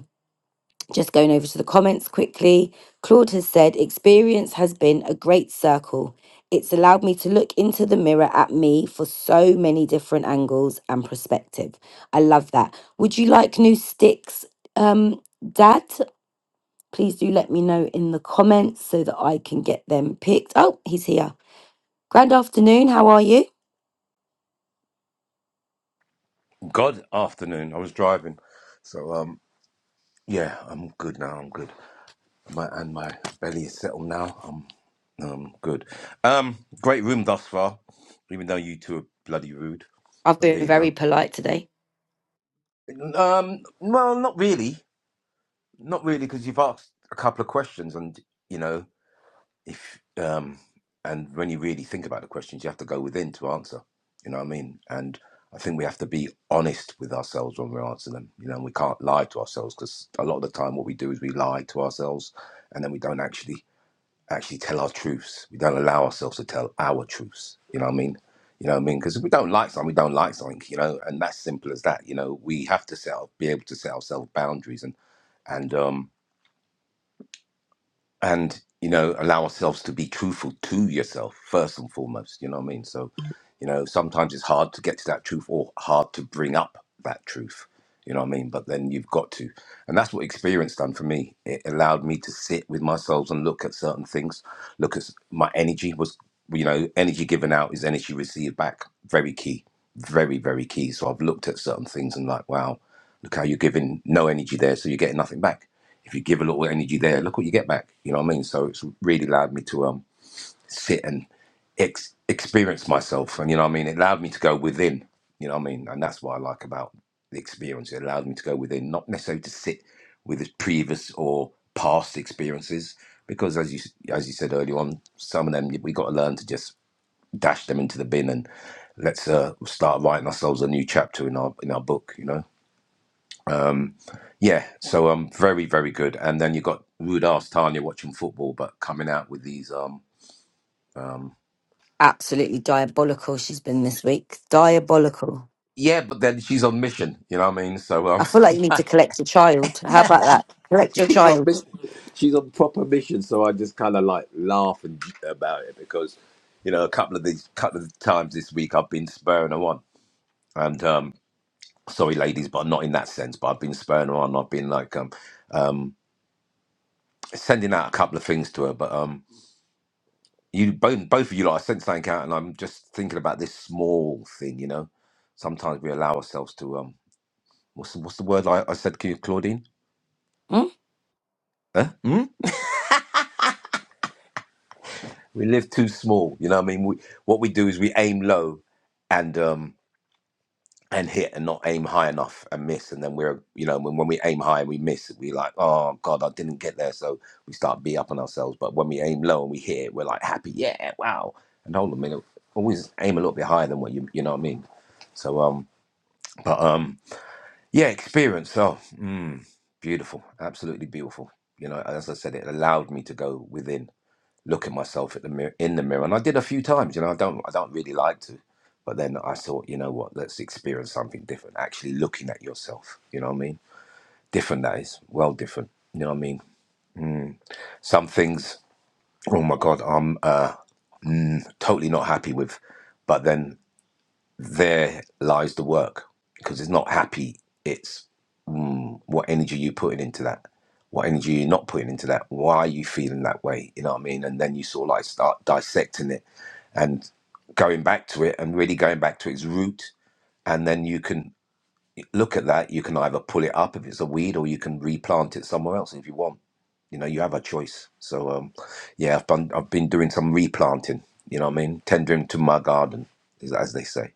just going over to the comments quickly. Claude has said, Experience has been a great circle. It's allowed me to look into the mirror at me for so many different angles and perspective. I love that. Would you like new sticks, um, Dad? Please do let me know in the comments so that I can get them picked. Oh, he's here. Grand afternoon. How are you? God afternoon. I was driving, so um, yeah, I'm good now. I'm good. My and my belly is settled now. I'm um good. Um, great room thus far, even though you two are bloody rude. I've But there been you very go. polite today. Um, well, not really, not really, because you've asked a couple of questions, and you know. if um and when you really think about the questions you have to go within to answer you know what i mean and i think we have to be honest with ourselves when we answer them you know and we can't lie to ourselves because a lot of the time what we do is we lie to ourselves and then we don't actually actually tell our truths we don't allow ourselves to tell our truths you know what i mean you know what i mean because if we don't like something we don't like something you know and that's simple as that you know we have to set up, be able to set ourselves boundaries and and um and you know allow ourselves to be truthful to yourself first and foremost you know what i mean so you know sometimes it's hard to get to that truth or hard to bring up that truth you know what i mean but then you've got to and that's what experience done for me it allowed me to sit with myself and look at certain things look at s- my energy was you know energy given out is energy received back very key very very key so i've looked at certain things and like wow look how you're giving no energy there so you're getting nothing back if you give a little energy there, look what you get back. You know what I mean? So it's really allowed me to um sit and ex- experience myself, and you know what I mean. It allowed me to go within. You know what I mean? And that's what I like about the experience. It allowed me to go within, not necessarily to sit with the previous or past experiences, because as you as you said earlier on, some of them we got to learn to just dash them into the bin and let's uh, start writing ourselves a new chapter in our in our book. You know. Um, yeah, so um, very very good. And then you got rude ass Tanya watching football, but coming out with these um, um, Absolutely diabolical, she's been this week. Diabolical. yeah, but then she's on mission. You know what I mean? So I um, feel like you need to collect your child. How about that? Collect your she's on child. mission. She's on proper mission. So I just kind of like laugh and about it because you know a couple of these couple of times this week I've been spurring her on, and um, sorry ladies, but not in that sense. But I've been spurring her on. I've been like um, um, sending out a couple of things to her, but um. you both both of you lot, I sent something out, and I'm just thinking about this small thing. You know, sometimes we allow ourselves to um, what's the- what's the word I, I said, Cla- Claudine? Hmm? Huh? Hmm. We live too small. You know, what I mean, we, what we do is we aim low, and um and hit, and not aim high enough and miss, and then we're you know when when we aim high and we miss, we like oh god, I didn't get there, so we start be up on ourselves. But when we aim low and we hit, we're like happy, yeah, wow. And hold on a minute, always aim a little bit higher than what you you know what I mean. So um, but um. Yeah, experience. Oh, mm, beautiful. Absolutely beautiful. You know, as I said, it allowed me to go within, look at myself at the mirror, in the mirror, and I did a few times. You know, I don't, I don't really like to, but then I thought, you know what? Let's experience something different. Actually, looking at yourself. You know what I mean? Different that is. Well, different. You know what I mean? Mm. Some things. Oh my God, I'm uh, mm, totally not happy with. But then there lies the work because it's not happy it's mm, what energy you putting into that what energy you're not putting into that why are you feeling that way you know what i mean and then you sort of like start dissecting it and going back to it and really going back to its root and then you can look at that you can either pull it up if it's a weed or you can replant it somewhere else if you want you know you have a choice so um yeah i've done i've been doing some replanting you know what i mean tendering to my garden as as they say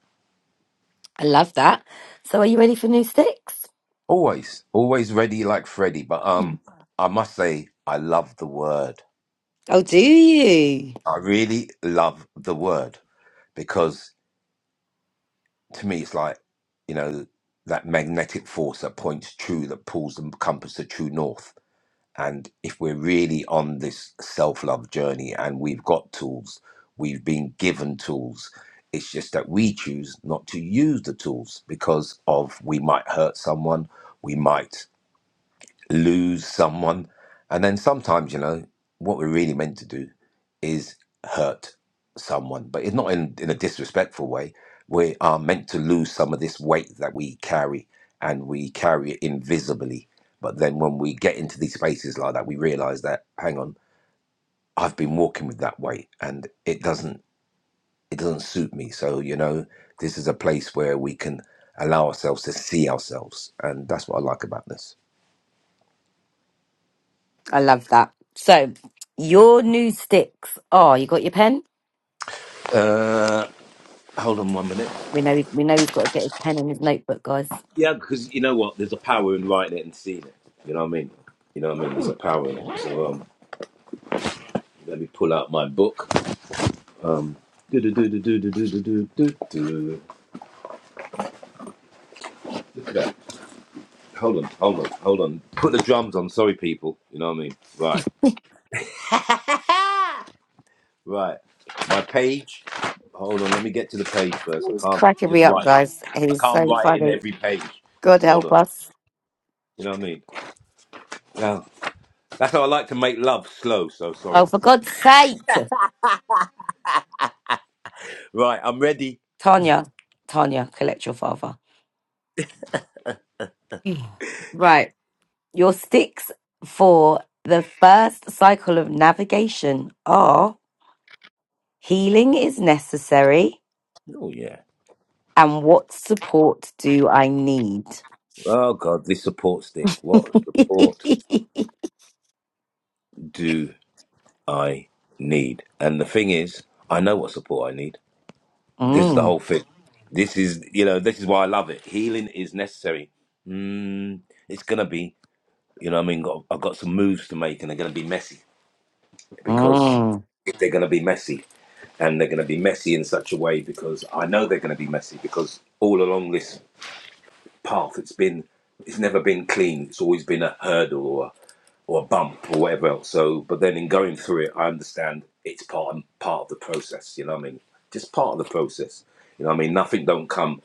I love that. So, are you ready for new sticks? Always, always ready like Freddy. But um, I must say, I love the word. Oh, do you? I really love the word because to me, it's like you know that magnetic force that points true, that pulls the compass to true north. And if we're really on this self-love journey, and we've got tools, we've been given tools. It's just that we choose not to use the tools because of we might hurt someone, we might lose someone. And then sometimes, you know, what we're really meant to do is hurt someone, but it's not in, in a disrespectful way. We are meant to lose some of this weight that we carry and we carry it invisibly. But then when we get into these spaces like that, we realize that, hang on, I've been walking with that weight and it doesn't it doesn't suit me. So, you know, this is a place where we can allow ourselves to see ourselves. And that's what I like about this. I love that. So, your new sticks. Oh, you got your pen? Uh, hold on one minute. We know. We know he's got to get his pen and his notebook, guys. Yeah, because you know what? There's a power in writing it and seeing it. You know what I mean? You know what I mean? There's a power in it. So um, let me pull out my book. Um, do-do-do-do-do-do-do-do-do-do. look at that. Hold on, hold on, hold on. Put the drums on. Sorry, people. You know what I mean? Right, right. My page. Hold on. Let me get to the page first. I He's can't cracking me just up, write. It. guys. I He's can't so write it in funny. every page. God Hold help on. us. You know what I mean? Now, that's how I like to make love slow. So sorry. Oh, for God's sake. Right, I'm ready. Tanya, Tanya, collect your father. Mm. Right. Your sticks for the first cycle of navigation are healing is necessary Oh yeah. and what support do I need? Oh God, this support stick. What support do I need? And the thing is, I know what support I need. This is the mm, whole thing. This is, you know, this is why I love it. Healing is necessary. Mm, it's gonna be, you know, what I mean, got, I've got some moves to make, and they're gonna be messy because mm, they're gonna be messy, and they're gonna be messy in such a way because I know they're gonna be messy because all along this path, it's been, it's never been clean. It's always been a hurdle or a bump or whatever else. So, but then in going through it, I understand it's part and part of the process. You know what I mean? Just part of the process. You know what I mean? Nothing don't come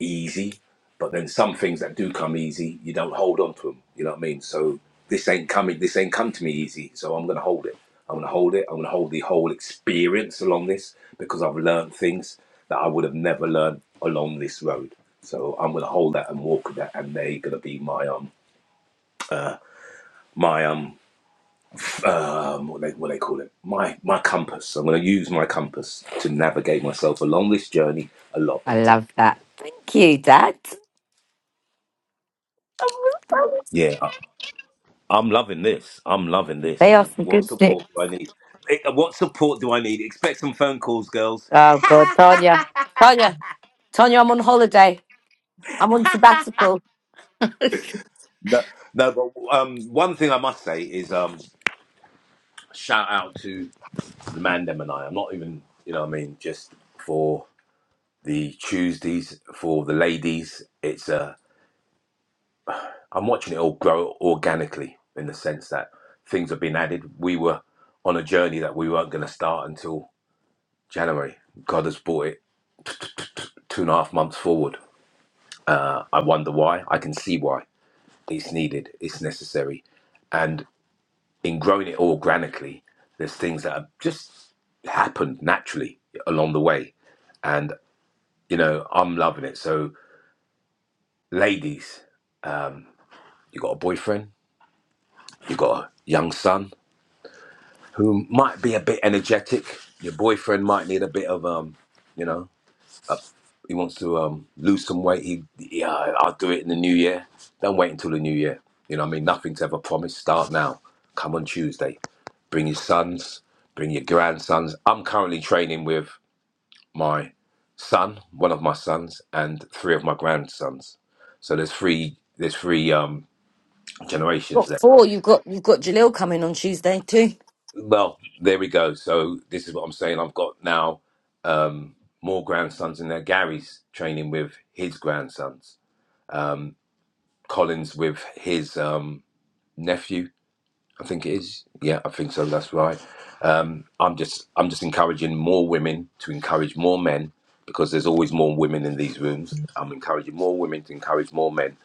easy, but then some things that do come easy, you don't hold on to them. You know what I mean? So this ain't coming. This ain't come to me easy. So I'm gonna hold it. I'm gonna hold it. I'm gonna hold the whole experience along this because I've learned things that I would have never learned along this road. So I'm gonna hold that and walk with that, and they're gonna be my um my um um, what they what they call it, my my compass. I'm going to use my compass to navigate myself along this journey a lot I better. love that. Thank you, Dad. Yeah, I, I'm loving this. I'm loving this. They are some What good sticks. support do I need? Eh, What support do I need? Expect some phone calls, girls. Oh, God, Tanya. Tanya. Tanya, I'm on holiday. I'm on sabbatical. Got No, no. But um, one thing I must say is um, shout out to the man them and I. I'm not even you know what I mean just for the Tuesdays for the ladies. It's uh, I'm watching it all grow organically in the sense that things have been added. We were on a journey that we weren't going to start until January. God has brought it t- t- t- t- two and a half months forward. Uh, I wonder why. I can see why. It's needed, it's necessary. And in growing it organically, there's things that have just happened naturally along the way. And, you know, I'm loving it. So, ladies, you got a boyfriend, you got a young son, who might be a bit energetic. Your boyfriend might need a bit of um, you know, he wants to um lose some weight. He yeah, I'll do it in the new year. Don't wait until the new year. You know, what I mean, nothing's ever promised. Start now. Come on Tuesday. Bring your sons. Bring your grandsons. I'm currently training with my son, one of my sons, and three of my grandsons. So there's three. There's three um, generations there. four. You've got you've got Jalil coming on Tuesday too. Well, there we go. So this is what I'm saying. I've got now um, more grandsons in there. Gary's training with his grandsons. Collins with his um, nephew. I think it is. Yeah, I think so. That's right. Um, I'm just I'm just encouraging more women to encourage more men because there's always more women in these rooms. I'm encouraging more women to encourage more men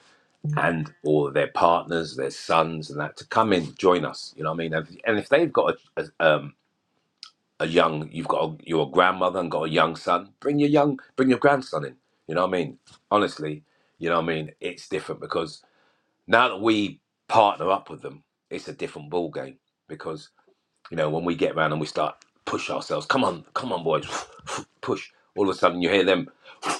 and all their partners, their sons, and that to come in, join us. You know what I mean? And, if and if they've got a, a, um, a young you've got a, you're a grandmother and got a young son bring your young bring your grandson in you know what i mean honestly you know what i mean it's different because now that we partner up with them it's a different ball game because you know when we get around and we start push ourselves come on come on boys push all of a sudden you hear them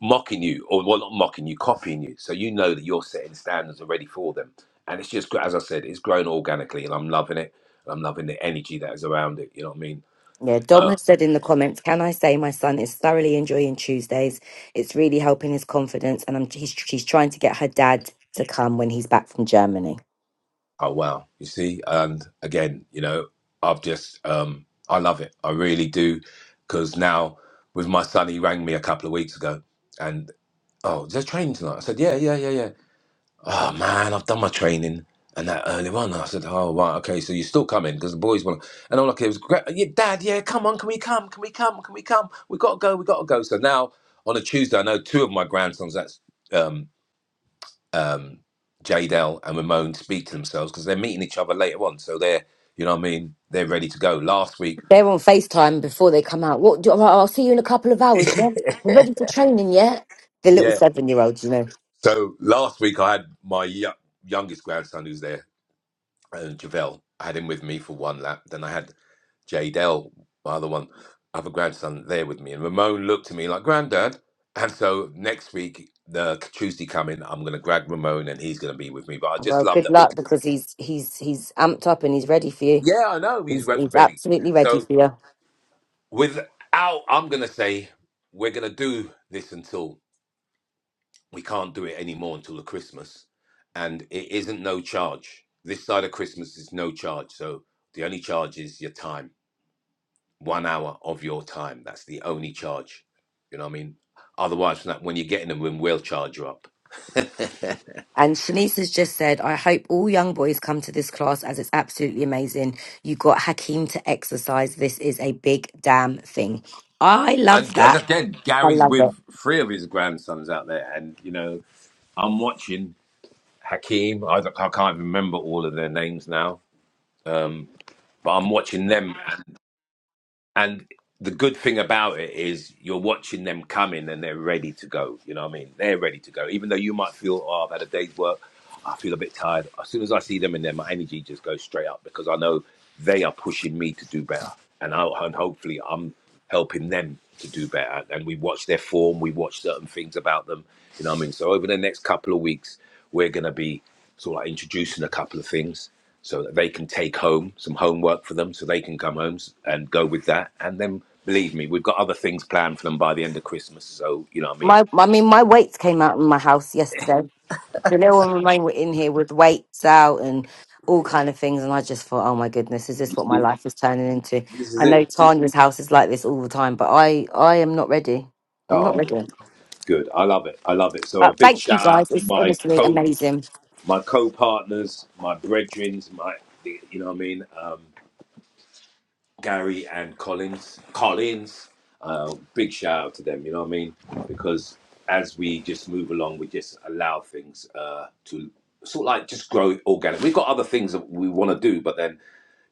mocking you or well not mocking you copying you so you know that you're setting standards already for them and it's just as i said it's grown organically and i'm loving it and i'm loving the energy that is around it you know what i mean Yeah, Dom has said in the comments, can I say my son is thoroughly enjoying Tuesdays? It's really helping his confidence, and I'm he's, she's trying to get her dad to come when he's back from Germany. Oh wow, you see, and again, you know, I've just um I love it. I really do because now with my son, he rang me a couple of weeks ago, and oh, there's training tonight. I said, yeah, yeah, yeah, yeah. Oh man, I've done my training and that earlier on. I said, oh right, okay, so you're still coming because the boys want. And all I could was, "Gra- yeah, Dad, yeah, come on, can we come? Can we come? Can we come? We gotta go, we gotta go. So now on a Tuesday, I know two of my grandsons. That's um, um, Jadel and Ramon speak to themselves because they're meeting each other later on. So they're, you know what I mean? They're ready to go. Last week, They're on FaceTime before they come out. What? Do, I'll see you in a couple of hours. John. We're ready for training yet? The little yeah. seven-year-old, you know. So last week I had my yo- youngest grandson who's there, and Javel. I had him with me for one lap. Then I had Jadel, my other one, other grandson there with me. And Ramon looked at me like, Granddad. And so next week, the Tuesday coming, I'm going to grab Ramon and he's going to be with me. But I just Well, love good that we luck can. because he's he's he's amped up and he's ready for you. Yeah, I know. He's He's re- he's ready. absolutely ready So for you. without i'm gonna say we're gonna do this until we can't do it anymore until the christmas and it isn't no charge this side of christmas is no charge so the only charge is your time one hour of your time that's the only charge you know what i mean otherwise from that when you get in the room we'll charge you up And Shanice has just said, I hope all young boys come to this class as it's absolutely amazing. You got Hakeem to exercise. This is a big damn thing. I and love g- that. again I gary's love it. with three of his grandsons out there and you know i'm watching hakeem i, don't- I can't remember all of their names now um, but i'm watching them And the good thing about it is you're watching them coming and they're ready to go. You know what I mean? They're ready to go. Even though you might feel, oh, I've had a day's work, I feel a bit tired. As soon as I see them in there, my energy just goes straight up because I know they are pushing me to do better. And, I, and hopefully I'm helping them to do better. And we watch their form, we watch certain things about them. You know what I mean? So over the next couple of weeks, we're going to be sort of like introducing a couple of things so that they can take home some homework for them so they can come home and go with that and then believe me we've got other things planned for them by the end of christmas so you know what i mean My I mean my weights came out in my house yesterday. The little one mine were in here with weights out and all kind of things, and I just thought, oh my goodness, is you this what my see life is turning into? this is I it know It's- Tanya's house is like this all the time, but I I am not ready. I'm not oh ready. good i love it i love it so a But big thank you shout out guys. to It's my honestly co amazing. my co-partners my brethrens my you know what i mean Um, Gary and Collins. Collins, uh, big shout out to them. You know what I mean? Because as we just move along, we just allow things uh, to sort of like just grow organic. We've got other things that we want to do, but then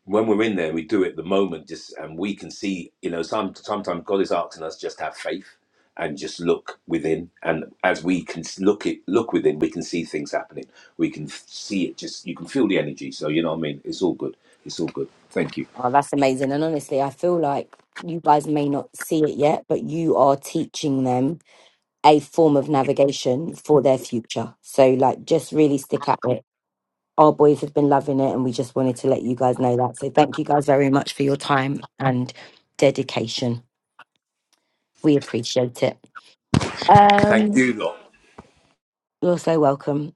when we're in there, we do it at the moment. Just and we can see, you know, some sometimes God is asking us just to have faith and just look within. And as we can look it look within, we can see things happening. We can see it. Just you can feel the energy. So you know what I mean? It's all good. It's all good. Thank you. Oh, that's amazing. And honestly, I feel like you guys may not see it yet, but you are teaching them a form of navigation for their future. So like just really stick at it our boys have been loving it, and we just wanted to let you guys know that. So thank you guys very much for your time and dedication. We appreciate it. Thank Um, you, lot. you're so welcome.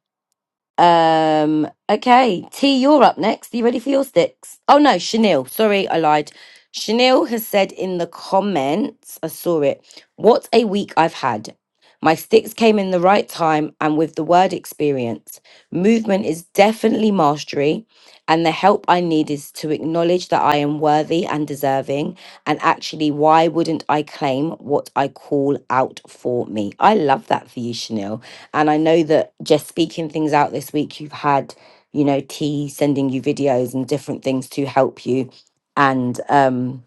Um, okay, T, you're up next. Are you ready for your sticks? Oh no, Chanel. Sorry, I lied. Chanel has said in the comments, I saw it. What a week I've had. My sticks came in the right time and with the word experience. Movement is definitely mastery, and the help I need is to acknowledge that I am worthy and deserving. And actually, why wouldn't I claim what I call out for me? I love that for you, Chanel. And I know that just speaking things out this week, you've had, you know, T sending you videos and different things to help you and um,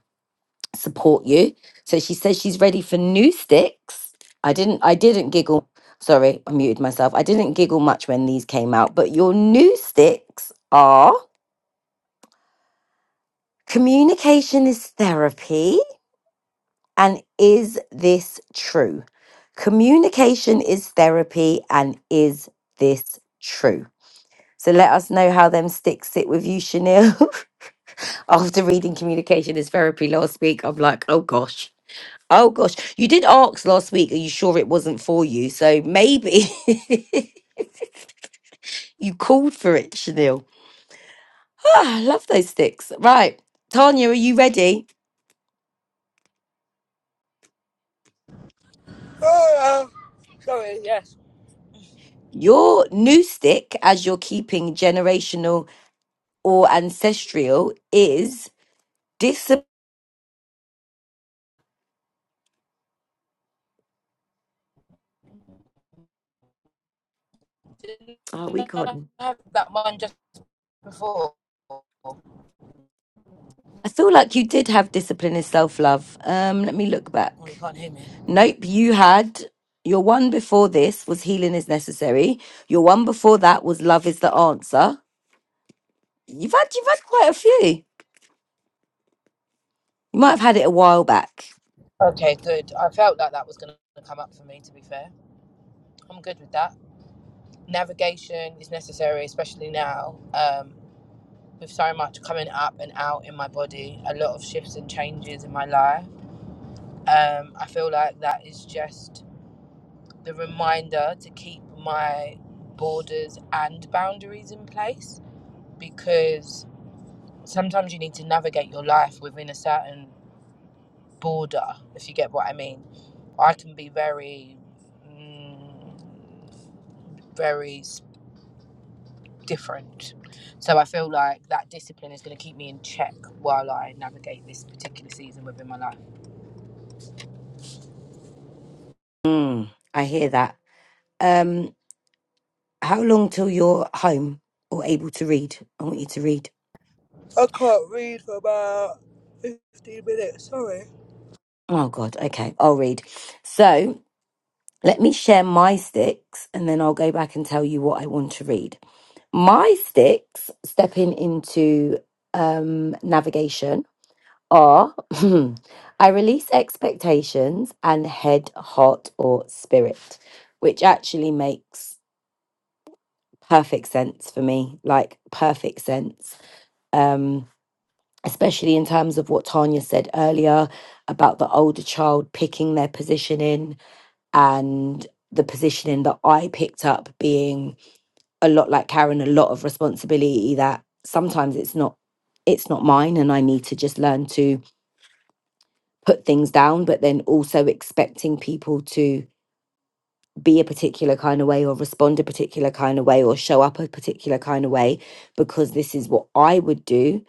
support you. So she says she's ready for new sticks. I didn't, I didn't giggle. Sorry, I muted myself. I didn't giggle much when these came out, but your new sticks are communication is therapy. And is this true? Communication is therapy. And is this true? So let us know how them sticks sit with you, Chanel. After reading communication as therapy last week, I'm like, oh gosh. Oh gosh. You did ask last week, are you sure it wasn't for you? So maybe you called for it, Chanel. Ah, I love those sticks. Right. Tanya, are you ready? Oh, uh, sorry, yes. Your new stick, as you're keeping generational or ancestral, is discipline. Didn't Oh, we I gone. have that one just before? Oh, I feel like you did have discipline and self love. Um, let me look back. you can't hear me. Nope, you had your one before this was healing is necessary. Your one before that was love is the answer. You've had you've had quite a few. You might have had it a while back. Okay, good. I felt like that was going to come up for me, to be fair. I'm good with that. Navigation is necessary, especially now um, with so much coming up and out in my body, a lot of shifts and changes in my life. Um, I feel like that is just the reminder to keep my borders and boundaries in place because sometimes you need to navigate your life within a certain border, if you get what I mean. I can be very, mm, very different. So I feel like that discipline is going to keep me in check while I navigate this particular season within my life. Mm, I hear that. Um, how long till you're home or able to read? I want you to read. I can't read for about 15 minutes, sorry. Oh God, okay, I'll read. So let me share my sticks and then I'll go back and tell you what I want to read. My sticks stepping into um navigation are I release expectations and head, heart, or spirit, which actually makes perfect sense for me, like perfect sense. Um, especially in terms of what Tanya said earlier about the older child picking their positioning and the positioning that I picked up being a lot like Karen, a lot of responsibility that sometimes it's not it's not mine and I need to just learn to put things down, but then also expecting people to be a particular kind of way or respond a particular kind of way or show up a particular kind of way because this is what I would do.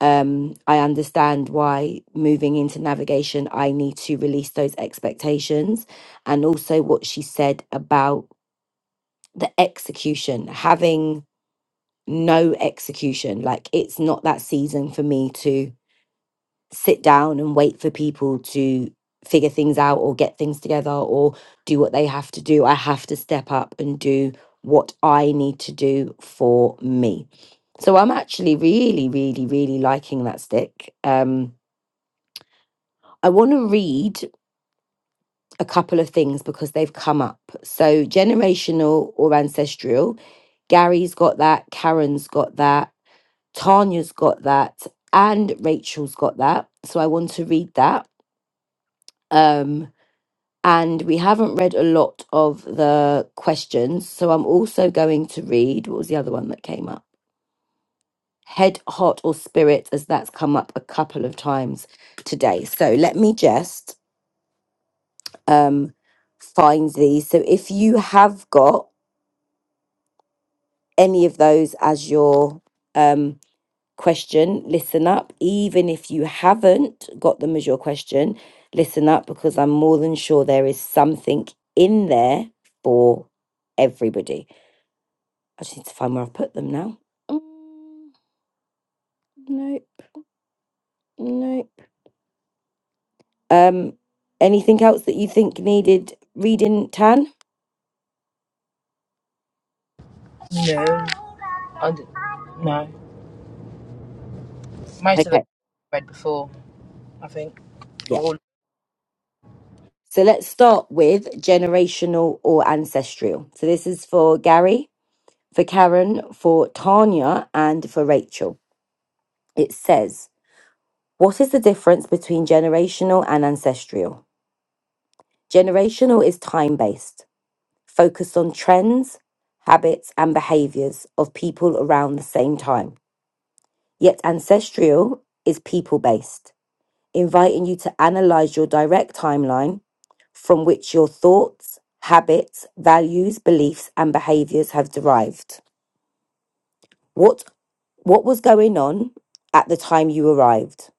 Um, I understand why moving into navigation, I need to release those expectations. And also what she said about the execution, having no execution. Like it's not that season for me to sit down and wait for people to figure things out or get things together or do what they have to do. I have to step up and do what I need to do for me. So I'm actually really, really, really liking that stick. Um, I want to read a couple of things because they've come up. So generational or ancestral, Gary's got that, Karen's got that, Tanya's got that, and Rachel's got that. So I want to read that. Um, and we haven't read a lot of the questions. So I'm also going to read what was the other one that came up? Head, heart, or spirit, as that's come up a couple of times today. So let me just um, find these. So if you have got any of those as your um, question, listen up. Even if you haven't got them as your question, listen up because I'm more than sure there is something in there for everybody. I just need to find where I've put them now. Mm, nope, nope. Um, anything else that you think needed reading, Tan? No, I d- no. Most of the Okay, read before, I think. yeah. All So let's start with generational or ancestral. So this is for Gary, for Karen, for Tanya, and for Rachel. It says, What is the difference between generational and ancestral? Generational is time based, focused on trends, habits, and behaviors of people around the same time. Yet ancestral is people based, inviting you to analyze your direct timeline from which your thoughts, habits, values, beliefs, and behaviors have derived. What, what was going on at the time you arrived?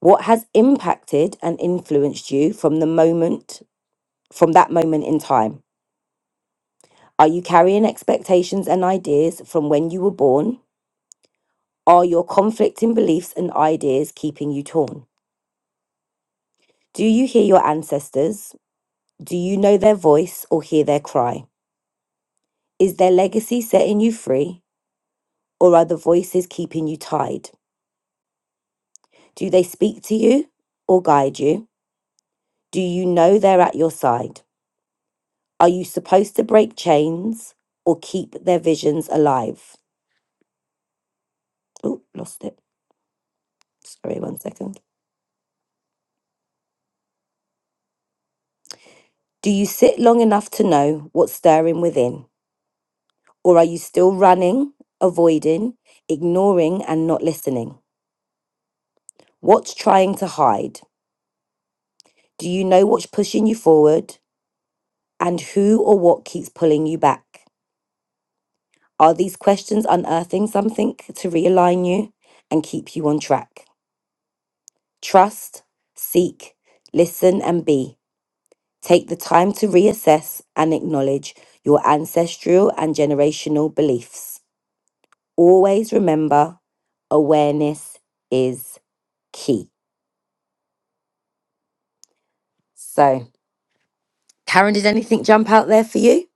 What has impacted and influenced you from the moment, from that moment in time? Are you carrying expectations and ideas from when you were born? Are your conflicting beliefs and ideas keeping you torn? Do you hear your ancestors? Do you know their voice or hear their cry? Is their legacy setting you free or are the voices keeping you tied? Do they speak to you or guide you? Do you know they're at your side? Are you supposed to break chains or keep their visions alive? Oh, lost it. Sorry, one second. Do you sit long enough to know what's stirring within? Or are you still running, avoiding, ignoring, and not listening? What's trying to hide? Do you know what's pushing you forward and who or what keeps pulling you back? Are these questions unearthing something to realign you and keep you on track? Trust, seek, listen, and be. Take the time to reassess and acknowledge your ancestral and generational beliefs. Always remember awareness is key. So, Karen, did anything jump out there for you?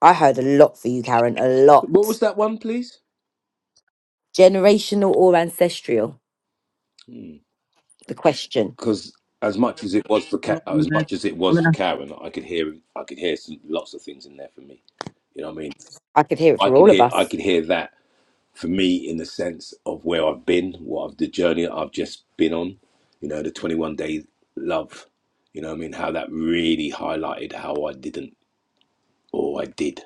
I heard a lot for you, Karen, a What lot. was that one, please? Generational or ancestral? The question. Because as much as it was for A Ka- lot uh, in as there. much as it I was mean, for Karen, I could hear I could hear some, lots of things in there for me. You know what I mean? I could hear it I for could all of hear I us. could hear that for me in the sense of where I've been, what I've, the journey I've just been on. You know, the twenty one day love. You know what I mean? How that really highlighted how I didn't or I did.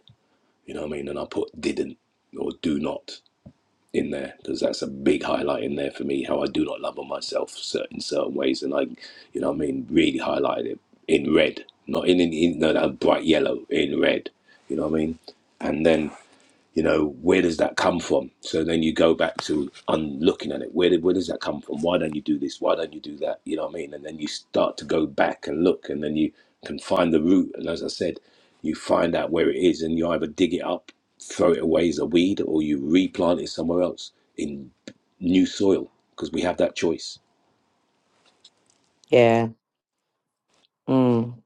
You know what I mean? And I put didn't or do not. in there because that's a big highlight in there for me how I do not love on myself cer- in certain ways and I you know what I mean really highlighted it in red not in, in, in no, that bright yellow in red you know what I mean and then you know where does that come from so then you go back to un- looking at it where did, where does that come from why don't you do this why don't you do that you know what i mean and then you start to go back and look and then you can find the root and as i said you find out where it is and you either dig it up throw it away as a weed or you replant it somewhere else in new soil because we have that choice Yeah. Mm.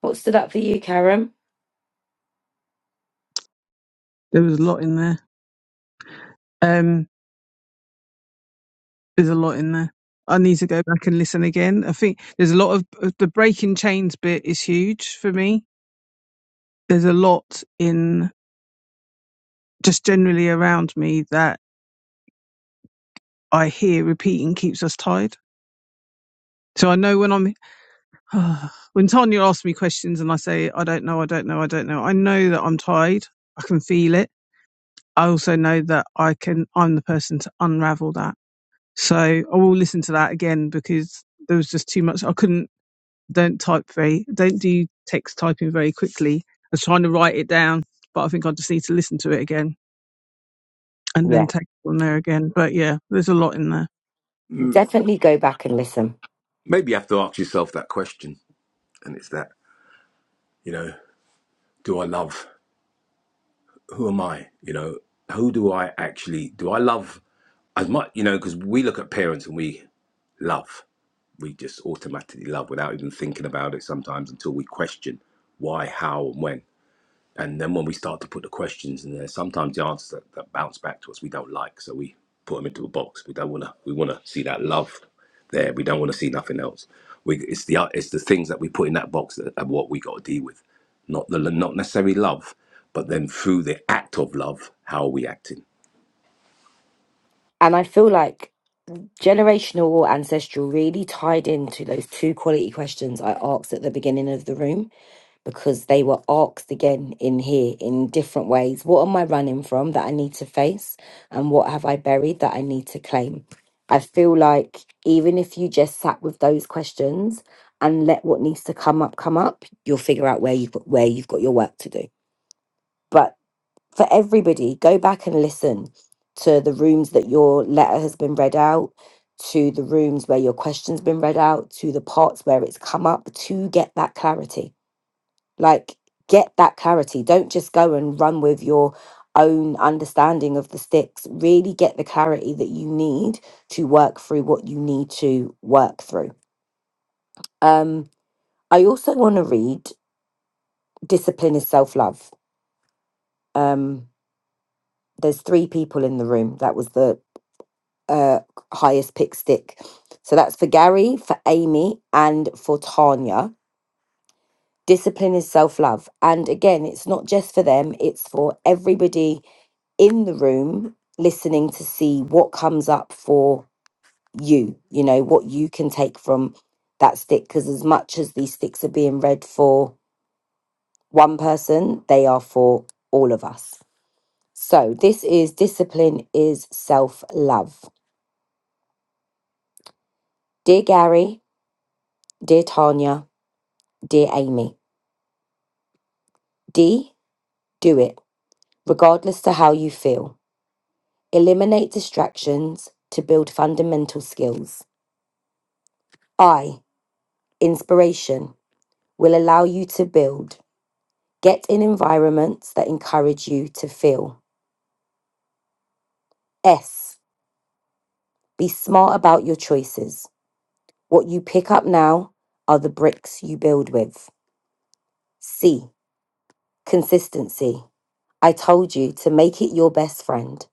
What stood up for you, Karen? there was a lot in there. Um, there's a lot in there. I need to go back and listen again. I think there's a lot of of the breaking chains bit is huge for me. There's a lot in just generally around me that I hear repeating keeps us tied. So I know when I'm when Tanya asks me questions and I say, I don't know, I don't know, I don't know, I know that I'm tired. I can feel it. I also know that I can, I'm the person to unravel that. So I will listen to that again because there was just too much. I couldn't, don't type very, don't do text typing very quickly. I was trying to write it down, but I think I just need to listen to it again and Yeah. then take it on there again. But yeah, there's a lot in there. Mm, Definitely go back and listen. Maybe you have to ask yourself that question, and it's that you know, do I love? who am I? You know, who do I actually do I love as much? You know, because we look at parents and we love, we just automatically love without even thinking about it sometimes until we question why, how, and when. And then when we start to put the questions in there, sometimes the answers that, that bounce back to us we don't like, so we put them into a box. We don't wanna we wanna see that love there. We don't wanna see nothing else. We it's the it's the things that we put in that box that are what we got to deal with, not the not necessarily love, but then through the act of love, how are we acting? And I feel like generational or ancestral really tied into those two quality questions I asked at the beginning of the room. because they were asked again in here in different ways. What am I running from that I need to face? And what have I buried that I need to claim? I feel like even if you just sat with those questions and let what needs to come up come up, you'll figure out where you've got where you've got your work to do. But for everybody, go back and listen to the rooms that your letter has been read out, to the rooms where your question's been read out, to the parts where it's come up to get that clarity like, get that clarity. Don't just go and run with your own understanding of the sticks. Really get the clarity that you need to work through what you need to work through. Um, I also want to read Discipline is Self Love. Um, there's three people in the room. That was the uh, highest pick stick. So that's for Gary, for Amy, and for Tanya. Discipline is self love. And again, it's not just for them, it's for everybody in the room listening to see what comes up for you you know what you can take from that stick because as much as these sticks are being read for one person they are for all of us so this is discipline is self love dear gary dear tanya dear amy d do it regardless to how you feel eliminate distractions to build fundamental skills i inspiration will allow you to build. Get in environments that encourage you to feel. S. Be smart about your choices. What you pick up now are the bricks you build with. C. Consistency. I told you to make it your best friend,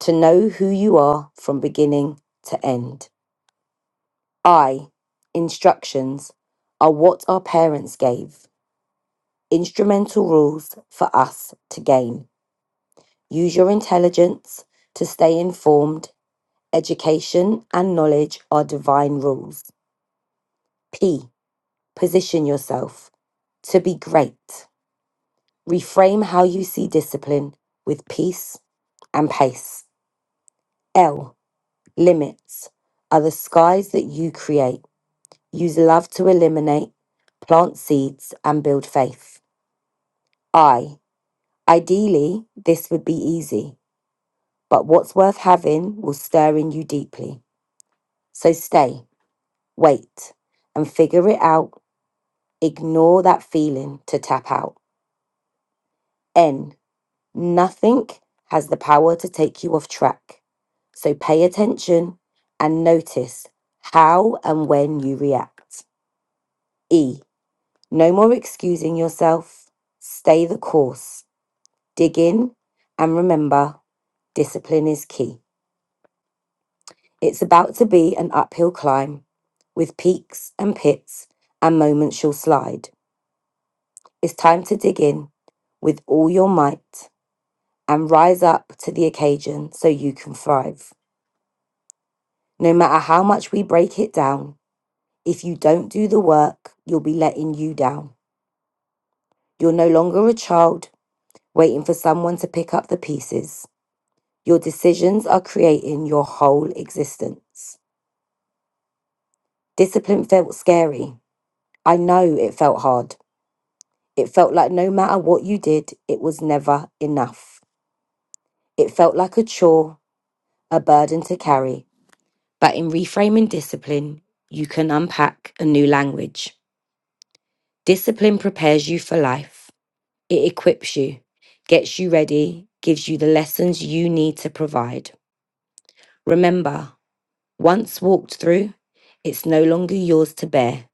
to know who you are from beginning to end. I. Instructions are what our parents gave, instrumental rules for us to gain. Use your intelligence to stay informed Education and knowledge are divine rules. P. Position yourself to be great. Reframe how you see discipline with peace and pace. L. Limits are the skies that you create. Use love to eliminate, plant seeds, and build faith. I. Ideally, this would be easy, but what's worth having will stir in you deeply. So stay, wait, and figure it out Ignore that feeling to tap out. N. Nothing has the power to take you off track. So pay attention and notice how and when you react. E. No more excusing yourself. Stay the course. Dig in and remember discipline is key. It's about to be an uphill climb with peaks and pits and moments you'll slide. It's time to dig in with all your might and rise up to the occasion so you can thrive. No matter how much we break it down, if you don't do the work, you'll be letting you down. You're no longer a child waiting for someone to pick up the pieces. Your decisions are creating your whole existence. Discipline felt scary. I know it felt hard. It felt like no matter what you did, it was never enough. It felt like a chore, a burden to carry, But in reframing discipline, you can unpack a new language. Discipline prepares you for life, it equips you, gets you ready, gives you the lessons you need to provide. Remember, once walked through, it's no longer yours to bear.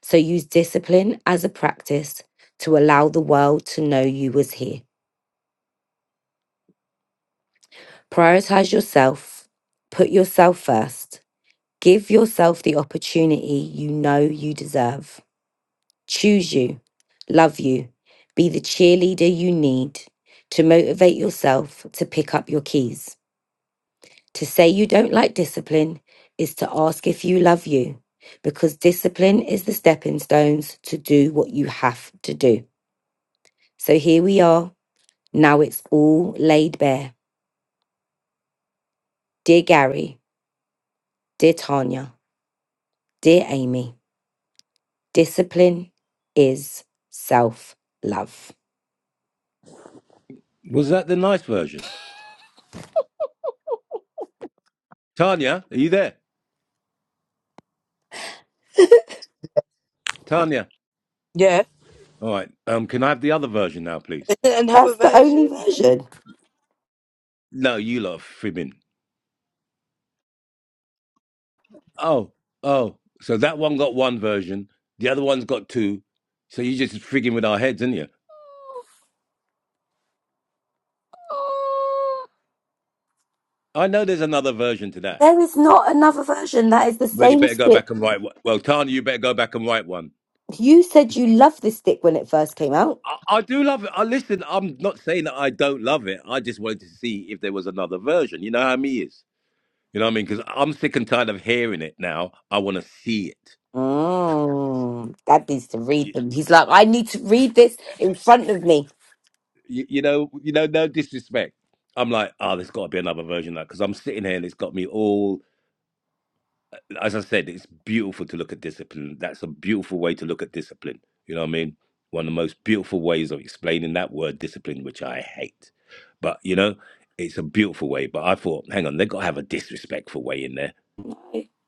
So use discipline as a practice to allow the world to know you was here. Prioritize yourself, put yourself first, give yourself the opportunity you know you deserve. choose you, love you, be the cheerleader you need to motivate yourself to pick up your keys. To say you don't like discipline is to ask if you love you, because discipline is the stepping stones to do what you have to do. So here we are. Now it's all laid bare. Dear Gary, dear Tanya, dear Amy, discipline is self love. Was that the nice version? Tanya, are you there? Tanya. Yeah, All right. Um, can I have the other version now, please? another That's the version. only version. No, you lot are fibbing. Oh, oh. So that one got one version, the other one's got two. So you just frigging with our heads, is not you? I know there's another version to that. There is not another version that is the Well, you same better go stick. back and write one. Well, Tanya, you better go back and write one. You said you loved this stick when it first came out. I, I do love it. I listen. I'm not saying that I don't love it. I just wanted to see if there was another version. You know how me is. You know what I mean? Because I'm sick and tired of hearing it now. I want to see it. Mm, Dad needs to read them. He's like, I need to read this in front of me. You, you know. You know. No disrespect. I'm like, oh, there's got to be another version of that because I'm sitting here and it's got me all. as I said, it's beautiful to look at discipline. That's a beautiful way to look at discipline. You know what I mean? One of the most beautiful ways of explaining that word discipline, which I hate. But, you know, it's a beautiful way. But I thought, hang on, they've got to have a disrespectful way in there.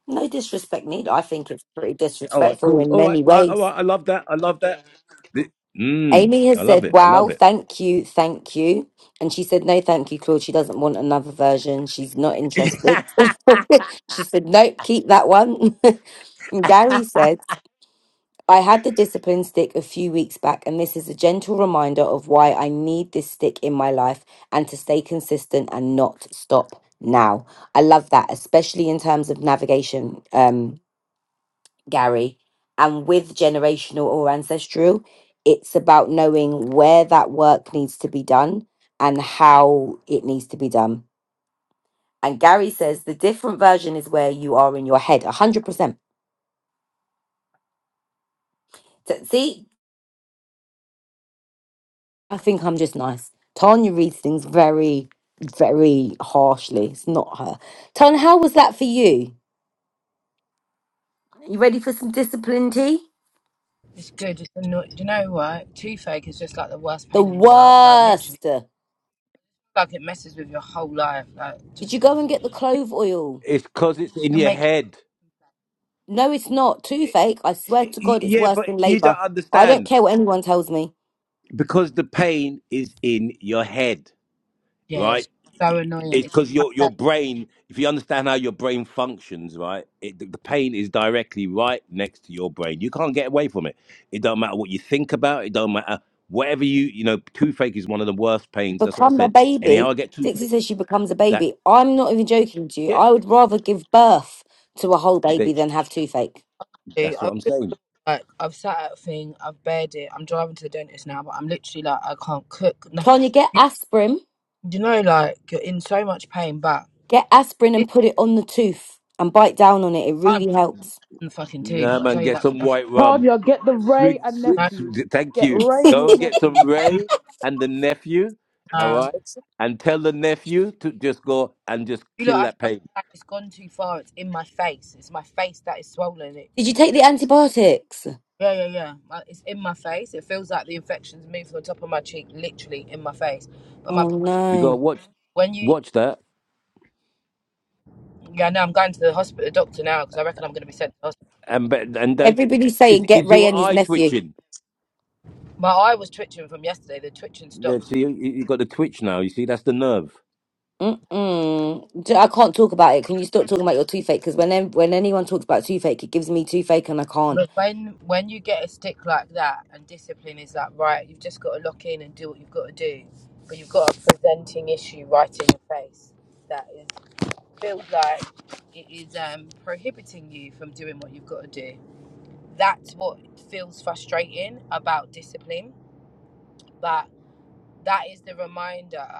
No disrespect needed. I think it's pretty All right, disrespectful cool. in All right. many I, all ways. right. I love that. I love that. Th- Mm, Amy has I love said, it. I Wow, love it. thank you, thank you. And she said, No, thank you, Claude. She doesn't want another version. She's not interested. she said, Nope, keep that one. And Gary says, I had the discipline stick a few weeks back, and this is a gentle reminder of why I need this stick in my life and to stay consistent and not stop now. I love that, especially in terms of navigation, um, Gary. And with generational or ancestral, it's about knowing where that work needs to be done and how it needs to be done. And Gary says the different version is where you are in your head, 100%. So, See, I think I'm just nice. Tanya reads things very, very harshly. It's not her. Tanya, how was that for you? You ready for some discipline tea? It's good. It's annoying. Do you know what? Toothache is just like the worst The pain in the world. Like literally. worst. like it messes with your whole life. Like Did you just go and get the clove oil? It's because it's in can your make head. No, it's not. Too fake. I swear to Y- God, it's Yeah, worse but than you don't labor. I don't understand care what anyone tells me. because the pain is in your head. yeah, right? it's so annoying. It's It's in because my your your face. brain, if you understand how your brain functions, right? It, the the pain is directly right next to your brain. You can't get away from it. It don't matter what you think about. It don't matter whatever you you know. Toothache is one of the worst pains. That's what I Become a said. baby. Anyhow, I get toothache. Dixie says she becomes a That baby. I'm not even joking to you. yeah, I would rather give birth to a whole they, baby than have toothache. Dude, that's I what was I'm just saying. like I've sat at a thing, I've bared it. I'm driving to the dentist now, but I'm literally like I can't cook nothing. Tanya, get You, aspirin you know, like you're in so much pain, but Get aspirin this and put it on the tooth and bite down on it. It I'm really helps. in the fucking tooth. Nah, I man, tell you get that for some nothing. white rum. tanya get the ray Swig, and swig, No, nephew swig- thank get you. ray and Did Go his and get some nephew mm, Ray and the nephew. All no. right, and tell the nephew to just go and just you look kill after that pain. it's gone too far. It's in my face. It's my face that is swollen. It, you take the antibiotics? yeah, yeah, yeah. My- It's in my face. It feels like the infection's moved from the top of my cheek, literally in my face. But my Oh You got to no. watch When you, watch that, yeah, no, I'm going to the hospital, the doctor now because I reckon I'm going to be sent to hospital. and be- and don't. Everybody's Is, saying get is Ray your and his eye nephew. twitching? My eye was twitching from yesterday. The twitching There, stopped. see, you, you got the twitch now. You see, that's the nerve. Mm-mm. J- I can't talk about it. Can you stop talking about your toothache? Because when em- when anyone talks about toothache, it gives me toothache and I can't. But when when you get a stick like that and discipline is like right, you've just got to lock in and do what you've got to do, but you've got a presenting issue right in your face that is feels like it is um, prohibiting you from doing what you've got to do. That's what feels frustrating about discipline, but that is the reminder.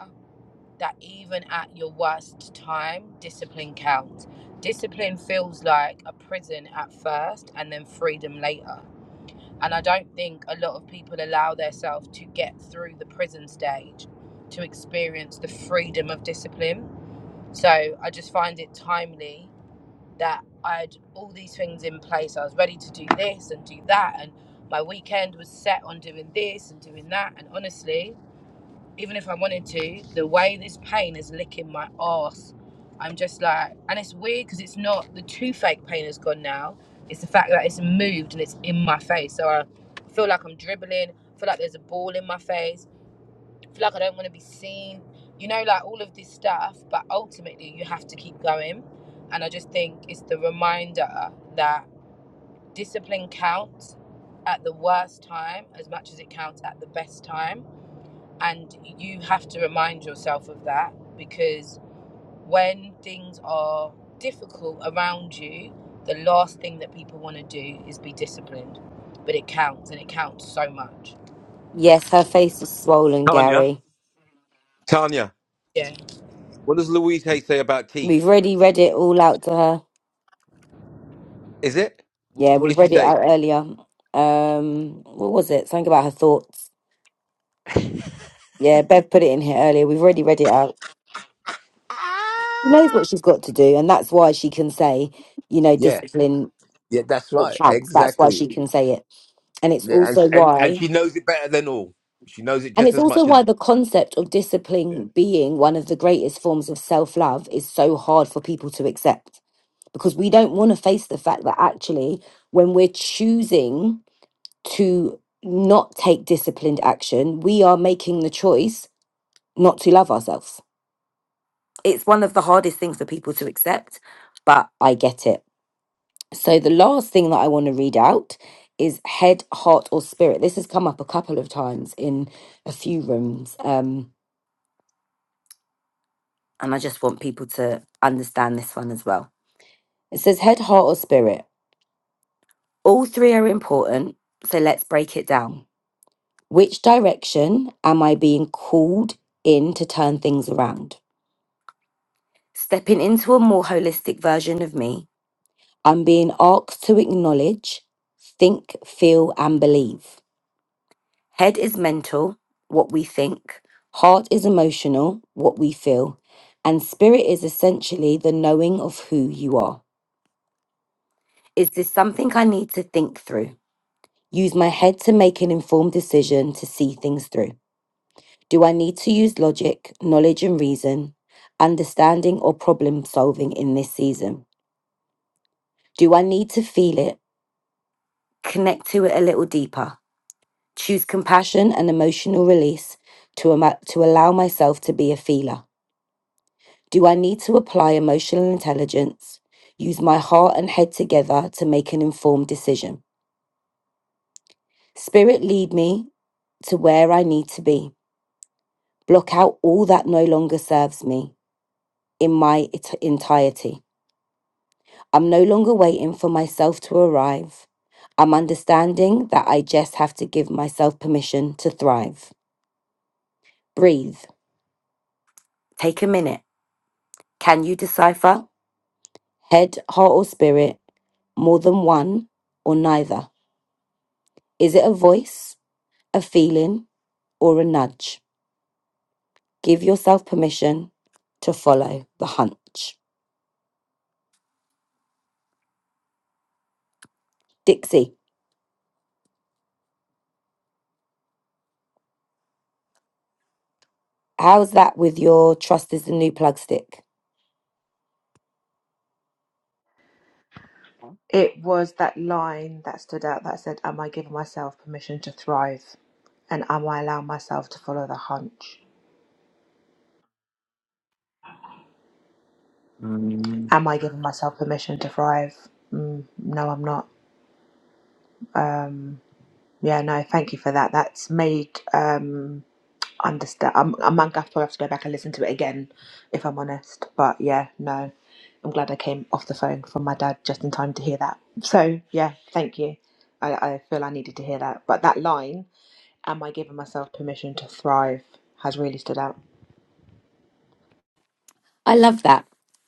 that even at your worst time, discipline counts. Discipline feels like a prison at first and then freedom later. And I don't think a lot of people allow themselves to get through the prison stage to experience the freedom of discipline. So I just find it timely that I had all these things in place. I was ready to do this and do that. And my weekend was set on doing this and doing that. And honestly, even if I wanted to, the way this pain is licking my ass, I'm just like, and it's weird because it's not the toothache pain is gone now. It's the fact that it's moved and it's in my face. So I feel like I'm dribbling. I feel like there's a ball in my face. I feel like I don't want to be seen. You know, like all of this stuff. But ultimately, you have to keep going. And I just think it's the reminder that discipline counts at the worst time as much as it counts at the best time and you have to remind yourself of that because when things are difficult around you, the last thing that people want to do is be disciplined. But it counts and it counts so much. Yes, her face is swollen, Tanya, Gary. Tanya, Yeah, what does Louise Hay say about We've teeth? already read it all out to her. Is it? Yeah, Wh- What we did she read it say? out earlier. Um, what was it? Something about her thoughts. Yeah, Bev put it in here earlier. We've already read it out. She knows what she's got to do, and that's why she can say, you know, Yeah, discipline yeah, that's it right, counts. That's why exactly. she can say it, and it's Yeah, and also and and why, she knows it better than all. She knows it and just it's as also much as why we. the concept of Yeah. discipline being one of the greatest forms of self love is so hard for people to accept because we don't want to face the fact that actually, when we're choosing to not take disciplined action, we are making the choice not to love ourselves. It's one of the hardest things for people to accept, but I get it. So the last thing that I want to read out is head, heart, or spirit. This has come up a couple of times in a few rooms, um, and I just want people to understand this one as well. It says head, heart, or spirit. All three are important, so let's break it down. Which direction am I being called in to turn things around? Stepping into a more holistic version of me, I'm being asked to acknowledge, think, feel, and believe. Head is mental, what we think. Heart is emotional, what we feel. And spirit is essentially the knowing of who you are. Is this something I need to think through? Use my head to make an informed decision to see things through. Do I need to use logic, knowledge, and reason, understanding, or problem solving in this season? Do I need to feel it, connect to it a little deeper? Choose compassion and emotional release to, ama- to allow myself to be a feeler. Do I need to apply emotional intelligence, use my heart and head together to make an informed decision? Spirit, lead me to where I need to be. Block out all that no longer serves me in my et- entirety. I'm no longer waiting for myself to arrive. I'm understanding that I just have to give myself permission to thrive. Breathe. Take a minute. Can you decipher? Head, heart, or spirit, more than one or neither? Is it a voice? a feeling or a nudge. Give yourself permission to follow the hunch. Dixie, how's that with your trust is the new plug stick? It was that line that stood out that said, Am I giving myself permission to thrive? And am I allowing myself to follow the hunch? am I giving myself permission to thrive? Mm, no, I'm not. Um, yeah, no, thank you for that. That's made um, understand. I'm, I'm gonna have to have to go back and listen to it again, if I'm honest. But yeah, no, I'm glad I came off the phone from my dad just in time to hear that. So yeah, thank you. I, I feel I needed to hear that. But that line, "Am I giving myself permission to thrive?" has really stood out. I love that.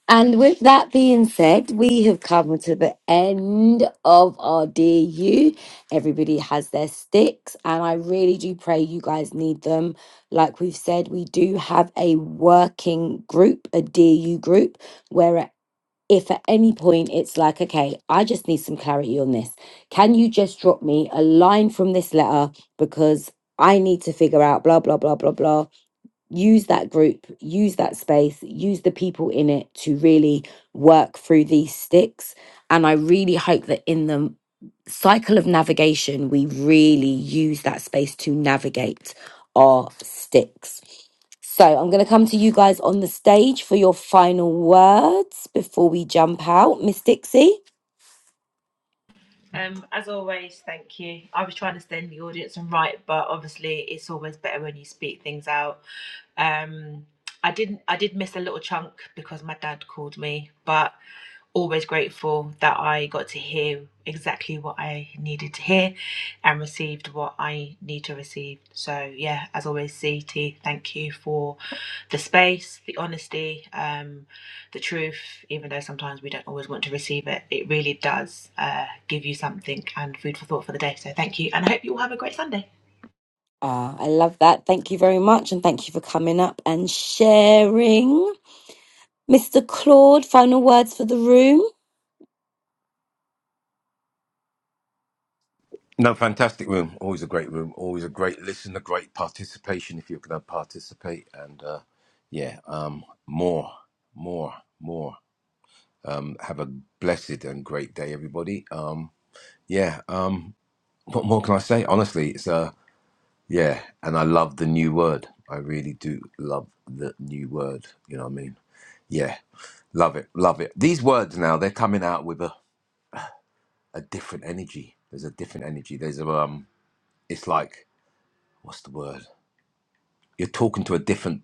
And with that being said, we have come to the end of our DU. Everybody has their sticks, and I really do pray you guys need them. Like we've said, we do have a working group, a DU group, where at if at any point it's like, okay, I just need some clarity on this, can you just drop me a line from this letter because I need to figure out blah, blah, blah, blah, blah. Use that group, use that space, use the people in it to really work through these sticks. And I really hope that in the cycle of navigation, we really use that space to navigate our sticks so I'm going to come to you guys on the stage for your final words before we jump out. Miss Dixie. Um, as always, thank you. I was trying to stand the audience and write, but obviously it's always better when you speak things out. Um, I didn't I did miss a little chunk because my dad called me, but always grateful that I got to hear exactly what I needed to hear and received what I need to receive. So yeah, as always, CT, thank you for the space, the honesty. Um, the truth, even though sometimes we don't always want to receive it, it really does uh, give you something and food for thought for the day. So thank you, and I hope you all have a great Sunday. Ah, I love that. Thank you very much. And thank you for coming up and sharing. Mr. Claude, final words for the room. No, fantastic room. Always a great room. Always a great listen. A great participation if you're going to participate. And uh, yeah, um, more, more, more. Um, have a blessed and great day, everybody. Um, yeah. Um, what more can I say? Honestly, it's uh, yeah. And I love the new word. I really do love the new word. You know what I mean? Yeah. Love it. Love it. These words now they're coming out with a, a different energy. There's a different energy. There's a um. It's like what's the word? You're talking to a different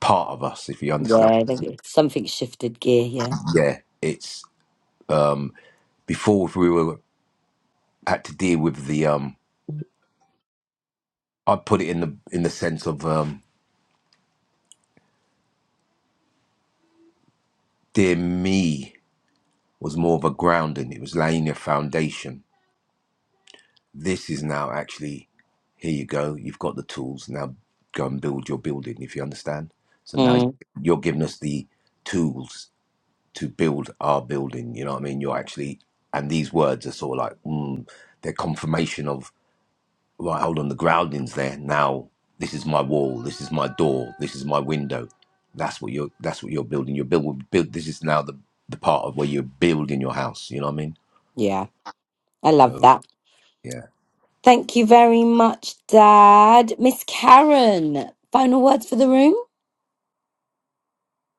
part of us if you understand. Yeah, there- something shifted gear here. Yeah. It's before if we were had to deal with the um. i put it in the in the sense of um. Dear Me was more of a grounding. It was laying a foundation. This is now actually, here you go. You've got the tools. Now go and build your building, if you understand. So now Mm, you're giving us the tools to build our building. You know what I mean? You're actually, and these words are sort of like, mm, they're confirmation of right, hold on, the grounding's there. Now this is my wall, this is my door, this is my window. That's what you're that's what you're building. You're build, build this is now the, the part of where you're building your house, you know what I mean? yeah, I love So that. yeah. Thank you very much, Dad. Miss Karen, final words for the room.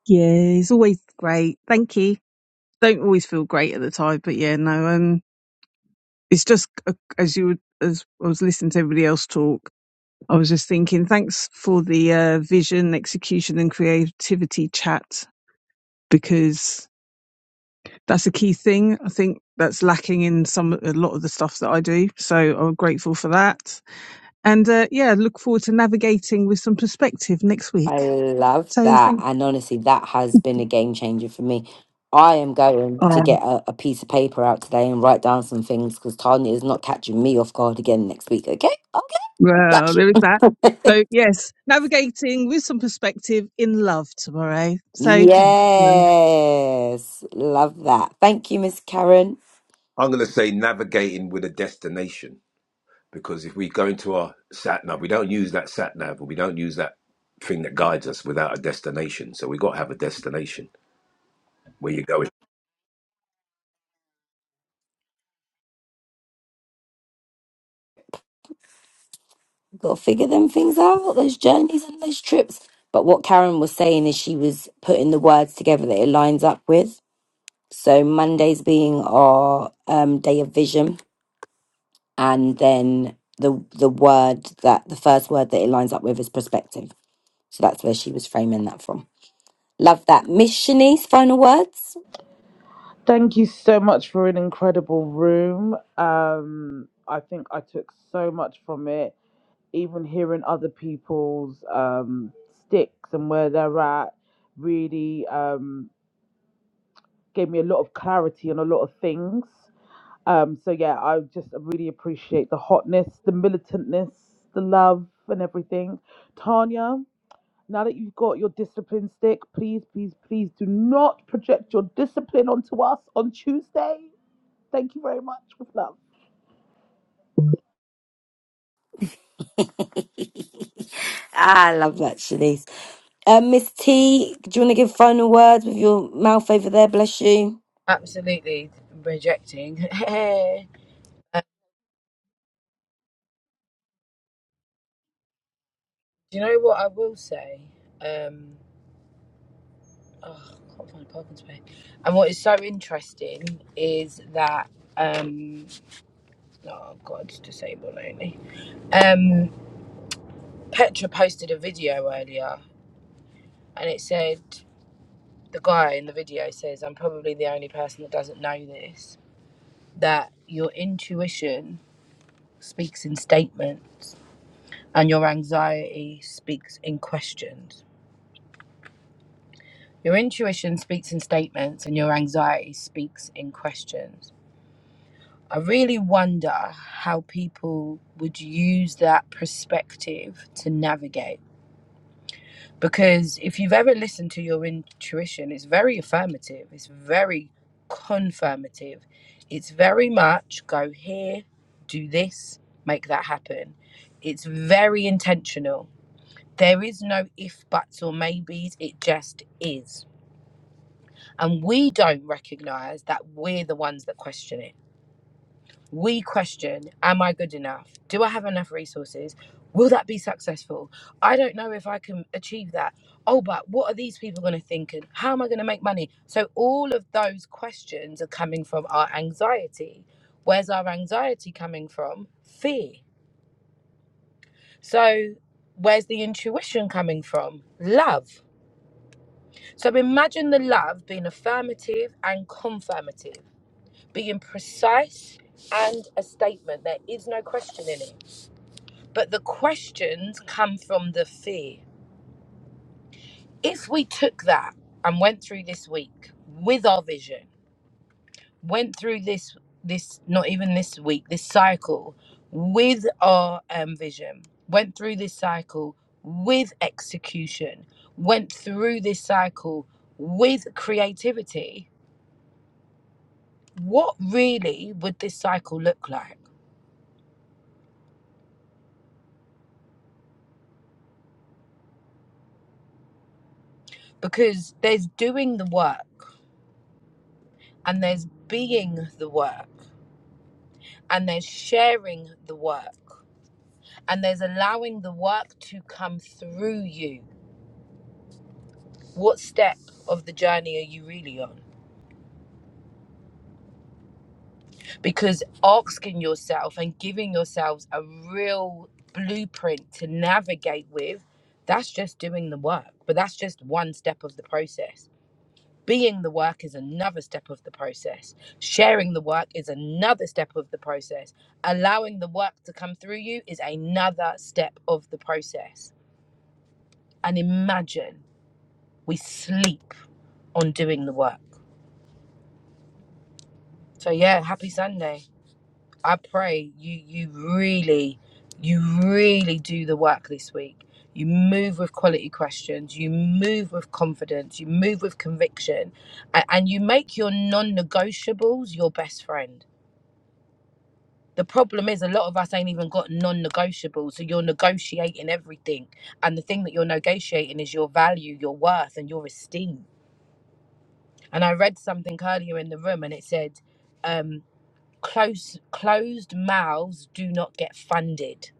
Yeah, it's always great. Thank you. Don't always feel great at the time, but yeah, no, um, it's just uh, as you would- as I was listening to everybody else talk, I was just thinking, thanks for the uh, vision, execution, and creativity chat because that's a key thing. I think that's lacking in some a lot of the stuff that I do. So I'm grateful for that, and uh, yeah, look forward to navigating with some perspective next I week. love So that. thank. And honestly, that has been a game changer for me. I am going to Oh get a, a piece of paper out today and write down some things because Tanya is not catching me off guard again next week. Okay, I'll get that well, shit. there is that. So yes, navigating with some perspective in love tomorrow. So thanks. Yes, love that. Thank you, Miss Karen. I'm gonna say navigating with a destination because if we go into our sat nav, we don't use that sat nav or we don't use that thing that guides us without a destination. So we gotta have a destination where you're going. Got to figure them things out, those journeys and those trips. But what Karen was saying is she was putting the words together that it lines up with. So Mondays being our um, day of vision and then the the word that the first word that it lines up with is perspective. So that's where she was framing that from. Love that. Miss Shanice, final words. Thank you so much for an incredible room. Um, I think I took so much from it, even hearing other people's um, sticks and where they're at really um, gave me a lot of clarity on a lot of things. Um, so, yeah, I just really appreciate the hotness, the militantness, the love, and everything. Tanya, now that you've got your discipline stick, please, please, please do not project your discipline onto us on Tuesday Thank you very much. With love. I love that, Shanice. Uh, Miss T, do you want to give final words with your mouth over there? Bless you. absolutely rejecting. Uh, do you know what I will say? Um, oh, I can't find a parking space. And what is so interesting is that, um, oh God, it's disabled only. Um, Petra posted a video earlier and it said the guy in the video says i'm probably the only person that doesn't know this that your intuition speaks in statements and your anxiety speaks in questions your intuition speaks in statements and your anxiety speaks in questions i really wonder how people would use that perspective to navigate Because if you've ever listened to your intuition, it's very affirmative, it's very confirmative, it's very much go here, do this, make that happen. It's very intentional. There is no if, buts, or maybes, it just is. And we don't recognize that we're the ones that question it we question am i good enough do i have enough resources will that be successful i don't know if i can achieve that oh but what are these people going to think and how am i going to make money so all of those questions are coming from our anxiety where's our anxiety coming from fear so where's the intuition coming from love so imagine the love being affirmative and confirmative being precise and a statement there is no question in it But the questions come from the fear. If we took that and went through this week with our vision, went through this this not even this week, this cycle with our um, vision, went through this cycle with execution, went through this cycle with creativity, what really would this cycle look like? Because there's doing the work and there's being the work. and there's sharing the work and there's allowing the work to come through you. What step of the journey are you really on? Because asking yourself and giving yourselves a real blueprint to navigate with, that's just doing the work, but that's just one step of the process. Being the work is another step of the process. Sharing the work is another step of the process. Allowing the work to come through you is another step of the process and imagine we sleep on doing the work. So yeah, happy Sunday. I pray you you really you really do the work this week. You move with quality questions, you move with confidence, you move with conviction, and, and you make your non-negotiables your best friend. The problem is a lot of us ain't even got non-negotiables, so you're negotiating everything. And the thing that you're negotiating is your value, your worth, and your esteem And I read something earlier in the room, and it said, um, "Close closed mouths do not get funded."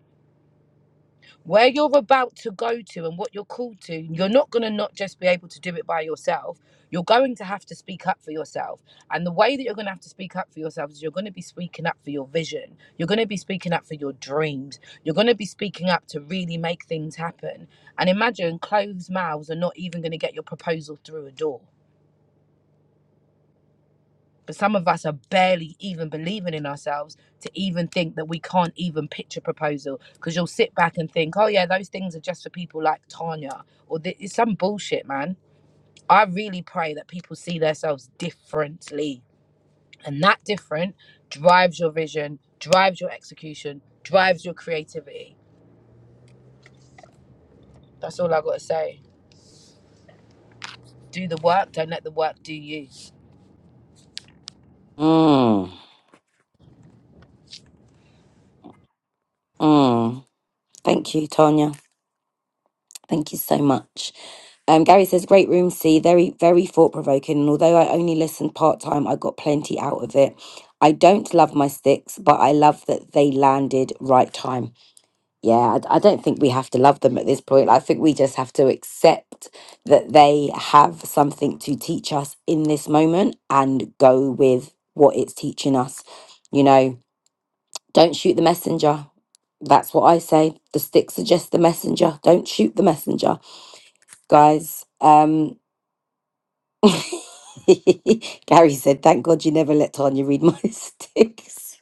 Where you're about to go to and what you're called to, you're not going to not just be able to do it by yourself. You're going to have to speak up for yourself. And the way that you're going to have to speak up for yourself is you're going to be speaking up for your vision. You're going to be speaking up for your dreams. You're going to be speaking up to really make things happen. And imagine closed mouths are not even going to get your proposal through a door. But some of us are barely even believing in ourselves to even think that we can't even pitch a proposal because you'll sit back and think, oh, yeah, those things are just for people like Tanya or th- it's some bullshit, man. I really pray that people see themselves differently. And that different drives your vision, drives your execution, drives your creativity. That's all I got to say. Do the work, don't let the work do you. Mm, mm. Thank you, Tanya. Thank you so much. Um, Gary says, great room, C. Very, very thought provoking. And although I only listened part time, I got plenty out of it. I don't love my sticks, but I love that they landed right time. Yeah, I, I don't think we have to love them at this point. I think we just have to accept that they have something to teach us in this moment and go with what it's teaching us. You know, don't shoot the messenger. That's what I say. The stick suggests the messenger. Don't shoot the messenger, guys. Um, Gary said, Thank God you never let Tanya read my sticks.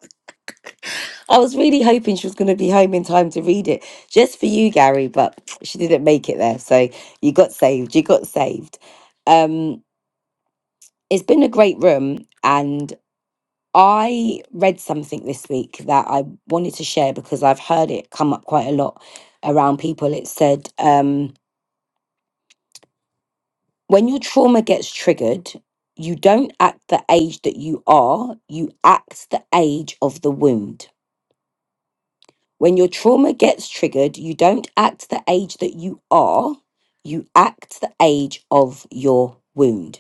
I was really hoping she was going to be home in time to read it just for you, Gary, but she didn't make it there. So you got saved. You got saved. Um, it's been a great room. And I read something this week that I wanted to share because I've heard it come up quite a lot around people. It said, um, when your trauma gets triggered, you don't act the age that you are, you act the age of the wound. When your trauma gets triggered, you don't act the age that you are, you act the age of your wound.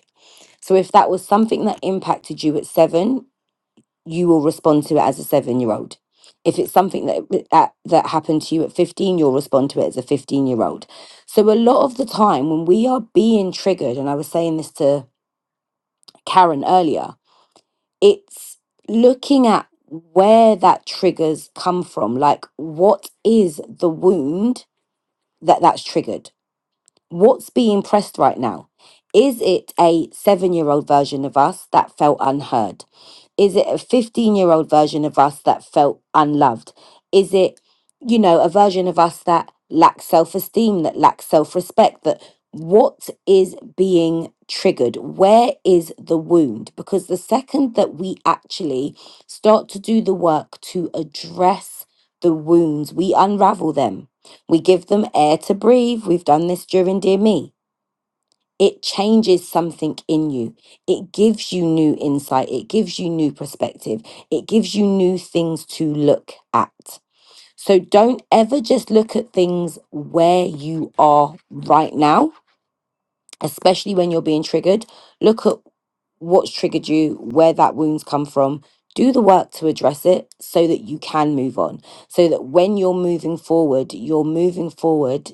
So if that was something that impacted you at seven, you will respond to it as a seven year old. If it's something that, that that happened to you at 15, you'll respond to it as a 15 year old. So a lot of the time when we are being triggered, and I was saying this to Karen earlier, it's looking at where that triggers come from. Like, what is the wound that that's triggered? What's being pressed right now? Is it a seven year old version of us that felt unheard? Is it a 15 year old version of us that felt unloved? Is it, you know, a version of us that lacks self esteem, that lacks self respect? That what is being triggered? Where is the wound? Because the second that we actually start to do the work to address the wounds, we unravel them. We give them air to breathe. We've done this during Dear Me it changes something in you. It gives you new insight. It gives you new perspective. It gives you new things to look at. So don't ever just look at things where you are right now, especially when you're being triggered. Look at what's triggered you, where that wound's come from. Do the work to address it so that you can move on. So that when you're moving forward, you're moving forward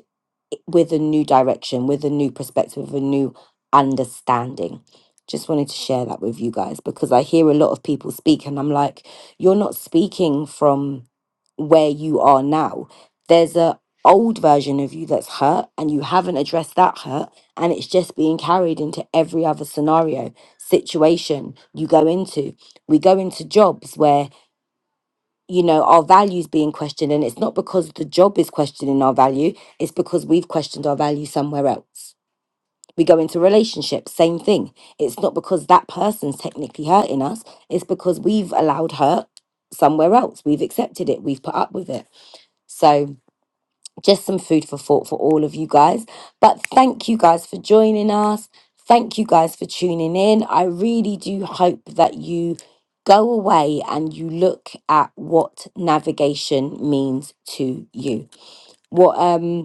with a new direction, with a new perspective, with a new understanding. Just wanted to share that with you guys because I hear a lot of people speak and I'm like, you're not speaking from where you are now. There's a old version of you that's hurt and you haven't addressed that hurt and it's just being carried into every other scenario situation you go into we go into jobs where you know our values being questioned and it's not because the job is questioning our value it's because we've questioned our value somewhere else we go into relationships same thing it's not because that person's technically hurting us it's because we've allowed hurt somewhere else we've accepted it we've put up with it so just some food for thought for all of you guys. But thank you guys for joining us. Thank you guys for tuning in. I really do hope that you go away and you look at what navigation means to you. What um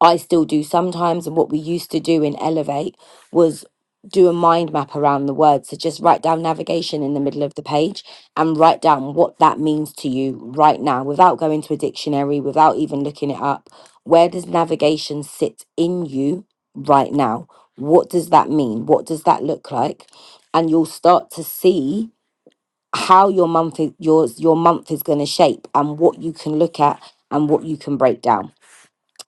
I still do sometimes. And what we used to do in Elevate was do a mind map around the word. So just write down navigation in the middle of the page and write down what that means to you right now without going to a dictionary, without even looking it up. Where does navigation sit in you right now? What does that mean? What does that look like? And you'll start to see how your month is, yours your month is going to shape and what you can look at and what you can break down.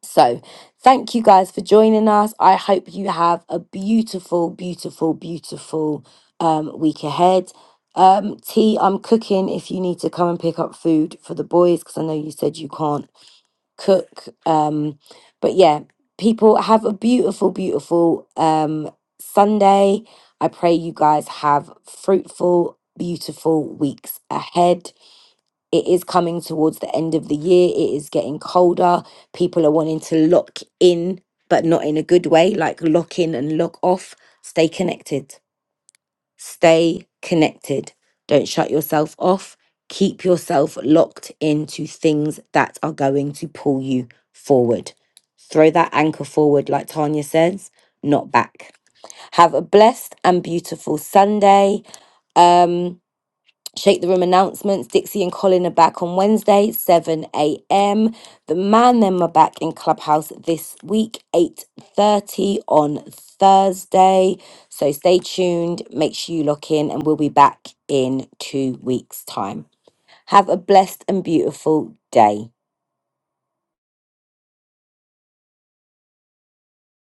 So, thank you guys for joining us. I hope you have a beautiful, beautiful, beautiful um, week ahead. Um, T, I'm cooking if you need to come and pick up food for the boys because I know you said you can't cook. Um, but yeah, people have a beautiful, beautiful um, Sunday. I pray you guys have fruitful, beautiful weeks ahead it is coming towards the end of the year it is getting colder people are wanting to lock in but not in a good way like lock in and lock off stay connected stay connected don't shut yourself off keep yourself locked into things that are going to pull you forward throw that anchor forward like tanya says not back have a blessed and beautiful sunday um Shake the Room announcements. Dixie and Colin are back on Wednesday, 7 a.m. The Man Them are back in Clubhouse this week, 8.30 on Thursday. So stay tuned. Make sure you lock in and we'll be back in two weeks' time. Have a blessed and beautiful day.